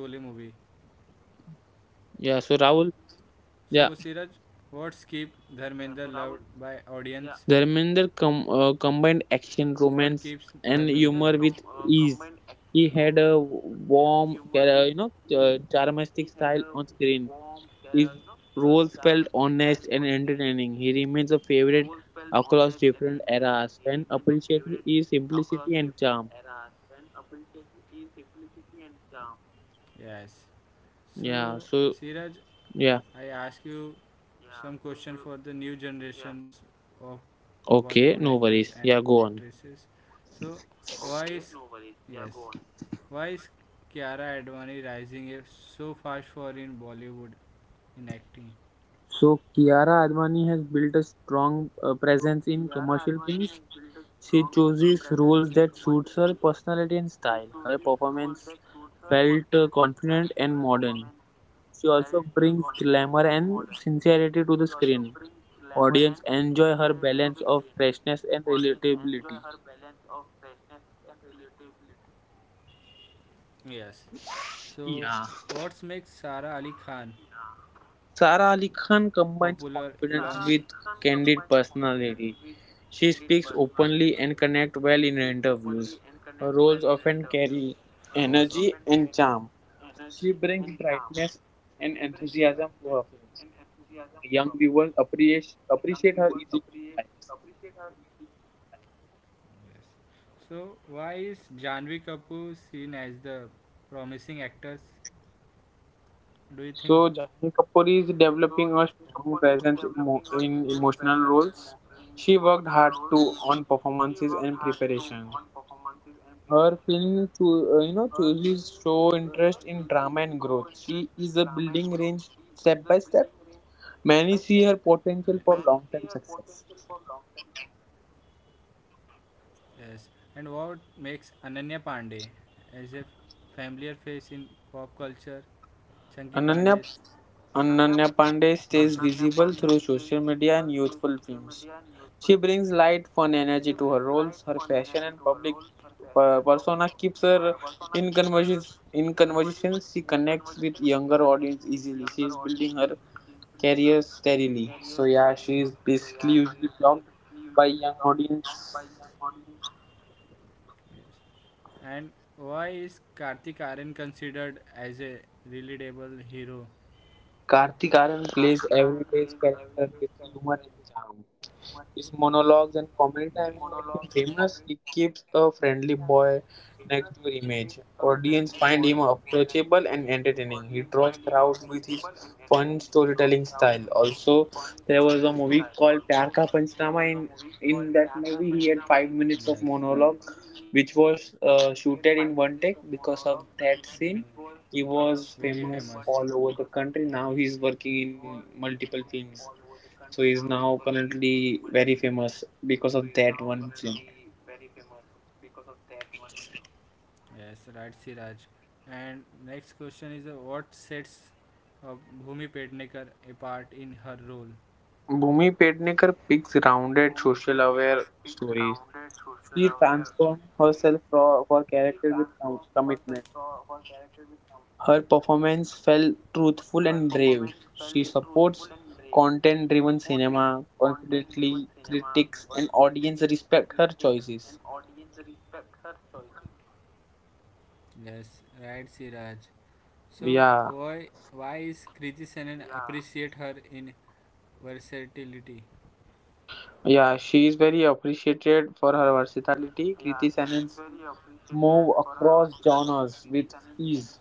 [SPEAKER 1] So Siraj, what keeps
[SPEAKER 2] Yeah,
[SPEAKER 1] Dharmendra, yeah, so
[SPEAKER 2] so
[SPEAKER 1] loved
[SPEAKER 2] Rahul,
[SPEAKER 1] by
[SPEAKER 2] yeah,
[SPEAKER 1] audience? Yeah. What keeps Dharmendra
[SPEAKER 2] Dharmender
[SPEAKER 1] com- loved?
[SPEAKER 2] combined action, romance, and
[SPEAKER 1] And
[SPEAKER 2] humor with
[SPEAKER 1] he,
[SPEAKER 2] ease. He
[SPEAKER 1] he
[SPEAKER 2] had
[SPEAKER 1] had
[SPEAKER 2] a
[SPEAKER 1] a
[SPEAKER 2] warm,
[SPEAKER 1] warm,
[SPEAKER 2] charismatic style
[SPEAKER 1] charismatic
[SPEAKER 2] on
[SPEAKER 1] style
[SPEAKER 2] screen.
[SPEAKER 1] on screen.
[SPEAKER 2] His roles
[SPEAKER 1] His
[SPEAKER 2] felt
[SPEAKER 1] roles
[SPEAKER 2] honest and
[SPEAKER 1] felt
[SPEAKER 2] entertaining.
[SPEAKER 1] honest
[SPEAKER 2] He
[SPEAKER 1] and
[SPEAKER 2] remains a favorite
[SPEAKER 1] entertaining. He remains a
[SPEAKER 2] across different
[SPEAKER 1] favorite
[SPEAKER 2] eras. Fan
[SPEAKER 1] across
[SPEAKER 2] appreciate
[SPEAKER 1] different
[SPEAKER 2] his
[SPEAKER 1] eras
[SPEAKER 2] simplicity
[SPEAKER 1] and
[SPEAKER 2] and charm.
[SPEAKER 1] appreciates his simplicity and charm. Yes. So,
[SPEAKER 2] Yeah,
[SPEAKER 1] Siraj,
[SPEAKER 2] so
[SPEAKER 1] I
[SPEAKER 2] yeah,
[SPEAKER 1] ask you, yeah, some question so- for the new, yeah, generations of Bollywood
[SPEAKER 2] okay, no
[SPEAKER 1] actors and
[SPEAKER 2] worries. Yeah, go on.
[SPEAKER 1] actresses. So, why, okay, is no worries. Yeah, yes, go on. Why is Kiara Advani rising eh, so fast for in Bollywood in acting?
[SPEAKER 2] So
[SPEAKER 1] So Kiara
[SPEAKER 2] Kiara Advani
[SPEAKER 1] Advani
[SPEAKER 2] has built a
[SPEAKER 1] strong
[SPEAKER 2] strong presence
[SPEAKER 1] presence.
[SPEAKER 2] in commercial films. She
[SPEAKER 1] She chooses
[SPEAKER 2] chooses
[SPEAKER 1] roles
[SPEAKER 2] roles
[SPEAKER 1] that
[SPEAKER 2] that
[SPEAKER 1] suits
[SPEAKER 2] suits
[SPEAKER 1] her
[SPEAKER 2] her
[SPEAKER 1] personality
[SPEAKER 2] personality
[SPEAKER 1] and
[SPEAKER 2] and
[SPEAKER 1] style.
[SPEAKER 2] style. Her
[SPEAKER 1] Her performance
[SPEAKER 2] performance
[SPEAKER 1] felt
[SPEAKER 2] felt
[SPEAKER 1] confident
[SPEAKER 2] confident
[SPEAKER 1] and
[SPEAKER 2] and
[SPEAKER 1] modern.
[SPEAKER 2] modern.
[SPEAKER 1] She
[SPEAKER 2] She
[SPEAKER 1] also
[SPEAKER 2] also
[SPEAKER 1] brings
[SPEAKER 2] brings
[SPEAKER 1] glamour
[SPEAKER 2] glamour
[SPEAKER 1] and
[SPEAKER 2] and sincerity to the screen.
[SPEAKER 1] audience
[SPEAKER 2] Audience
[SPEAKER 1] enjoy
[SPEAKER 2] enjoy her
[SPEAKER 1] her blend
[SPEAKER 2] balance
[SPEAKER 1] of
[SPEAKER 2] of
[SPEAKER 1] freshness
[SPEAKER 2] freshness and
[SPEAKER 1] and relatability.
[SPEAKER 2] relatability.
[SPEAKER 1] Yes. So, what makes Sara Ali Khan, yeah,
[SPEAKER 2] Yeah.
[SPEAKER 1] popular Sara
[SPEAKER 2] Sara
[SPEAKER 1] along
[SPEAKER 2] Ali
[SPEAKER 1] Ali Khan
[SPEAKER 2] Khan combines
[SPEAKER 1] combines confidence,
[SPEAKER 2] confidence
[SPEAKER 1] yes,
[SPEAKER 2] with
[SPEAKER 1] with candid
[SPEAKER 2] candid
[SPEAKER 1] personality.
[SPEAKER 2] personality.
[SPEAKER 1] She
[SPEAKER 2] She
[SPEAKER 1] speaks
[SPEAKER 2] speaks
[SPEAKER 1] openly
[SPEAKER 2] openly
[SPEAKER 1] and
[SPEAKER 2] and
[SPEAKER 1] connects
[SPEAKER 2] connects
[SPEAKER 1] well
[SPEAKER 2] well
[SPEAKER 1] in
[SPEAKER 2] in
[SPEAKER 1] interviews.
[SPEAKER 2] interviews.
[SPEAKER 1] Her
[SPEAKER 2] Her
[SPEAKER 1] roles,
[SPEAKER 2] roles
[SPEAKER 1] yes, often
[SPEAKER 2] often
[SPEAKER 1] carry
[SPEAKER 2] carry
[SPEAKER 1] energy
[SPEAKER 2] energy
[SPEAKER 1] and
[SPEAKER 2] and
[SPEAKER 1] charm.
[SPEAKER 2] charm.
[SPEAKER 1] She
[SPEAKER 2] She
[SPEAKER 1] brings
[SPEAKER 2] brings
[SPEAKER 1] brightness
[SPEAKER 2] brightness and
[SPEAKER 1] and
[SPEAKER 2] enthusiasm
[SPEAKER 1] enthusiasm
[SPEAKER 2] to her
[SPEAKER 1] for
[SPEAKER 2] films. Young
[SPEAKER 1] young
[SPEAKER 2] viewers
[SPEAKER 1] viewers appreciate
[SPEAKER 2] appreciate
[SPEAKER 1] appreciate
[SPEAKER 2] her
[SPEAKER 1] her unique
[SPEAKER 2] easygoing
[SPEAKER 1] style.
[SPEAKER 2] vibe.
[SPEAKER 1] Yes. So why is Janvi Kapoor seen as the promising actress? Do you think? So
[SPEAKER 2] So
[SPEAKER 1] Janvi
[SPEAKER 2] Janhvi
[SPEAKER 1] Kapoor
[SPEAKER 2] Kapoor
[SPEAKER 1] is
[SPEAKER 2] is
[SPEAKER 1] developing
[SPEAKER 2] developing
[SPEAKER 1] her
[SPEAKER 2] a strong presence in
[SPEAKER 1] emotional
[SPEAKER 2] emotional
[SPEAKER 1] role.
[SPEAKER 2] roles.
[SPEAKER 1] She
[SPEAKER 2] She
[SPEAKER 1] worked
[SPEAKER 2] worked
[SPEAKER 1] hard
[SPEAKER 2] hard to
[SPEAKER 1] to on
[SPEAKER 2] on performances and
[SPEAKER 1] position.
[SPEAKER 2] preparation.
[SPEAKER 1] Her
[SPEAKER 2] Her
[SPEAKER 1] film
[SPEAKER 2] film,
[SPEAKER 1] to uses
[SPEAKER 2] chooses show
[SPEAKER 1] so
[SPEAKER 2] interest
[SPEAKER 1] interesting
[SPEAKER 2] in drama
[SPEAKER 1] drama and
[SPEAKER 2] and growth.
[SPEAKER 1] growth,
[SPEAKER 2] She is a
[SPEAKER 1] building
[SPEAKER 2] building
[SPEAKER 1] range
[SPEAKER 2] range
[SPEAKER 1] step
[SPEAKER 2] step
[SPEAKER 1] by
[SPEAKER 2] by
[SPEAKER 1] step.
[SPEAKER 2] step.
[SPEAKER 1] Yes. Many
[SPEAKER 2] Many see
[SPEAKER 1] see her
[SPEAKER 2] her
[SPEAKER 1] potential
[SPEAKER 2] potential
[SPEAKER 1] for
[SPEAKER 2] for
[SPEAKER 1] long term
[SPEAKER 2] long-term
[SPEAKER 1] success.
[SPEAKER 2] success.
[SPEAKER 1] Yes, and what makes Ananya Pandey as a familiar face in pop culture? Chunky Pandey's
[SPEAKER 2] Ananya,
[SPEAKER 1] Ananya daughter. Ananya
[SPEAKER 2] Ananya Pandey
[SPEAKER 1] Pandey
[SPEAKER 2] stays visible through social
[SPEAKER 1] comedy
[SPEAKER 2] media and youthful films. She brings
[SPEAKER 1] light
[SPEAKER 2] light, fun,
[SPEAKER 1] fun
[SPEAKER 2] energy
[SPEAKER 1] energy to
[SPEAKER 2] to her
[SPEAKER 1] her role
[SPEAKER 2] roles. Her fashion and
[SPEAKER 1] and
[SPEAKER 2] public
[SPEAKER 1] Ba-
[SPEAKER 2] persona
[SPEAKER 1] Barcelona
[SPEAKER 2] keeps
[SPEAKER 1] sir
[SPEAKER 2] her
[SPEAKER 1] in
[SPEAKER 2] in
[SPEAKER 1] conversion
[SPEAKER 2] conversations. In conversations,
[SPEAKER 1] the
[SPEAKER 2] she
[SPEAKER 1] connect
[SPEAKER 2] connects with younger
[SPEAKER 1] younger
[SPEAKER 2] audience
[SPEAKER 1] audience.
[SPEAKER 2] easily. She is building her
[SPEAKER 1] And
[SPEAKER 2] career steadily. So
[SPEAKER 1] so
[SPEAKER 2] yeah, she
[SPEAKER 1] yeah,
[SPEAKER 2] is basically usually
[SPEAKER 1] this long
[SPEAKER 2] blocked by
[SPEAKER 1] by
[SPEAKER 2] young
[SPEAKER 1] young audience.
[SPEAKER 2] audience.
[SPEAKER 1] Yes. And why is Kartik Aryan considered as a relatable hero? Kartik
[SPEAKER 2] Kartik
[SPEAKER 1] Aaryan
[SPEAKER 2] Aran
[SPEAKER 1] plays
[SPEAKER 2] plays
[SPEAKER 1] every
[SPEAKER 2] everyday's character with
[SPEAKER 1] much.
[SPEAKER 2] humor and
[SPEAKER 1] Yes.
[SPEAKER 2] charm. His
[SPEAKER 1] Monologue
[SPEAKER 2] monologues and
[SPEAKER 1] and comedy
[SPEAKER 2] comedy
[SPEAKER 1] and
[SPEAKER 2] timing made him
[SPEAKER 1] famous
[SPEAKER 2] famous. He keeps a
[SPEAKER 1] so
[SPEAKER 2] friendly
[SPEAKER 1] pretty boy.
[SPEAKER 2] boy next door image.
[SPEAKER 1] Audience
[SPEAKER 2] Audience
[SPEAKER 1] find
[SPEAKER 2] find
[SPEAKER 1] him
[SPEAKER 2] him
[SPEAKER 1] up.
[SPEAKER 2] approachable and entertaining.
[SPEAKER 1] He
[SPEAKER 2] He
[SPEAKER 1] draws
[SPEAKER 2] draws
[SPEAKER 1] crowds
[SPEAKER 2] crowds with his
[SPEAKER 1] fun
[SPEAKER 2] fun storytelling
[SPEAKER 1] style
[SPEAKER 2] style.
[SPEAKER 1] also.
[SPEAKER 2] Also, there
[SPEAKER 1] They
[SPEAKER 2] was a movie
[SPEAKER 1] called
[SPEAKER 2] called
[SPEAKER 1] प्यार
[SPEAKER 2] Pyar
[SPEAKER 1] Ka
[SPEAKER 2] Ka
[SPEAKER 1] Panchnama
[SPEAKER 2] Panchnaama. In
[SPEAKER 1] in, yes,
[SPEAKER 2] in that movie, he
[SPEAKER 1] in
[SPEAKER 2] had
[SPEAKER 1] five
[SPEAKER 2] 5 minutes of
[SPEAKER 1] monologue.
[SPEAKER 2] monologue,
[SPEAKER 1] Mm. Which
[SPEAKER 2] which
[SPEAKER 1] was
[SPEAKER 2] was
[SPEAKER 1] very shooted in
[SPEAKER 2] shooted in one
[SPEAKER 1] famous one-
[SPEAKER 2] take. Because of that scene, he
[SPEAKER 1] was
[SPEAKER 2] was
[SPEAKER 1] famous
[SPEAKER 2] famous all
[SPEAKER 1] all
[SPEAKER 2] over
[SPEAKER 1] over
[SPEAKER 2] the
[SPEAKER 1] the
[SPEAKER 2] country.
[SPEAKER 1] country.
[SPEAKER 2] Now
[SPEAKER 1] Now
[SPEAKER 2] he's
[SPEAKER 1] he's
[SPEAKER 2] working
[SPEAKER 1] working in
[SPEAKER 2] in
[SPEAKER 1] multiple
[SPEAKER 2] multiple
[SPEAKER 1] things.
[SPEAKER 2] films. So
[SPEAKER 1] So
[SPEAKER 2] he's
[SPEAKER 1] he's
[SPEAKER 2] now
[SPEAKER 1] now currently
[SPEAKER 2] currently very
[SPEAKER 1] very famous
[SPEAKER 2] famous because
[SPEAKER 1] because of
[SPEAKER 2] of
[SPEAKER 1] that
[SPEAKER 2] that
[SPEAKER 1] one.
[SPEAKER 2] one film.
[SPEAKER 1] Yes, right, Siraj. And next question is what sets uh, Bhumi Pednekar apart in her role?
[SPEAKER 2] Bhumi
[SPEAKER 1] Bhumi
[SPEAKER 2] Pednekar
[SPEAKER 1] Pednekar picks
[SPEAKER 2] picks
[SPEAKER 1] rounded,
[SPEAKER 2] rounded,
[SPEAKER 1] social
[SPEAKER 2] social aware
[SPEAKER 1] aware
[SPEAKER 2] stories. She
[SPEAKER 1] fans
[SPEAKER 2] transformed
[SPEAKER 1] herself
[SPEAKER 2] herself for
[SPEAKER 1] for
[SPEAKER 2] character with commitment. Her
[SPEAKER 1] her performance,
[SPEAKER 2] performance felt
[SPEAKER 1] truth,
[SPEAKER 2] truthful and brave. She supports content
[SPEAKER 1] content
[SPEAKER 2] driven
[SPEAKER 1] driven cinema,
[SPEAKER 2] cinema
[SPEAKER 1] constantly
[SPEAKER 2] confidently.
[SPEAKER 1] critics
[SPEAKER 2] Critics and
[SPEAKER 1] and
[SPEAKER 2] audience
[SPEAKER 1] audience respect
[SPEAKER 2] respect her
[SPEAKER 1] her choices.
[SPEAKER 2] choices.
[SPEAKER 1] Yes, right, Siraj. So why why is Kriti Senon, yeah,
[SPEAKER 2] Yeah,
[SPEAKER 1] Appreciate her in versatility? Yeah,
[SPEAKER 2] yeah,
[SPEAKER 1] she
[SPEAKER 2] she
[SPEAKER 1] is
[SPEAKER 2] is
[SPEAKER 1] very
[SPEAKER 2] very
[SPEAKER 1] appreciated
[SPEAKER 2] appreciated
[SPEAKER 1] for
[SPEAKER 2] for her
[SPEAKER 1] her versatility.
[SPEAKER 2] versatility.
[SPEAKER 1] Kriti
[SPEAKER 2] Kriti
[SPEAKER 1] Sanon
[SPEAKER 2] Senan's
[SPEAKER 1] move
[SPEAKER 2] move
[SPEAKER 1] across
[SPEAKER 2] across
[SPEAKER 1] Donald
[SPEAKER 2] genres
[SPEAKER 1] with
[SPEAKER 2] with
[SPEAKER 1] him
[SPEAKER 2] ease.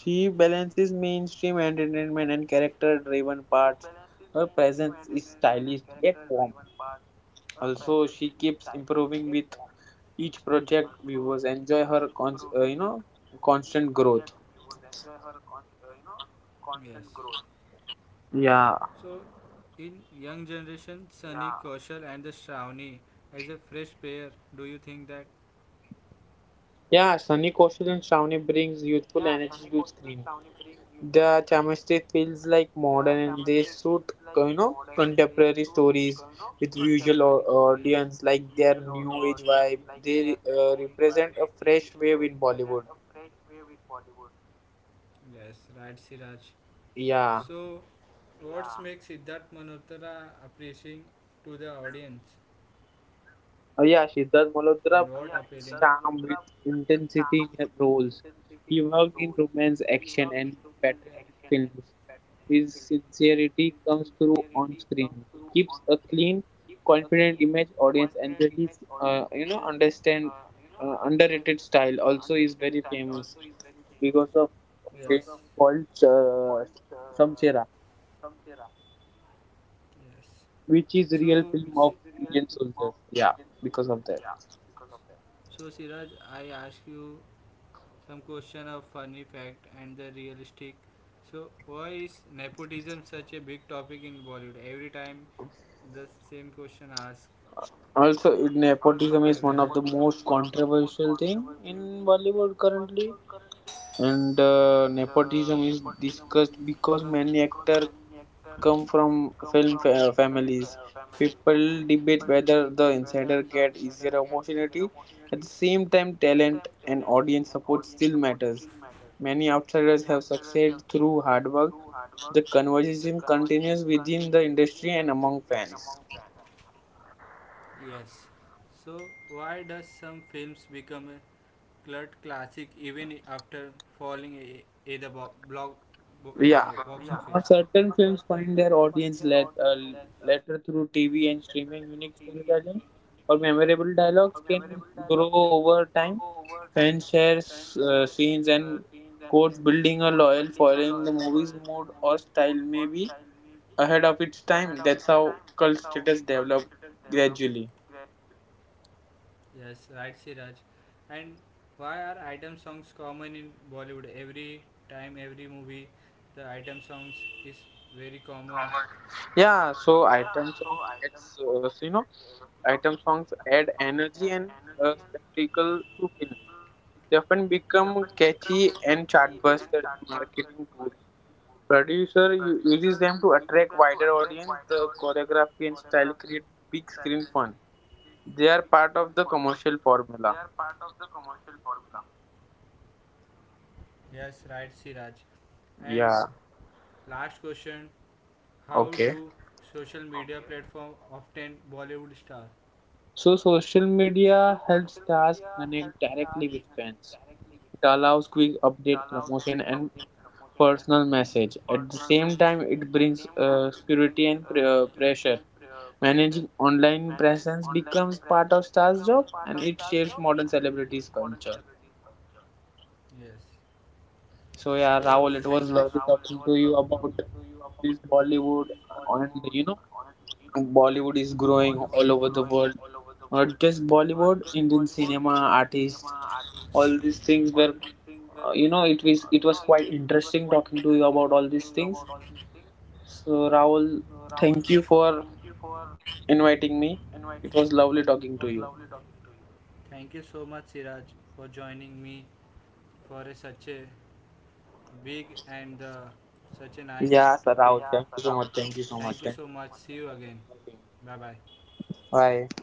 [SPEAKER 2] She balances
[SPEAKER 1] him
[SPEAKER 2] mainstream
[SPEAKER 1] and
[SPEAKER 2] entertainment and character
[SPEAKER 1] Raven
[SPEAKER 2] driven
[SPEAKER 1] Park
[SPEAKER 2] parts. Her presence is stylish
[SPEAKER 1] stylish,
[SPEAKER 2] yet warm. Also, she keeps improving
[SPEAKER 1] improving
[SPEAKER 2] with
[SPEAKER 1] each
[SPEAKER 2] each
[SPEAKER 1] project
[SPEAKER 2] project. Viewers
[SPEAKER 1] by
[SPEAKER 2] enjoy
[SPEAKER 1] her
[SPEAKER 2] her
[SPEAKER 1] you know, constant,
[SPEAKER 2] constant
[SPEAKER 1] yes, growth.
[SPEAKER 2] growth.
[SPEAKER 1] So, in young generation, Sunny,
[SPEAKER 2] Yeah.
[SPEAKER 1] yeah, Kaushal and the Shravani as a fresh pair, do you think that? Yeah,
[SPEAKER 2] Yeah, Sunny Kaushal and Shravani
[SPEAKER 1] Shravani is
[SPEAKER 2] brings
[SPEAKER 1] useful
[SPEAKER 2] youthful
[SPEAKER 1] and
[SPEAKER 2] energy
[SPEAKER 1] it's
[SPEAKER 2] to screen.
[SPEAKER 1] the
[SPEAKER 2] The
[SPEAKER 1] chemistry
[SPEAKER 2] chemistry
[SPEAKER 1] feels
[SPEAKER 2] feels
[SPEAKER 1] like
[SPEAKER 2] like modern,
[SPEAKER 1] modern and
[SPEAKER 2] and they
[SPEAKER 1] they suit,
[SPEAKER 2] suit
[SPEAKER 1] you know,
[SPEAKER 2] contemporary
[SPEAKER 1] contemporary stories,
[SPEAKER 2] stories
[SPEAKER 1] yes, with
[SPEAKER 2] with
[SPEAKER 1] audience
[SPEAKER 2] audience,
[SPEAKER 1] like
[SPEAKER 2] like
[SPEAKER 1] their
[SPEAKER 2] their new
[SPEAKER 1] new
[SPEAKER 2] age
[SPEAKER 1] age vibe.
[SPEAKER 2] vibe.
[SPEAKER 1] They
[SPEAKER 2] They
[SPEAKER 1] represent
[SPEAKER 2] represent
[SPEAKER 1] a
[SPEAKER 2] a
[SPEAKER 1] fresh
[SPEAKER 2] fresh
[SPEAKER 1] wave
[SPEAKER 2] wave
[SPEAKER 1] in
[SPEAKER 2] in
[SPEAKER 1] Bollywood.
[SPEAKER 2] Bollywood.
[SPEAKER 1] Yes, right, Siraj. So, what, yeah,
[SPEAKER 2] Yeah.
[SPEAKER 1] makes Siddharth Malhotra appealing to the audience? And
[SPEAKER 2] Uh,
[SPEAKER 1] what, oh, yeah,
[SPEAKER 2] yeah,
[SPEAKER 1] appealing? Sir
[SPEAKER 2] Siddharth
[SPEAKER 1] Malhotra
[SPEAKER 2] Malhotra blends
[SPEAKER 1] calm
[SPEAKER 2] charm with intensity
[SPEAKER 1] intensity
[SPEAKER 2] in
[SPEAKER 1] in the
[SPEAKER 2] his
[SPEAKER 1] soul.
[SPEAKER 2] roles. He
[SPEAKER 1] He worked
[SPEAKER 2] worked
[SPEAKER 1] in
[SPEAKER 2] in romance,
[SPEAKER 1] Sunil's action
[SPEAKER 2] action,
[SPEAKER 1] and
[SPEAKER 2] and patriotic
[SPEAKER 1] film.
[SPEAKER 2] films.
[SPEAKER 1] His
[SPEAKER 2] His
[SPEAKER 1] sincerity
[SPEAKER 2] sincerity
[SPEAKER 1] comes
[SPEAKER 2] comes through
[SPEAKER 1] through on
[SPEAKER 2] on
[SPEAKER 1] screen,
[SPEAKER 2] screen. He
[SPEAKER 1] gives
[SPEAKER 2] keeps a
[SPEAKER 1] a clean,
[SPEAKER 2] clean,
[SPEAKER 1] confident
[SPEAKER 2] confident
[SPEAKER 1] image
[SPEAKER 2] image.
[SPEAKER 1] audience
[SPEAKER 2] Audience
[SPEAKER 1] and
[SPEAKER 2] enjoy
[SPEAKER 1] this is,
[SPEAKER 2] his, you
[SPEAKER 1] you
[SPEAKER 2] know,
[SPEAKER 1] know, understand
[SPEAKER 2] understand
[SPEAKER 1] underrated
[SPEAKER 2] underrated
[SPEAKER 1] style.
[SPEAKER 2] style. Also, is very famous
[SPEAKER 1] Yes.
[SPEAKER 2] because of a film
[SPEAKER 1] Sort of,
[SPEAKER 2] called
[SPEAKER 1] uh, from
[SPEAKER 2] Samshera,
[SPEAKER 1] Tera. Yes. So,
[SPEAKER 2] which is
[SPEAKER 1] which
[SPEAKER 2] real
[SPEAKER 1] is
[SPEAKER 2] film
[SPEAKER 1] real
[SPEAKER 2] of
[SPEAKER 1] thing of
[SPEAKER 2] Indian soldiers.
[SPEAKER 1] Indian
[SPEAKER 2] Yeah,
[SPEAKER 1] football.
[SPEAKER 2] because
[SPEAKER 1] Yeah,
[SPEAKER 2] of that.
[SPEAKER 1] because of that. So Siraj, I ask you some question of funny fact and the realistic. So, why is nepotism such a big topic in Bollywood? Every time the same question asked. Earth
[SPEAKER 2] Also, nepotism is one
[SPEAKER 1] one of
[SPEAKER 2] of the
[SPEAKER 1] the most
[SPEAKER 2] most
[SPEAKER 1] constant
[SPEAKER 2] controversial thing in Bollywood currently,
[SPEAKER 1] and
[SPEAKER 2] and nepotism is
[SPEAKER 1] because
[SPEAKER 2] discussed
[SPEAKER 1] because
[SPEAKER 2] because many
[SPEAKER 1] many
[SPEAKER 2] actors
[SPEAKER 1] actors
[SPEAKER 2] come
[SPEAKER 1] come
[SPEAKER 2] from
[SPEAKER 1] from family.
[SPEAKER 2] families.
[SPEAKER 1] People
[SPEAKER 2] People debate
[SPEAKER 1] debate
[SPEAKER 2] whether
[SPEAKER 1] whether
[SPEAKER 2] the
[SPEAKER 1] the
[SPEAKER 2] insider
[SPEAKER 1] insider
[SPEAKER 2] get
[SPEAKER 1] gets
[SPEAKER 2] easier
[SPEAKER 1] their own
[SPEAKER 2] opportunity. At the same time, talent
[SPEAKER 1] and
[SPEAKER 2] and
[SPEAKER 1] audience
[SPEAKER 2] audience support still
[SPEAKER 1] matters.
[SPEAKER 2] matters.
[SPEAKER 1] Many
[SPEAKER 2] Many
[SPEAKER 1] of
[SPEAKER 2] outsiders have
[SPEAKER 1] success
[SPEAKER 2] succeeded through
[SPEAKER 1] through hard
[SPEAKER 2] hard work.
[SPEAKER 1] work,
[SPEAKER 2] The conversation
[SPEAKER 1] conversations,
[SPEAKER 2] continues within the industry and
[SPEAKER 1] and
[SPEAKER 2] among
[SPEAKER 1] among fans.
[SPEAKER 2] fans.
[SPEAKER 1] Yes. So why does some films become a cult classic even after falling a the box, yeah,
[SPEAKER 2] Yeah.
[SPEAKER 1] office? Because
[SPEAKER 2] Certain films find
[SPEAKER 1] their
[SPEAKER 2] their
[SPEAKER 1] audience
[SPEAKER 2] audience let,
[SPEAKER 1] uh,
[SPEAKER 2] later
[SPEAKER 1] lessons
[SPEAKER 2] through
[SPEAKER 1] through
[SPEAKER 2] TV
[SPEAKER 1] TV
[SPEAKER 2] and
[SPEAKER 1] and
[SPEAKER 2] streaming. Unique
[SPEAKER 1] streaming are
[SPEAKER 2] storytelling or
[SPEAKER 1] a memorable
[SPEAKER 2] memorable
[SPEAKER 1] dialogue
[SPEAKER 2] dialogues
[SPEAKER 1] can
[SPEAKER 2] can grow
[SPEAKER 1] grow
[SPEAKER 2] over
[SPEAKER 1] over time.
[SPEAKER 2] time.
[SPEAKER 1] Fans
[SPEAKER 2] Fans share
[SPEAKER 1] share scenes
[SPEAKER 2] scenes
[SPEAKER 1] and
[SPEAKER 2] and
[SPEAKER 1] quote
[SPEAKER 2] quotes,
[SPEAKER 1] building
[SPEAKER 2] building a
[SPEAKER 1] a loyal
[SPEAKER 2] loyal
[SPEAKER 1] foreign
[SPEAKER 2] following. The
[SPEAKER 1] movie
[SPEAKER 2] movie's
[SPEAKER 1] mode
[SPEAKER 2] mood
[SPEAKER 1] or
[SPEAKER 2] or
[SPEAKER 1] style
[SPEAKER 2] style may
[SPEAKER 1] music
[SPEAKER 2] be ahead
[SPEAKER 1] ahead of
[SPEAKER 2] of its
[SPEAKER 1] its time.
[SPEAKER 2] time. That's
[SPEAKER 1] That's
[SPEAKER 2] how
[SPEAKER 1] how
[SPEAKER 2] cult
[SPEAKER 1] culture
[SPEAKER 2] status develop
[SPEAKER 1] developed gracefully.
[SPEAKER 2] gradually.
[SPEAKER 1] Yes, right, Siraj. And why are item songs common in Bollywood? Every time, every movie, the item songs is very common. Yeah,
[SPEAKER 2] Yeah,
[SPEAKER 1] so
[SPEAKER 2] so item
[SPEAKER 1] item
[SPEAKER 2] songs
[SPEAKER 1] songs,
[SPEAKER 2] adds,
[SPEAKER 1] you know, item
[SPEAKER 2] item songs
[SPEAKER 1] songs add
[SPEAKER 2] add energy
[SPEAKER 1] energy and
[SPEAKER 2] and spectacle
[SPEAKER 1] mm,
[SPEAKER 2] to film. They
[SPEAKER 1] they often
[SPEAKER 2] often
[SPEAKER 1] become
[SPEAKER 2] become catchy
[SPEAKER 1] catchy and
[SPEAKER 2] and chartbuster
[SPEAKER 1] chartbusters.
[SPEAKER 2] in marketing tools.
[SPEAKER 1] Particular is
[SPEAKER 2] Uses
[SPEAKER 1] them
[SPEAKER 2] them
[SPEAKER 1] to
[SPEAKER 2] to
[SPEAKER 1] attract
[SPEAKER 2] attract wider
[SPEAKER 1] wider audience,
[SPEAKER 2] audience. The
[SPEAKER 1] choreographed
[SPEAKER 2] choreography
[SPEAKER 1] in
[SPEAKER 2] and style create
[SPEAKER 1] statutory
[SPEAKER 2] big screen fun.
[SPEAKER 1] big screen
[SPEAKER 2] They are
[SPEAKER 1] fun.
[SPEAKER 2] part of the
[SPEAKER 1] They are
[SPEAKER 2] commercial
[SPEAKER 1] part of
[SPEAKER 2] formula.
[SPEAKER 1] the commercial formula. Yes, right, Siraj. And
[SPEAKER 2] Yeah.
[SPEAKER 1] last question: how do
[SPEAKER 2] Okay.
[SPEAKER 1] social media, okay, platform obtain Bollywood star?
[SPEAKER 2] So social
[SPEAKER 1] So social
[SPEAKER 2] media
[SPEAKER 1] media
[SPEAKER 2] helps
[SPEAKER 1] helps
[SPEAKER 2] stars
[SPEAKER 1] that
[SPEAKER 2] connect
[SPEAKER 1] and it
[SPEAKER 2] directly with
[SPEAKER 1] directly
[SPEAKER 2] fans.
[SPEAKER 1] expand.
[SPEAKER 2] It
[SPEAKER 1] It
[SPEAKER 2] allows
[SPEAKER 1] allows
[SPEAKER 2] quick
[SPEAKER 1] quick
[SPEAKER 2] update,
[SPEAKER 1] updates,
[SPEAKER 2] promotion, and
[SPEAKER 1] promotion, and
[SPEAKER 2] personal
[SPEAKER 1] personal
[SPEAKER 2] message.
[SPEAKER 1] message.
[SPEAKER 2] At the
[SPEAKER 1] At the
[SPEAKER 2] same time,
[SPEAKER 1] same
[SPEAKER 2] it
[SPEAKER 1] time, it
[SPEAKER 2] brings
[SPEAKER 1] brings
[SPEAKER 2] security and
[SPEAKER 1] security and
[SPEAKER 2] pressure.
[SPEAKER 1] pressure.
[SPEAKER 2] Managing
[SPEAKER 1] Managing
[SPEAKER 2] online
[SPEAKER 1] online
[SPEAKER 2] presence
[SPEAKER 1] presence
[SPEAKER 2] becomes
[SPEAKER 1] becomes
[SPEAKER 2] part of
[SPEAKER 1] part of
[SPEAKER 2] Star's
[SPEAKER 1] style
[SPEAKER 2] job,
[SPEAKER 1] jobs,
[SPEAKER 2] and it
[SPEAKER 1] and it
[SPEAKER 2] shapes
[SPEAKER 1] shapes
[SPEAKER 2] modern
[SPEAKER 1] modern
[SPEAKER 2] celebrities'
[SPEAKER 1] celebrity
[SPEAKER 2] culture.
[SPEAKER 1] culture. Yes. So so
[SPEAKER 2] So,
[SPEAKER 1] thank
[SPEAKER 2] yeah,
[SPEAKER 1] you, yeah,
[SPEAKER 2] Rahul, it
[SPEAKER 1] Rahul, it
[SPEAKER 2] was
[SPEAKER 1] was
[SPEAKER 2] lovely
[SPEAKER 1] lovely
[SPEAKER 2] talking
[SPEAKER 1] talking
[SPEAKER 2] to
[SPEAKER 1] to
[SPEAKER 2] you
[SPEAKER 1] you
[SPEAKER 2] about
[SPEAKER 1] about
[SPEAKER 2] this
[SPEAKER 1] this
[SPEAKER 2] Bollywood,
[SPEAKER 1] Bollywood.
[SPEAKER 2] and,
[SPEAKER 1] Honestly, you know,
[SPEAKER 2] Bollywood
[SPEAKER 1] Bollywood is
[SPEAKER 2] is
[SPEAKER 1] growing
[SPEAKER 2] growing
[SPEAKER 1] all
[SPEAKER 2] all over
[SPEAKER 1] over
[SPEAKER 2] the
[SPEAKER 1] the
[SPEAKER 2] world.
[SPEAKER 1] world. Not
[SPEAKER 2] Not
[SPEAKER 1] just
[SPEAKER 2] just
[SPEAKER 1] Bollywood,
[SPEAKER 2] Bollywood, Indian cinema,
[SPEAKER 1] cinema,
[SPEAKER 2] artists,
[SPEAKER 1] artists,
[SPEAKER 2] all
[SPEAKER 1] all.
[SPEAKER 2] these things were,
[SPEAKER 1] You know, it was
[SPEAKER 2] it
[SPEAKER 1] it was
[SPEAKER 2] was
[SPEAKER 1] quite
[SPEAKER 2] quite
[SPEAKER 1] interesting
[SPEAKER 2] interesting talking
[SPEAKER 1] talking to
[SPEAKER 2] to you
[SPEAKER 1] you
[SPEAKER 2] about
[SPEAKER 1] about all
[SPEAKER 2] all these
[SPEAKER 1] these
[SPEAKER 2] things.
[SPEAKER 1] things. So
[SPEAKER 2] So,
[SPEAKER 1] Rahul,
[SPEAKER 2] Rahul,
[SPEAKER 1] thank
[SPEAKER 2] thank
[SPEAKER 1] you
[SPEAKER 2] you
[SPEAKER 1] for
[SPEAKER 2] for
[SPEAKER 1] inviting
[SPEAKER 2] inviting
[SPEAKER 1] me.
[SPEAKER 2] me.
[SPEAKER 1] It
[SPEAKER 2] It
[SPEAKER 1] was
[SPEAKER 2] was
[SPEAKER 1] lovely
[SPEAKER 2] lovely
[SPEAKER 1] talking
[SPEAKER 2] talking
[SPEAKER 1] to
[SPEAKER 2] to
[SPEAKER 1] you.
[SPEAKER 2] you.
[SPEAKER 1] Thank you so much, Siraj, for joining me for a, such a big and such a nice topic. Yeah,
[SPEAKER 2] Yeah, sir, Rahul, thank you so much.
[SPEAKER 1] thank you
[SPEAKER 2] Thank
[SPEAKER 1] so
[SPEAKER 2] you so
[SPEAKER 1] much.
[SPEAKER 2] much.
[SPEAKER 1] See
[SPEAKER 2] Thank
[SPEAKER 1] you again.
[SPEAKER 2] you
[SPEAKER 1] Bye
[SPEAKER 2] for
[SPEAKER 1] bye.
[SPEAKER 2] inviting me. Bye.
[SPEAKER 1] Bye.